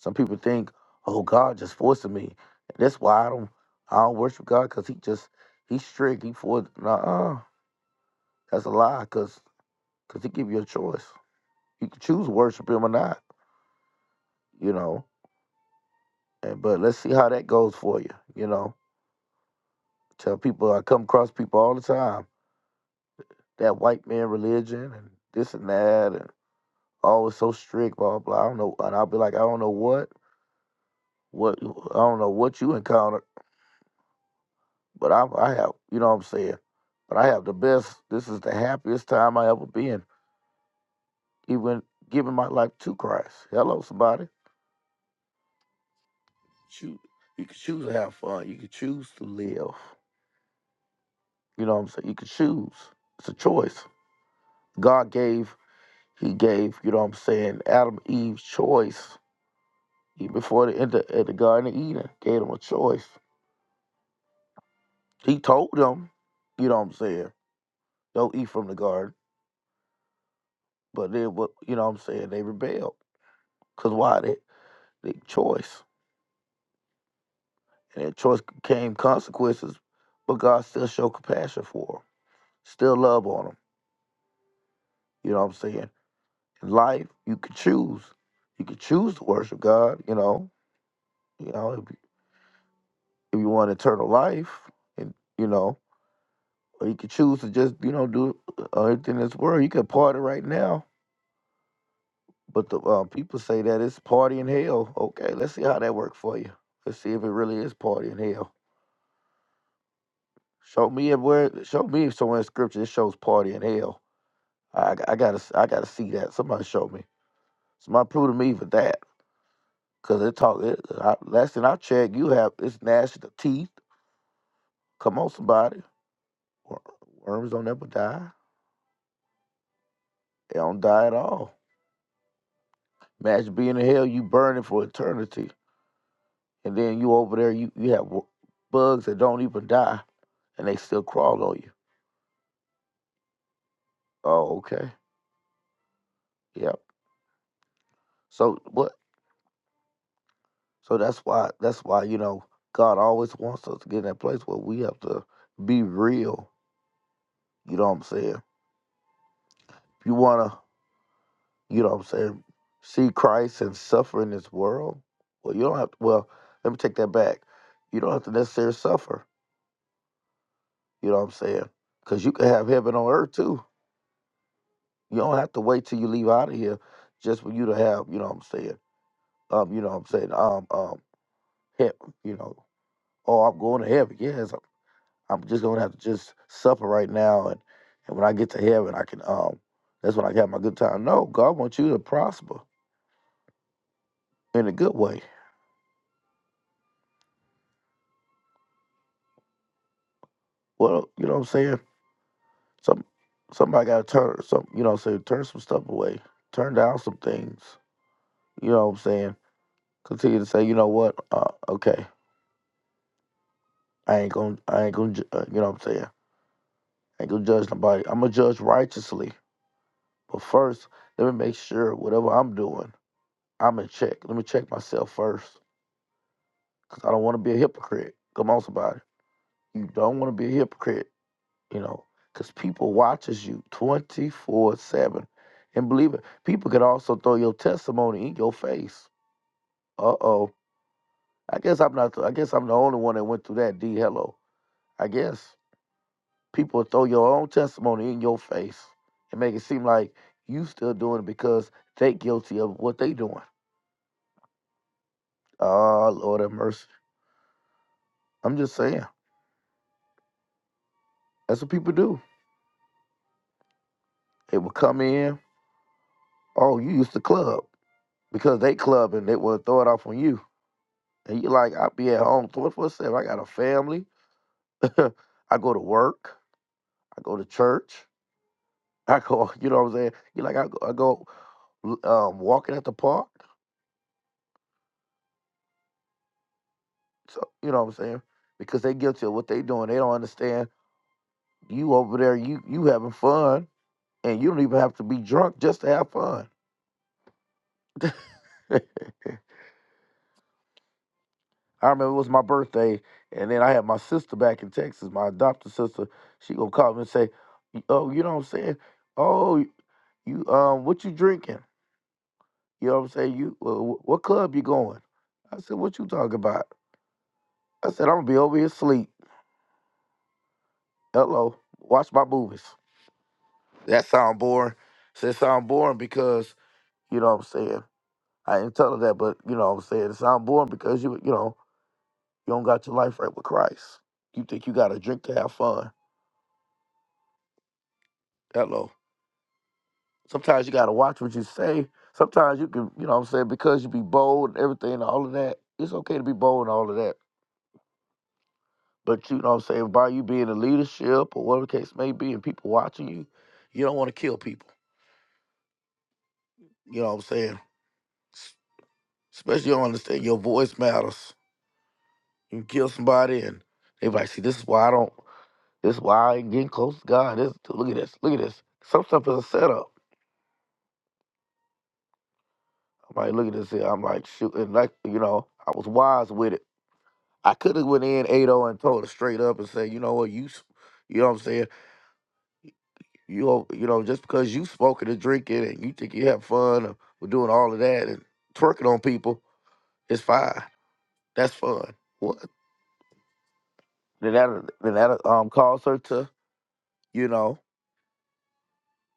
A: Some people think, oh, God just forcing me. That's why I don't I don't worship God because He just He's strict. He forced. Nah, that's a lie. Cause cause He give you a choice. You can choose to worship Him or not. You know. And but let's see how that goes for you. You know. Tell people I come across people all the time that white man religion and this and that and always so strict, blah blah. I don't know, and I'll be like, I don't know what, what I don't know what you encountered, but I I have, you know what I'm saying. But I have the best. This is the happiest time I ever been, even giving my life to Christ. Hello, somebody. Choose. You can choose to have fun. You can choose to live. You know what I'm saying. You can choose. It's a choice. God gave. He gave. You know what I'm saying. Adam Eve's choice Even before the, at the at the Garden of Eden, gave them a choice. He told them, you know what I'm saying, don't eat from the garden. But then what you know what I'm saying, they rebelled. Cause why they they choice. And that choice came consequences, but God still showed compassion for them. Still love on them. You know what I'm saying? In life, you can choose. You can choose to worship God, you know. You know, if, you- if you want eternal life and you know, or you can choose to just, you know, do uh, everything in this world. You can party right now But the uh, people say that it's party in hell. Okay, let's see how that works for you. Let's see if it really is party in hell. Show me if where. Show me if somewhere in scripture it shows party in hell. I, I gotta I gotta see that. Somebody show me. Somebody prove to me for that. Cause it talk. It, I, last thing I checked, you have it's gnashing of teeth. Come on, somebody. Wor- Worms don't ever die. They don't die at all. Imagine being in hell, you burning for eternity, and then you over there, you you have wo- bugs that don't even die, and they still crawl on you. Oh, okay. Yep. So what? So that's why. That's why you know God always wants us to get in that place where we have to be real. You know what I'm saying? If you wanna, you know what I'm saying, see Christ and suffer in this world. Well, you don't have. To, well, let me take that back. You don't have to necessarily suffer. You know what I'm saying? Because you can have heaven on earth too. You don't have to wait till you leave out of here just for you to have. You know what I'm saying? Um, you know what I'm saying? Um, um, Heaven. you know, oh, I'm going to heaven. Yes, I'm just gonna have to just suffer right now, and and when I get to heaven, I can um, that's when I can have my good time. No, God wants you to prosper in a good way. Well, you know what I'm saying. Some somebody got to turn some, you know, say turn some stuff away, turn down some things. You know what I'm saying. Continue to say, you know what, uh, okay, I ain't gonna, I ain't gonna, ju- uh, you know what I'm saying. I ain't gonna judge nobody. I'm gonna judge righteously, but first, let me make sure whatever I'm doing, I'm in check. Let me check myself first 'cause I don't want to be a hypocrite. Come on, somebody. You don't want to be a hypocrite, you know, because people watches you 24-7. And believe it, people can also throw your testimony in your face. Uh-oh. I guess I'm not, I guess I'm the only one that went through that, D. Hello. I guess. People throw your own testimony in your face and make it seem like you still doing it because they guilty of what they doing. Oh, Lord have mercy. I'm just saying. That's what people do. They will come in. Oh, you used to club. because they club and they want to throw it off on you. And you're like, I'll be at home 24 7. I got a family. I go to work. I go to church. I go, you know what I'm saying? You're like, I go, I go um, walking at the park. So, you know what I'm saying? Because they guilty of what they doing. They don't understand you over there, you you having fun, and you don't even have to be drunk just to have fun. I remember it was my birthday, and then I had my sister back in Texas, my adopted sister. She gonna call me and say, "Oh, you know what I'm saying? Oh, you um what you drinking? You know what I'm saying? You uh, wh- what club you going? I said, what you talking about? I said, I'm gonna be over here asleep. Hello, watch my movies. That sound boring. Said sound boring because you know what I'm saying. I didn't tell her that, but you know what I'm saying. It sound boring because you you know you don't got your life right with Christ. You think you gotta drink to have fun. Hello. Sometimes you gotta watch what you say. Sometimes you can, you know what I'm saying, because you be bold and everything and all of that. It's okay to be bold and all of that But you know what I'm saying, by you being in leadership or whatever the case may be, and people watching you, you don't want to kill people. You know what I'm saying? Especially you don't understand your voice matters. You kill somebody and they like, see, this is why I don't this is why I ain't getting close to God. This look at this, look at this. Some stuff is a setup. I'm like, look at this here. I'm like, shoot, and like, you know, I was wise with it. I could have went in 80 and told her straight up and said, you know what, you you know what I'm saying? You know, you know, just because you smoking and drinking and you think you have fun or, or doing all of that and twerking on people, it's fine. That's fun. What? Then that then that um caused her to you know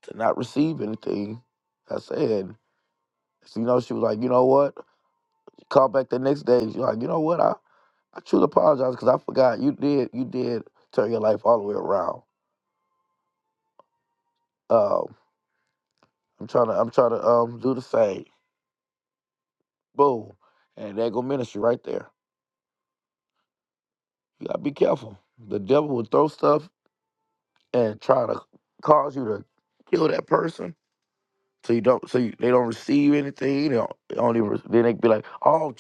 A: to not receive anything. I said, so, you know, she was like, you know what? She called back the next day. She's like, you know what? I I truly apologize because I forgot you did you did turn your life all the way around. Um, I'm trying to I'm trying to um do the same. Boom, and there go ministry right there. You gotta be careful. The devil will throw stuff and try to cause you to kill that person, so you don't, so you, they don't receive anything. They don't, they don't even. Then they be like, all,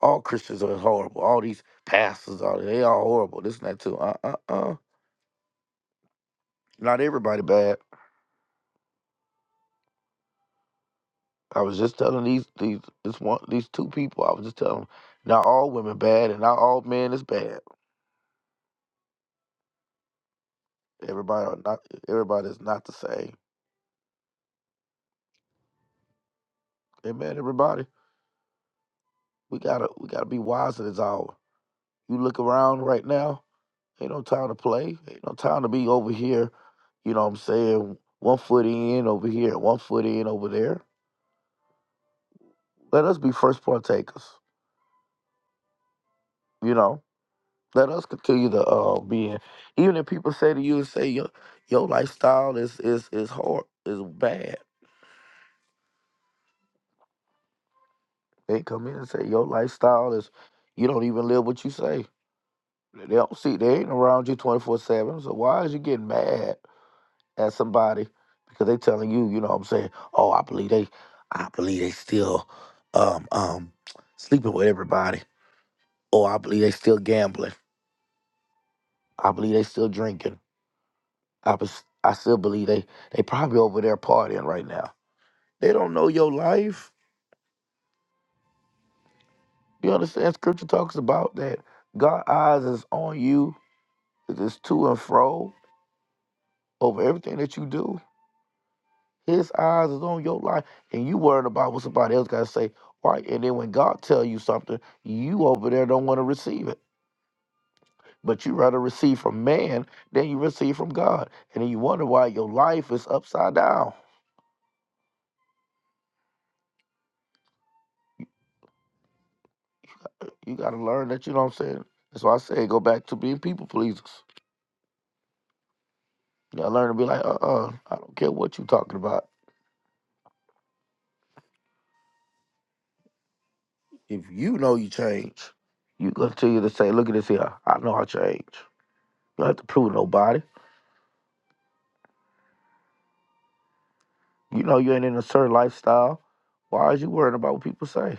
A: all Christians are horrible. All these pastors all they all horrible. This and that too. Uh, uh, uh. Not everybody bad. I was just telling these these this one these two people. I was just telling them, not all women bad and not all men is bad. Everybody are not everybody is not the same. Amen. Everybody, we gotta we gotta be wise in this hour. You look around right now, ain't no time to play. Ain't no time to be over here, you know what I'm saying, one foot in over here, one foot in over there. Let us be first partakers, you know. Let us continue to uh, be in. Even if people say to you and say your your lifestyle is is is hard, is bad. They come in and say your lifestyle is you don't even live what you say. They don't see they ain't around you twenty four seven. So why is you getting mad? at somebody because they telling you, you know what I'm saying, oh, I believe they I believe they still um um sleeping with everybody. Or I believe they still gambling. I believe they still drinking. I bes- I still believe they they probably over there partying right now. They don't know your life. You understand? Scripture talks about that. God eyes is on you. It is to and fro over everything that you do. His eyes is on your life, and you worrying about what somebody else got to say. Right, and then when God tell you something, you over there don't want to receive it, but you rather receive from man than you receive from God, and then you wonder why your life is upside down. You got to learn that. You know what I'm saying? That's why I say go back to being people pleasers. You got to learn to be like, uh, uh I don't care what you talking about. If you know you change, you continue to say, look at this here. I know I change. You don't have to prove nobody. You know you ain't in a certain lifestyle. Why are you worrying about what people say?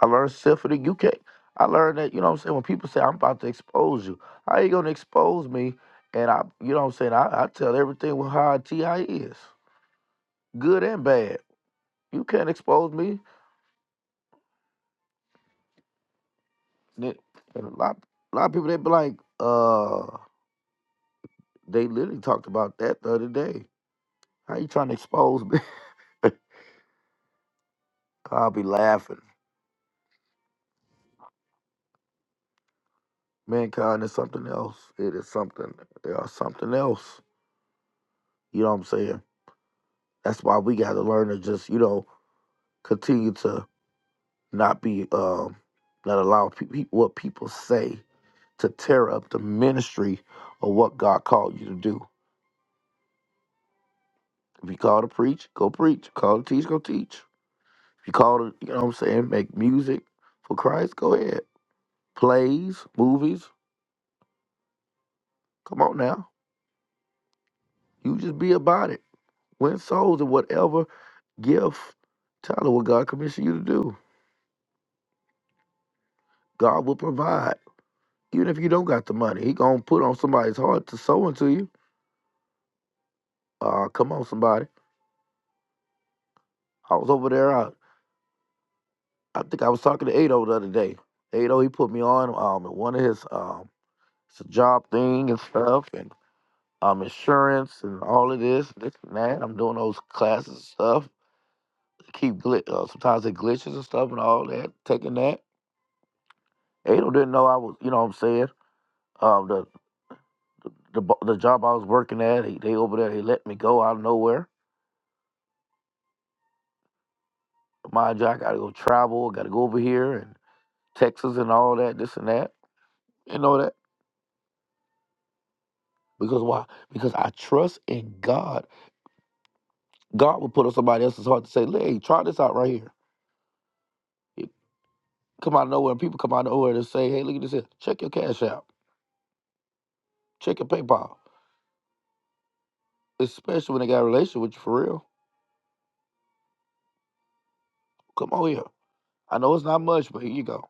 A: I learned stuff for the UK. I learned that, you know what I'm saying, when people say I'm about to expose you, how you gonna expose me? And I you know what I'm saying, I, I tell everything with how a TI is. Good and bad. You can't expose me. And it- and a lot a lot of people they be like, uh, they literally talked about that the other day. How you trying to expose me? I'll be laughing. Mankind is something else. It is something. They are something else. You know what I'm saying? That's why we got to learn to just, you know, continue to not be, um, not allow pe- pe- what people say to tear up the ministry of what God called you to do. If you call to preach, go preach. Call to teach, go teach. If you call to, you know what I'm saying, make music for Christ, go ahead. Plays, movies, come on now. You just be about it. Win souls and whatever gift, tell them what God commissioned you to do. God will provide. Even if you don't got the money, he gonna put on somebody's heart to sow into you. Uh, come on, somebody. I was over there. I, I think I was talking to Ado the other day. Ado, he put me on um at one of his um it's a job thing and stuff and um insurance and all of this this and that. I'm doing those classes and stuff. Keep glit uh, sometimes it glitches and stuff and all that. Taking that. Ado didn't know I was. You know what I'm saying? Um the the the job I was working at, he, they over there, they let me go out of nowhere Mind you, I gotta go travel, gotta go over here and Texas and all that, this and that, and all that. Because why? Because I trust in God. God will put on somebody else's heart to say, hey, try this out right here. It come out of nowhere, people come out of nowhere to say, hey, look at this here. Check your cash out. Check your PayPal. Especially when they got a relationship with you for real. Come on here. I know it's not much, but here you go.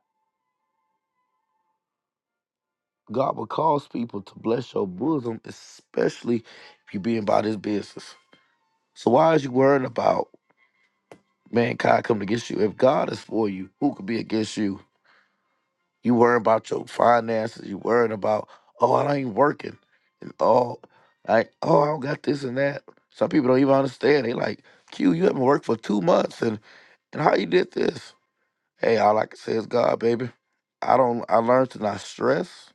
A: God will cause people to bless your bosom, especially if you're being about his business. So why is you worrying about? mankind coming against you. If God is for you, who could be against you? You worrying about your finances. You worrying about, oh, I ain't working. And oh, like, oh, I don't got this and that. Some people don't even understand. They like, Q, you haven't worked for two months and and how you did this? Hey, all I can say is God, baby. I don't I learned to not stress.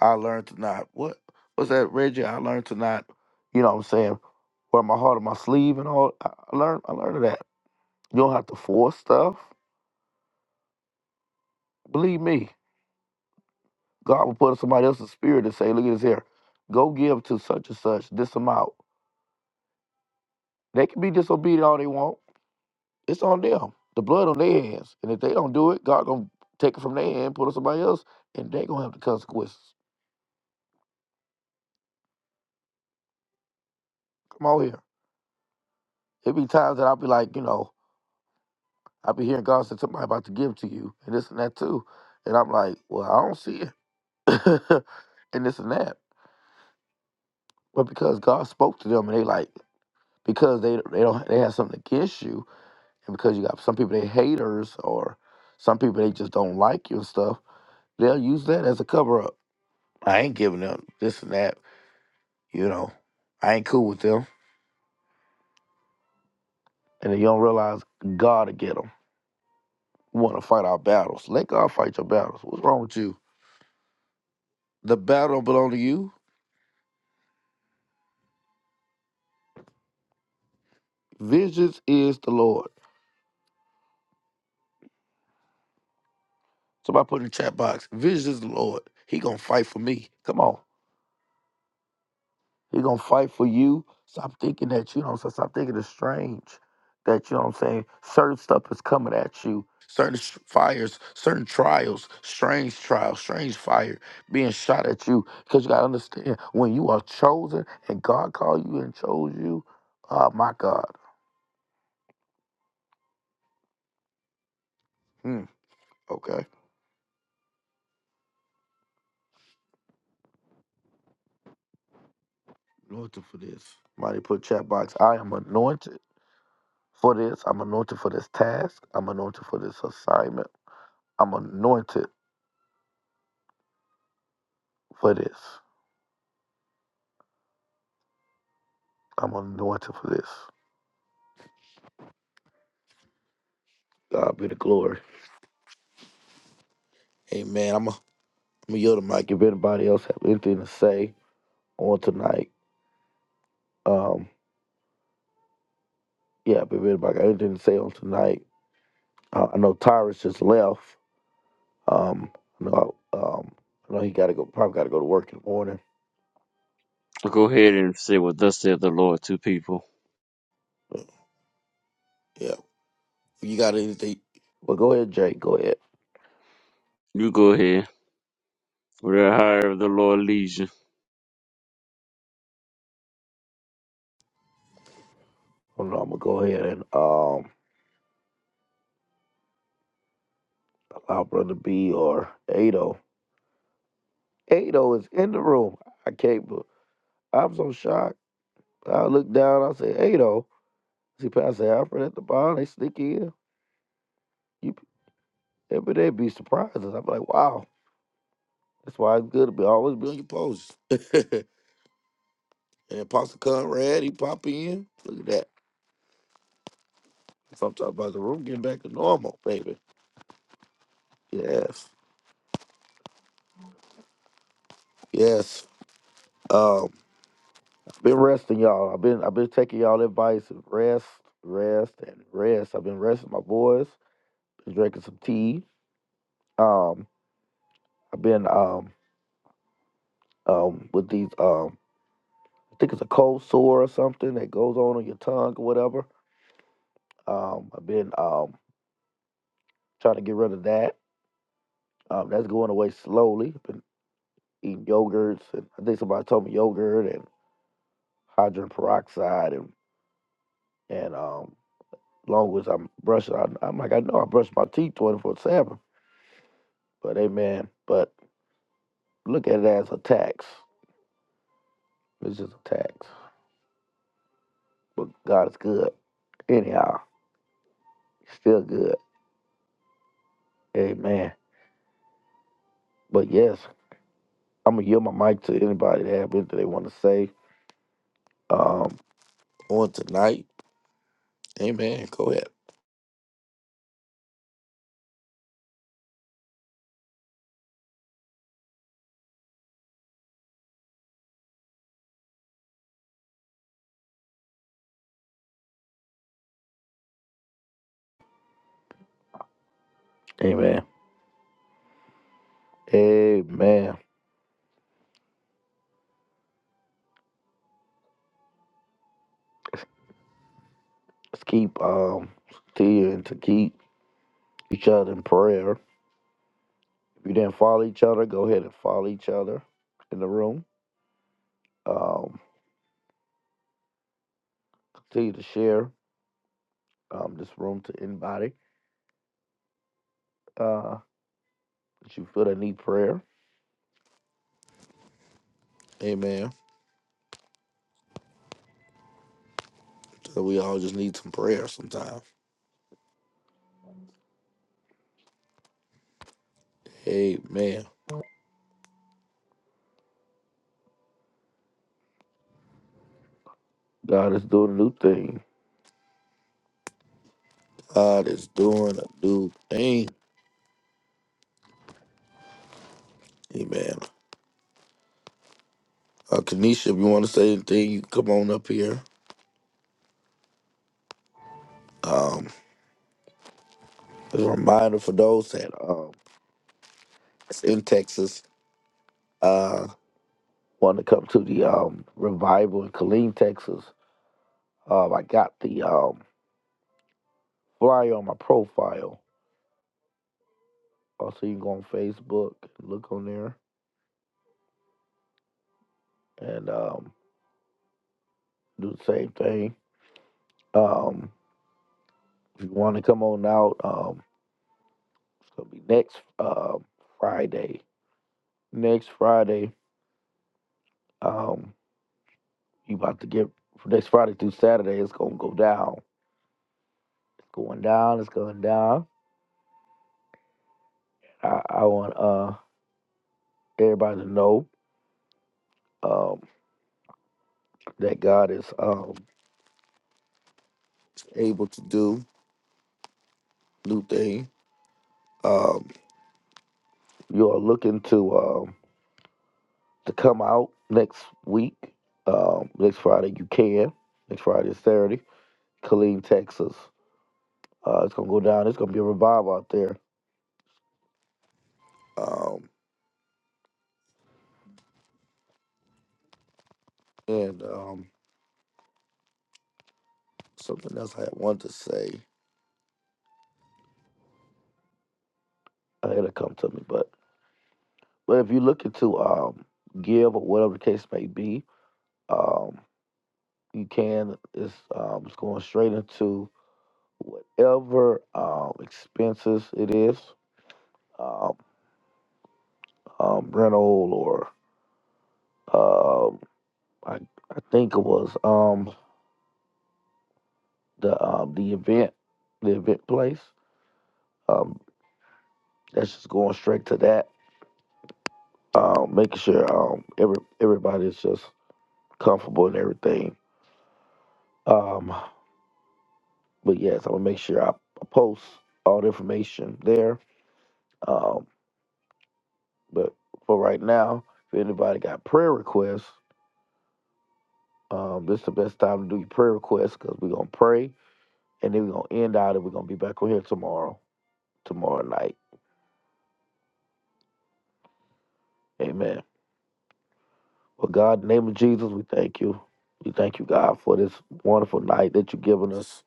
A: I learned to not what what's that, Reggie? I learned to not, you know what I'm saying, wear my heart on my sleeve and all. I I learned I learned that. You don't have to force stuff. Believe me, God will put somebody else's spirit and say, look at this here. Go give to such and such this amount. They can be disobedient all they want. It's on them. The blood on their hands. And if they don't do it, God gonna take it from their hand, put it on somebody else, and they gonna have the consequences. Come on here. It be times that I'll be like, you know, I'll be hearing God say somebody about to give to you and this and that too. And I'm like, well, I don't see it. and this and that. But because God spoke to them and they like, because they they don't they have something against you, And because you got some people they haters or some people they just don't like you and stuff, they'll use that as a cover up. I ain't giving up this and that, you know. I ain't cool with them. And then you don't realize God will get them. We want to fight our battles. Let God fight your battles. What's wrong with you? The battle don't belong to you. Vengeance is the Lord. Somebody put in the chat box, vengeance is the Lord. He gonna fight for me. Come on. He gonna fight for you. Stop thinking that you know. So stop thinking it's strange that you know what I'm saying. Certain stuff is coming at you. Certain s- fires, certain trials, strange trials, strange fire being shot at you. Because you gotta understand when you are chosen and God called you and chose you. Oh my God. Hmm. Okay. Anointed for this. Somebody put chat box. I am anointed for this. I'm anointed for this task. I'm anointed for this assignment. I'm anointed for this. I'm anointed for this. God be the glory. Amen. I'm gonna yield the mic. If anybody else have anything to say on tonight, um, yeah, if anybody got anything to say on tonight, uh, I know Tyrus just left. Um, I know, um, I know he gotta go. Probably gotta go to work in the morning.
B: Go ahead and say what thus said the Lord to people.
A: But, yeah, you got anything? Well, go ahead, Jake. Go ahead.
B: You go ahead. Whatever however the Lord leads you.
A: Hold on, I'm gonna go ahead and um allow Brother B or Ado. Ado is in the room. I can't. be- I'm so shocked. I looked down. I said, Ado. See Pastor Alfred at the bar, they sneak in. You every day be surprises. I'm like, wow. That's why it's good to be always be on your post. and Pastor Conrad, he pop in. Look at that. Sometimes about the room getting back to normal, baby. Yes. Yes. Um, I've been resting y'all. I've been I've been taking y'all advice and rest, rest, and rest. I've been resting my boys, been drinking some tea. Um, I've been um um with these um. I think it's a cold sore or something that goes on on your tongue or whatever. Um, I've been um, trying to get rid of that. Um, that's going away slowly. I've been eating yogurts, and I think somebody told me yogurt and hydrogen peroxide, and and um, long as I'm brushing, I, I'm like I know I brush my teeth 24 seven. But amen. But look at it as a tax. It's just a tax. But God is good. Anyhow, still good. Amen. But yes, I'm gonna yield my mic to anybody that have anything they want to say um, on tonight. Amen. Go ahead. Amen. Amen. Let's keep um Tia and to keep each other in prayer. If you didn't follow each other, go ahead and follow each other in the room. Um, continue to share um this room to anybody uh that you feel that need prayer. Amen. So we all just need some prayer sometimes. Amen. God is doing a new thing. God is doing a new thing. Amen. Uh, Kanisha, if you want to say anything, you can come on up here. Um, as a reminder for those that um, that's in Texas uh, want to come to the um, revival in Killeen, Texas. Um, I got the um, flyer on my profile. Also, you can go on Facebook, look on there, and um, do the same thing. Um, if you want to come on out, um, it's gonna be next um Friday. Next Friday. Um, You about to get from next Friday through Saturday. It's gonna go down. It's going down. It's going down. I, I want uh everybody to know um that God is um able to do new things. Um, you are looking to um to come out next week. Um, next Friday you can. Next Friday is Saturday. Killeen, Texas. Uh, it's gonna go down. It's gonna be a revival out there. Um, and um, something else I had wanted to say. Uh, it'll come to me, but. But if you're looking to um, give or whatever the case may be, um, you can. It's, um, it's going straight into whatever um, expenses it is, um, um, rental or um, I, I think it was um, the um, the event, the event place. Um, that's just going straight to that. Um, making sure um, every everybody's just comfortable and everything. Um, But yes, I'm gonna make sure I post all the information there. Um, but for right now, if anybody got prayer requests, um, this is the best time to do your prayer requests because we're gonna pray and then we're gonna end out and we're gonna be back on here tomorrow, tomorrow night. Amen. Well, God, in the name of Jesus, we thank you. We thank you, God, for this wonderful night that you've given us.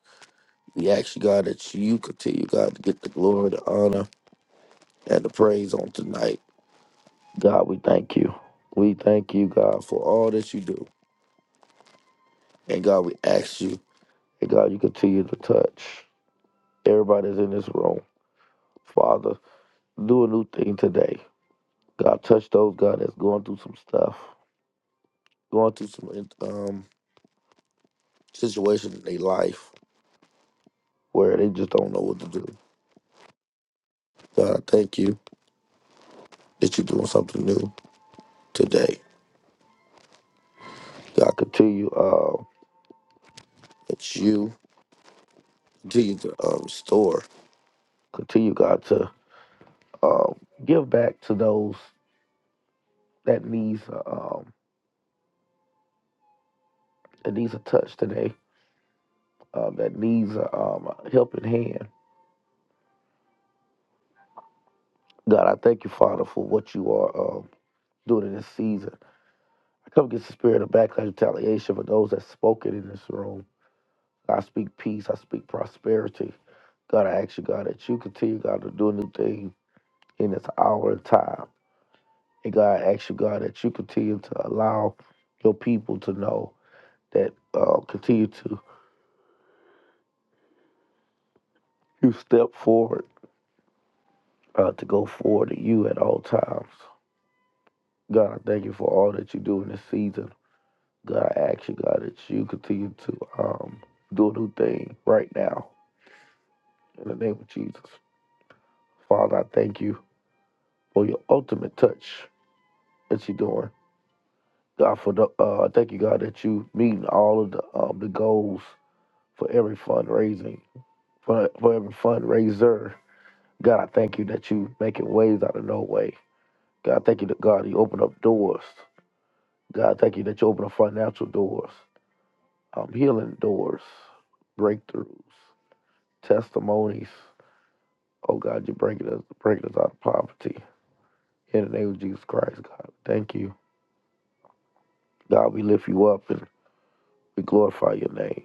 A: We ask you, God, that you continue, God, to get the glory, the honor, and the praise on tonight. God, we thank you. We thank you, God, for all that you do. And God, we ask you, and God, you continue to touch everybody that's in this room. Father, do a new thing today. God, touch those, God, that's going through some stuff, going through some um, situation in their life where they just don't know what to do. God, I thank you that you're doing something new today. God, continue uh, that you continue to um, restore, continue, God, to um, give back to those. that needs a um, that needs a touch today, um, that needs a, um, a helping hand. God, I thank you, Father, for what you are um, doing in this season. I come against the spirit of backlash, retaliation for those that spoken in this room. I speak peace. I speak prosperity. God, I ask you, God, that you continue, God, to do a new thing in this hour and time. And God, I ask you, God, that you continue to allow your people to know that uh, continue to you step forward, uh, to go forward to you at all times. God, I thank you for all that you do in this season. God, I ask you, God, that you continue to um, do a new thing right now in the name of Jesus. Father, I thank you for your ultimate touch that you're doing. God, for the uh, I thank you, God, that you meeting all of the um, the goals for every fundraising, for for every fundraiser. God, I thank you that you making ways out of no way. God, I thank you that God, you open up doors. God, I thank you that you open up financial doors. um, healing doors, breakthroughs, testimonies. Oh God, you're bringing us, bringing us out of poverty. In the name of Jesus Christ, God, thank you. God, we lift you up and we glorify your name.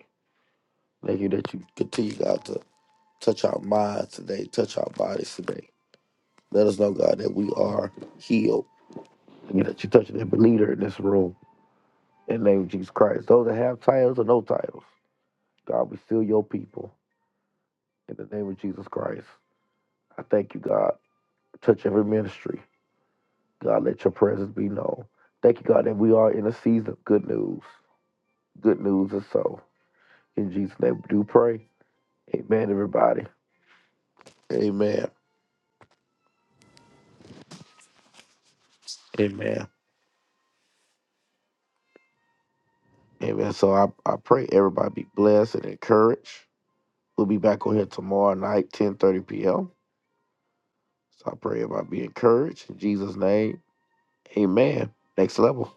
A: Thank you that you continue, God, to touch our minds today, touch our bodies today. Let us know, God, that we are healed. Thank you that you touch every leader in this room. In the name of Jesus Christ. Those that have titles or no titles, God, we still your people. In the name of Jesus Christ. I thank you, God. Touch every ministry. God, let your presence be known. Thank you, God, that we are in a season of good news. Good news is so. In Jesus' name, we do pray. Amen, everybody. Amen. Amen. Amen. So I, I pray everybody be blessed and encouraged. We'll be back on here tomorrow night, 10.30 p.m. So I pray everybody be encouraged. In Jesus' name, amen. Next level.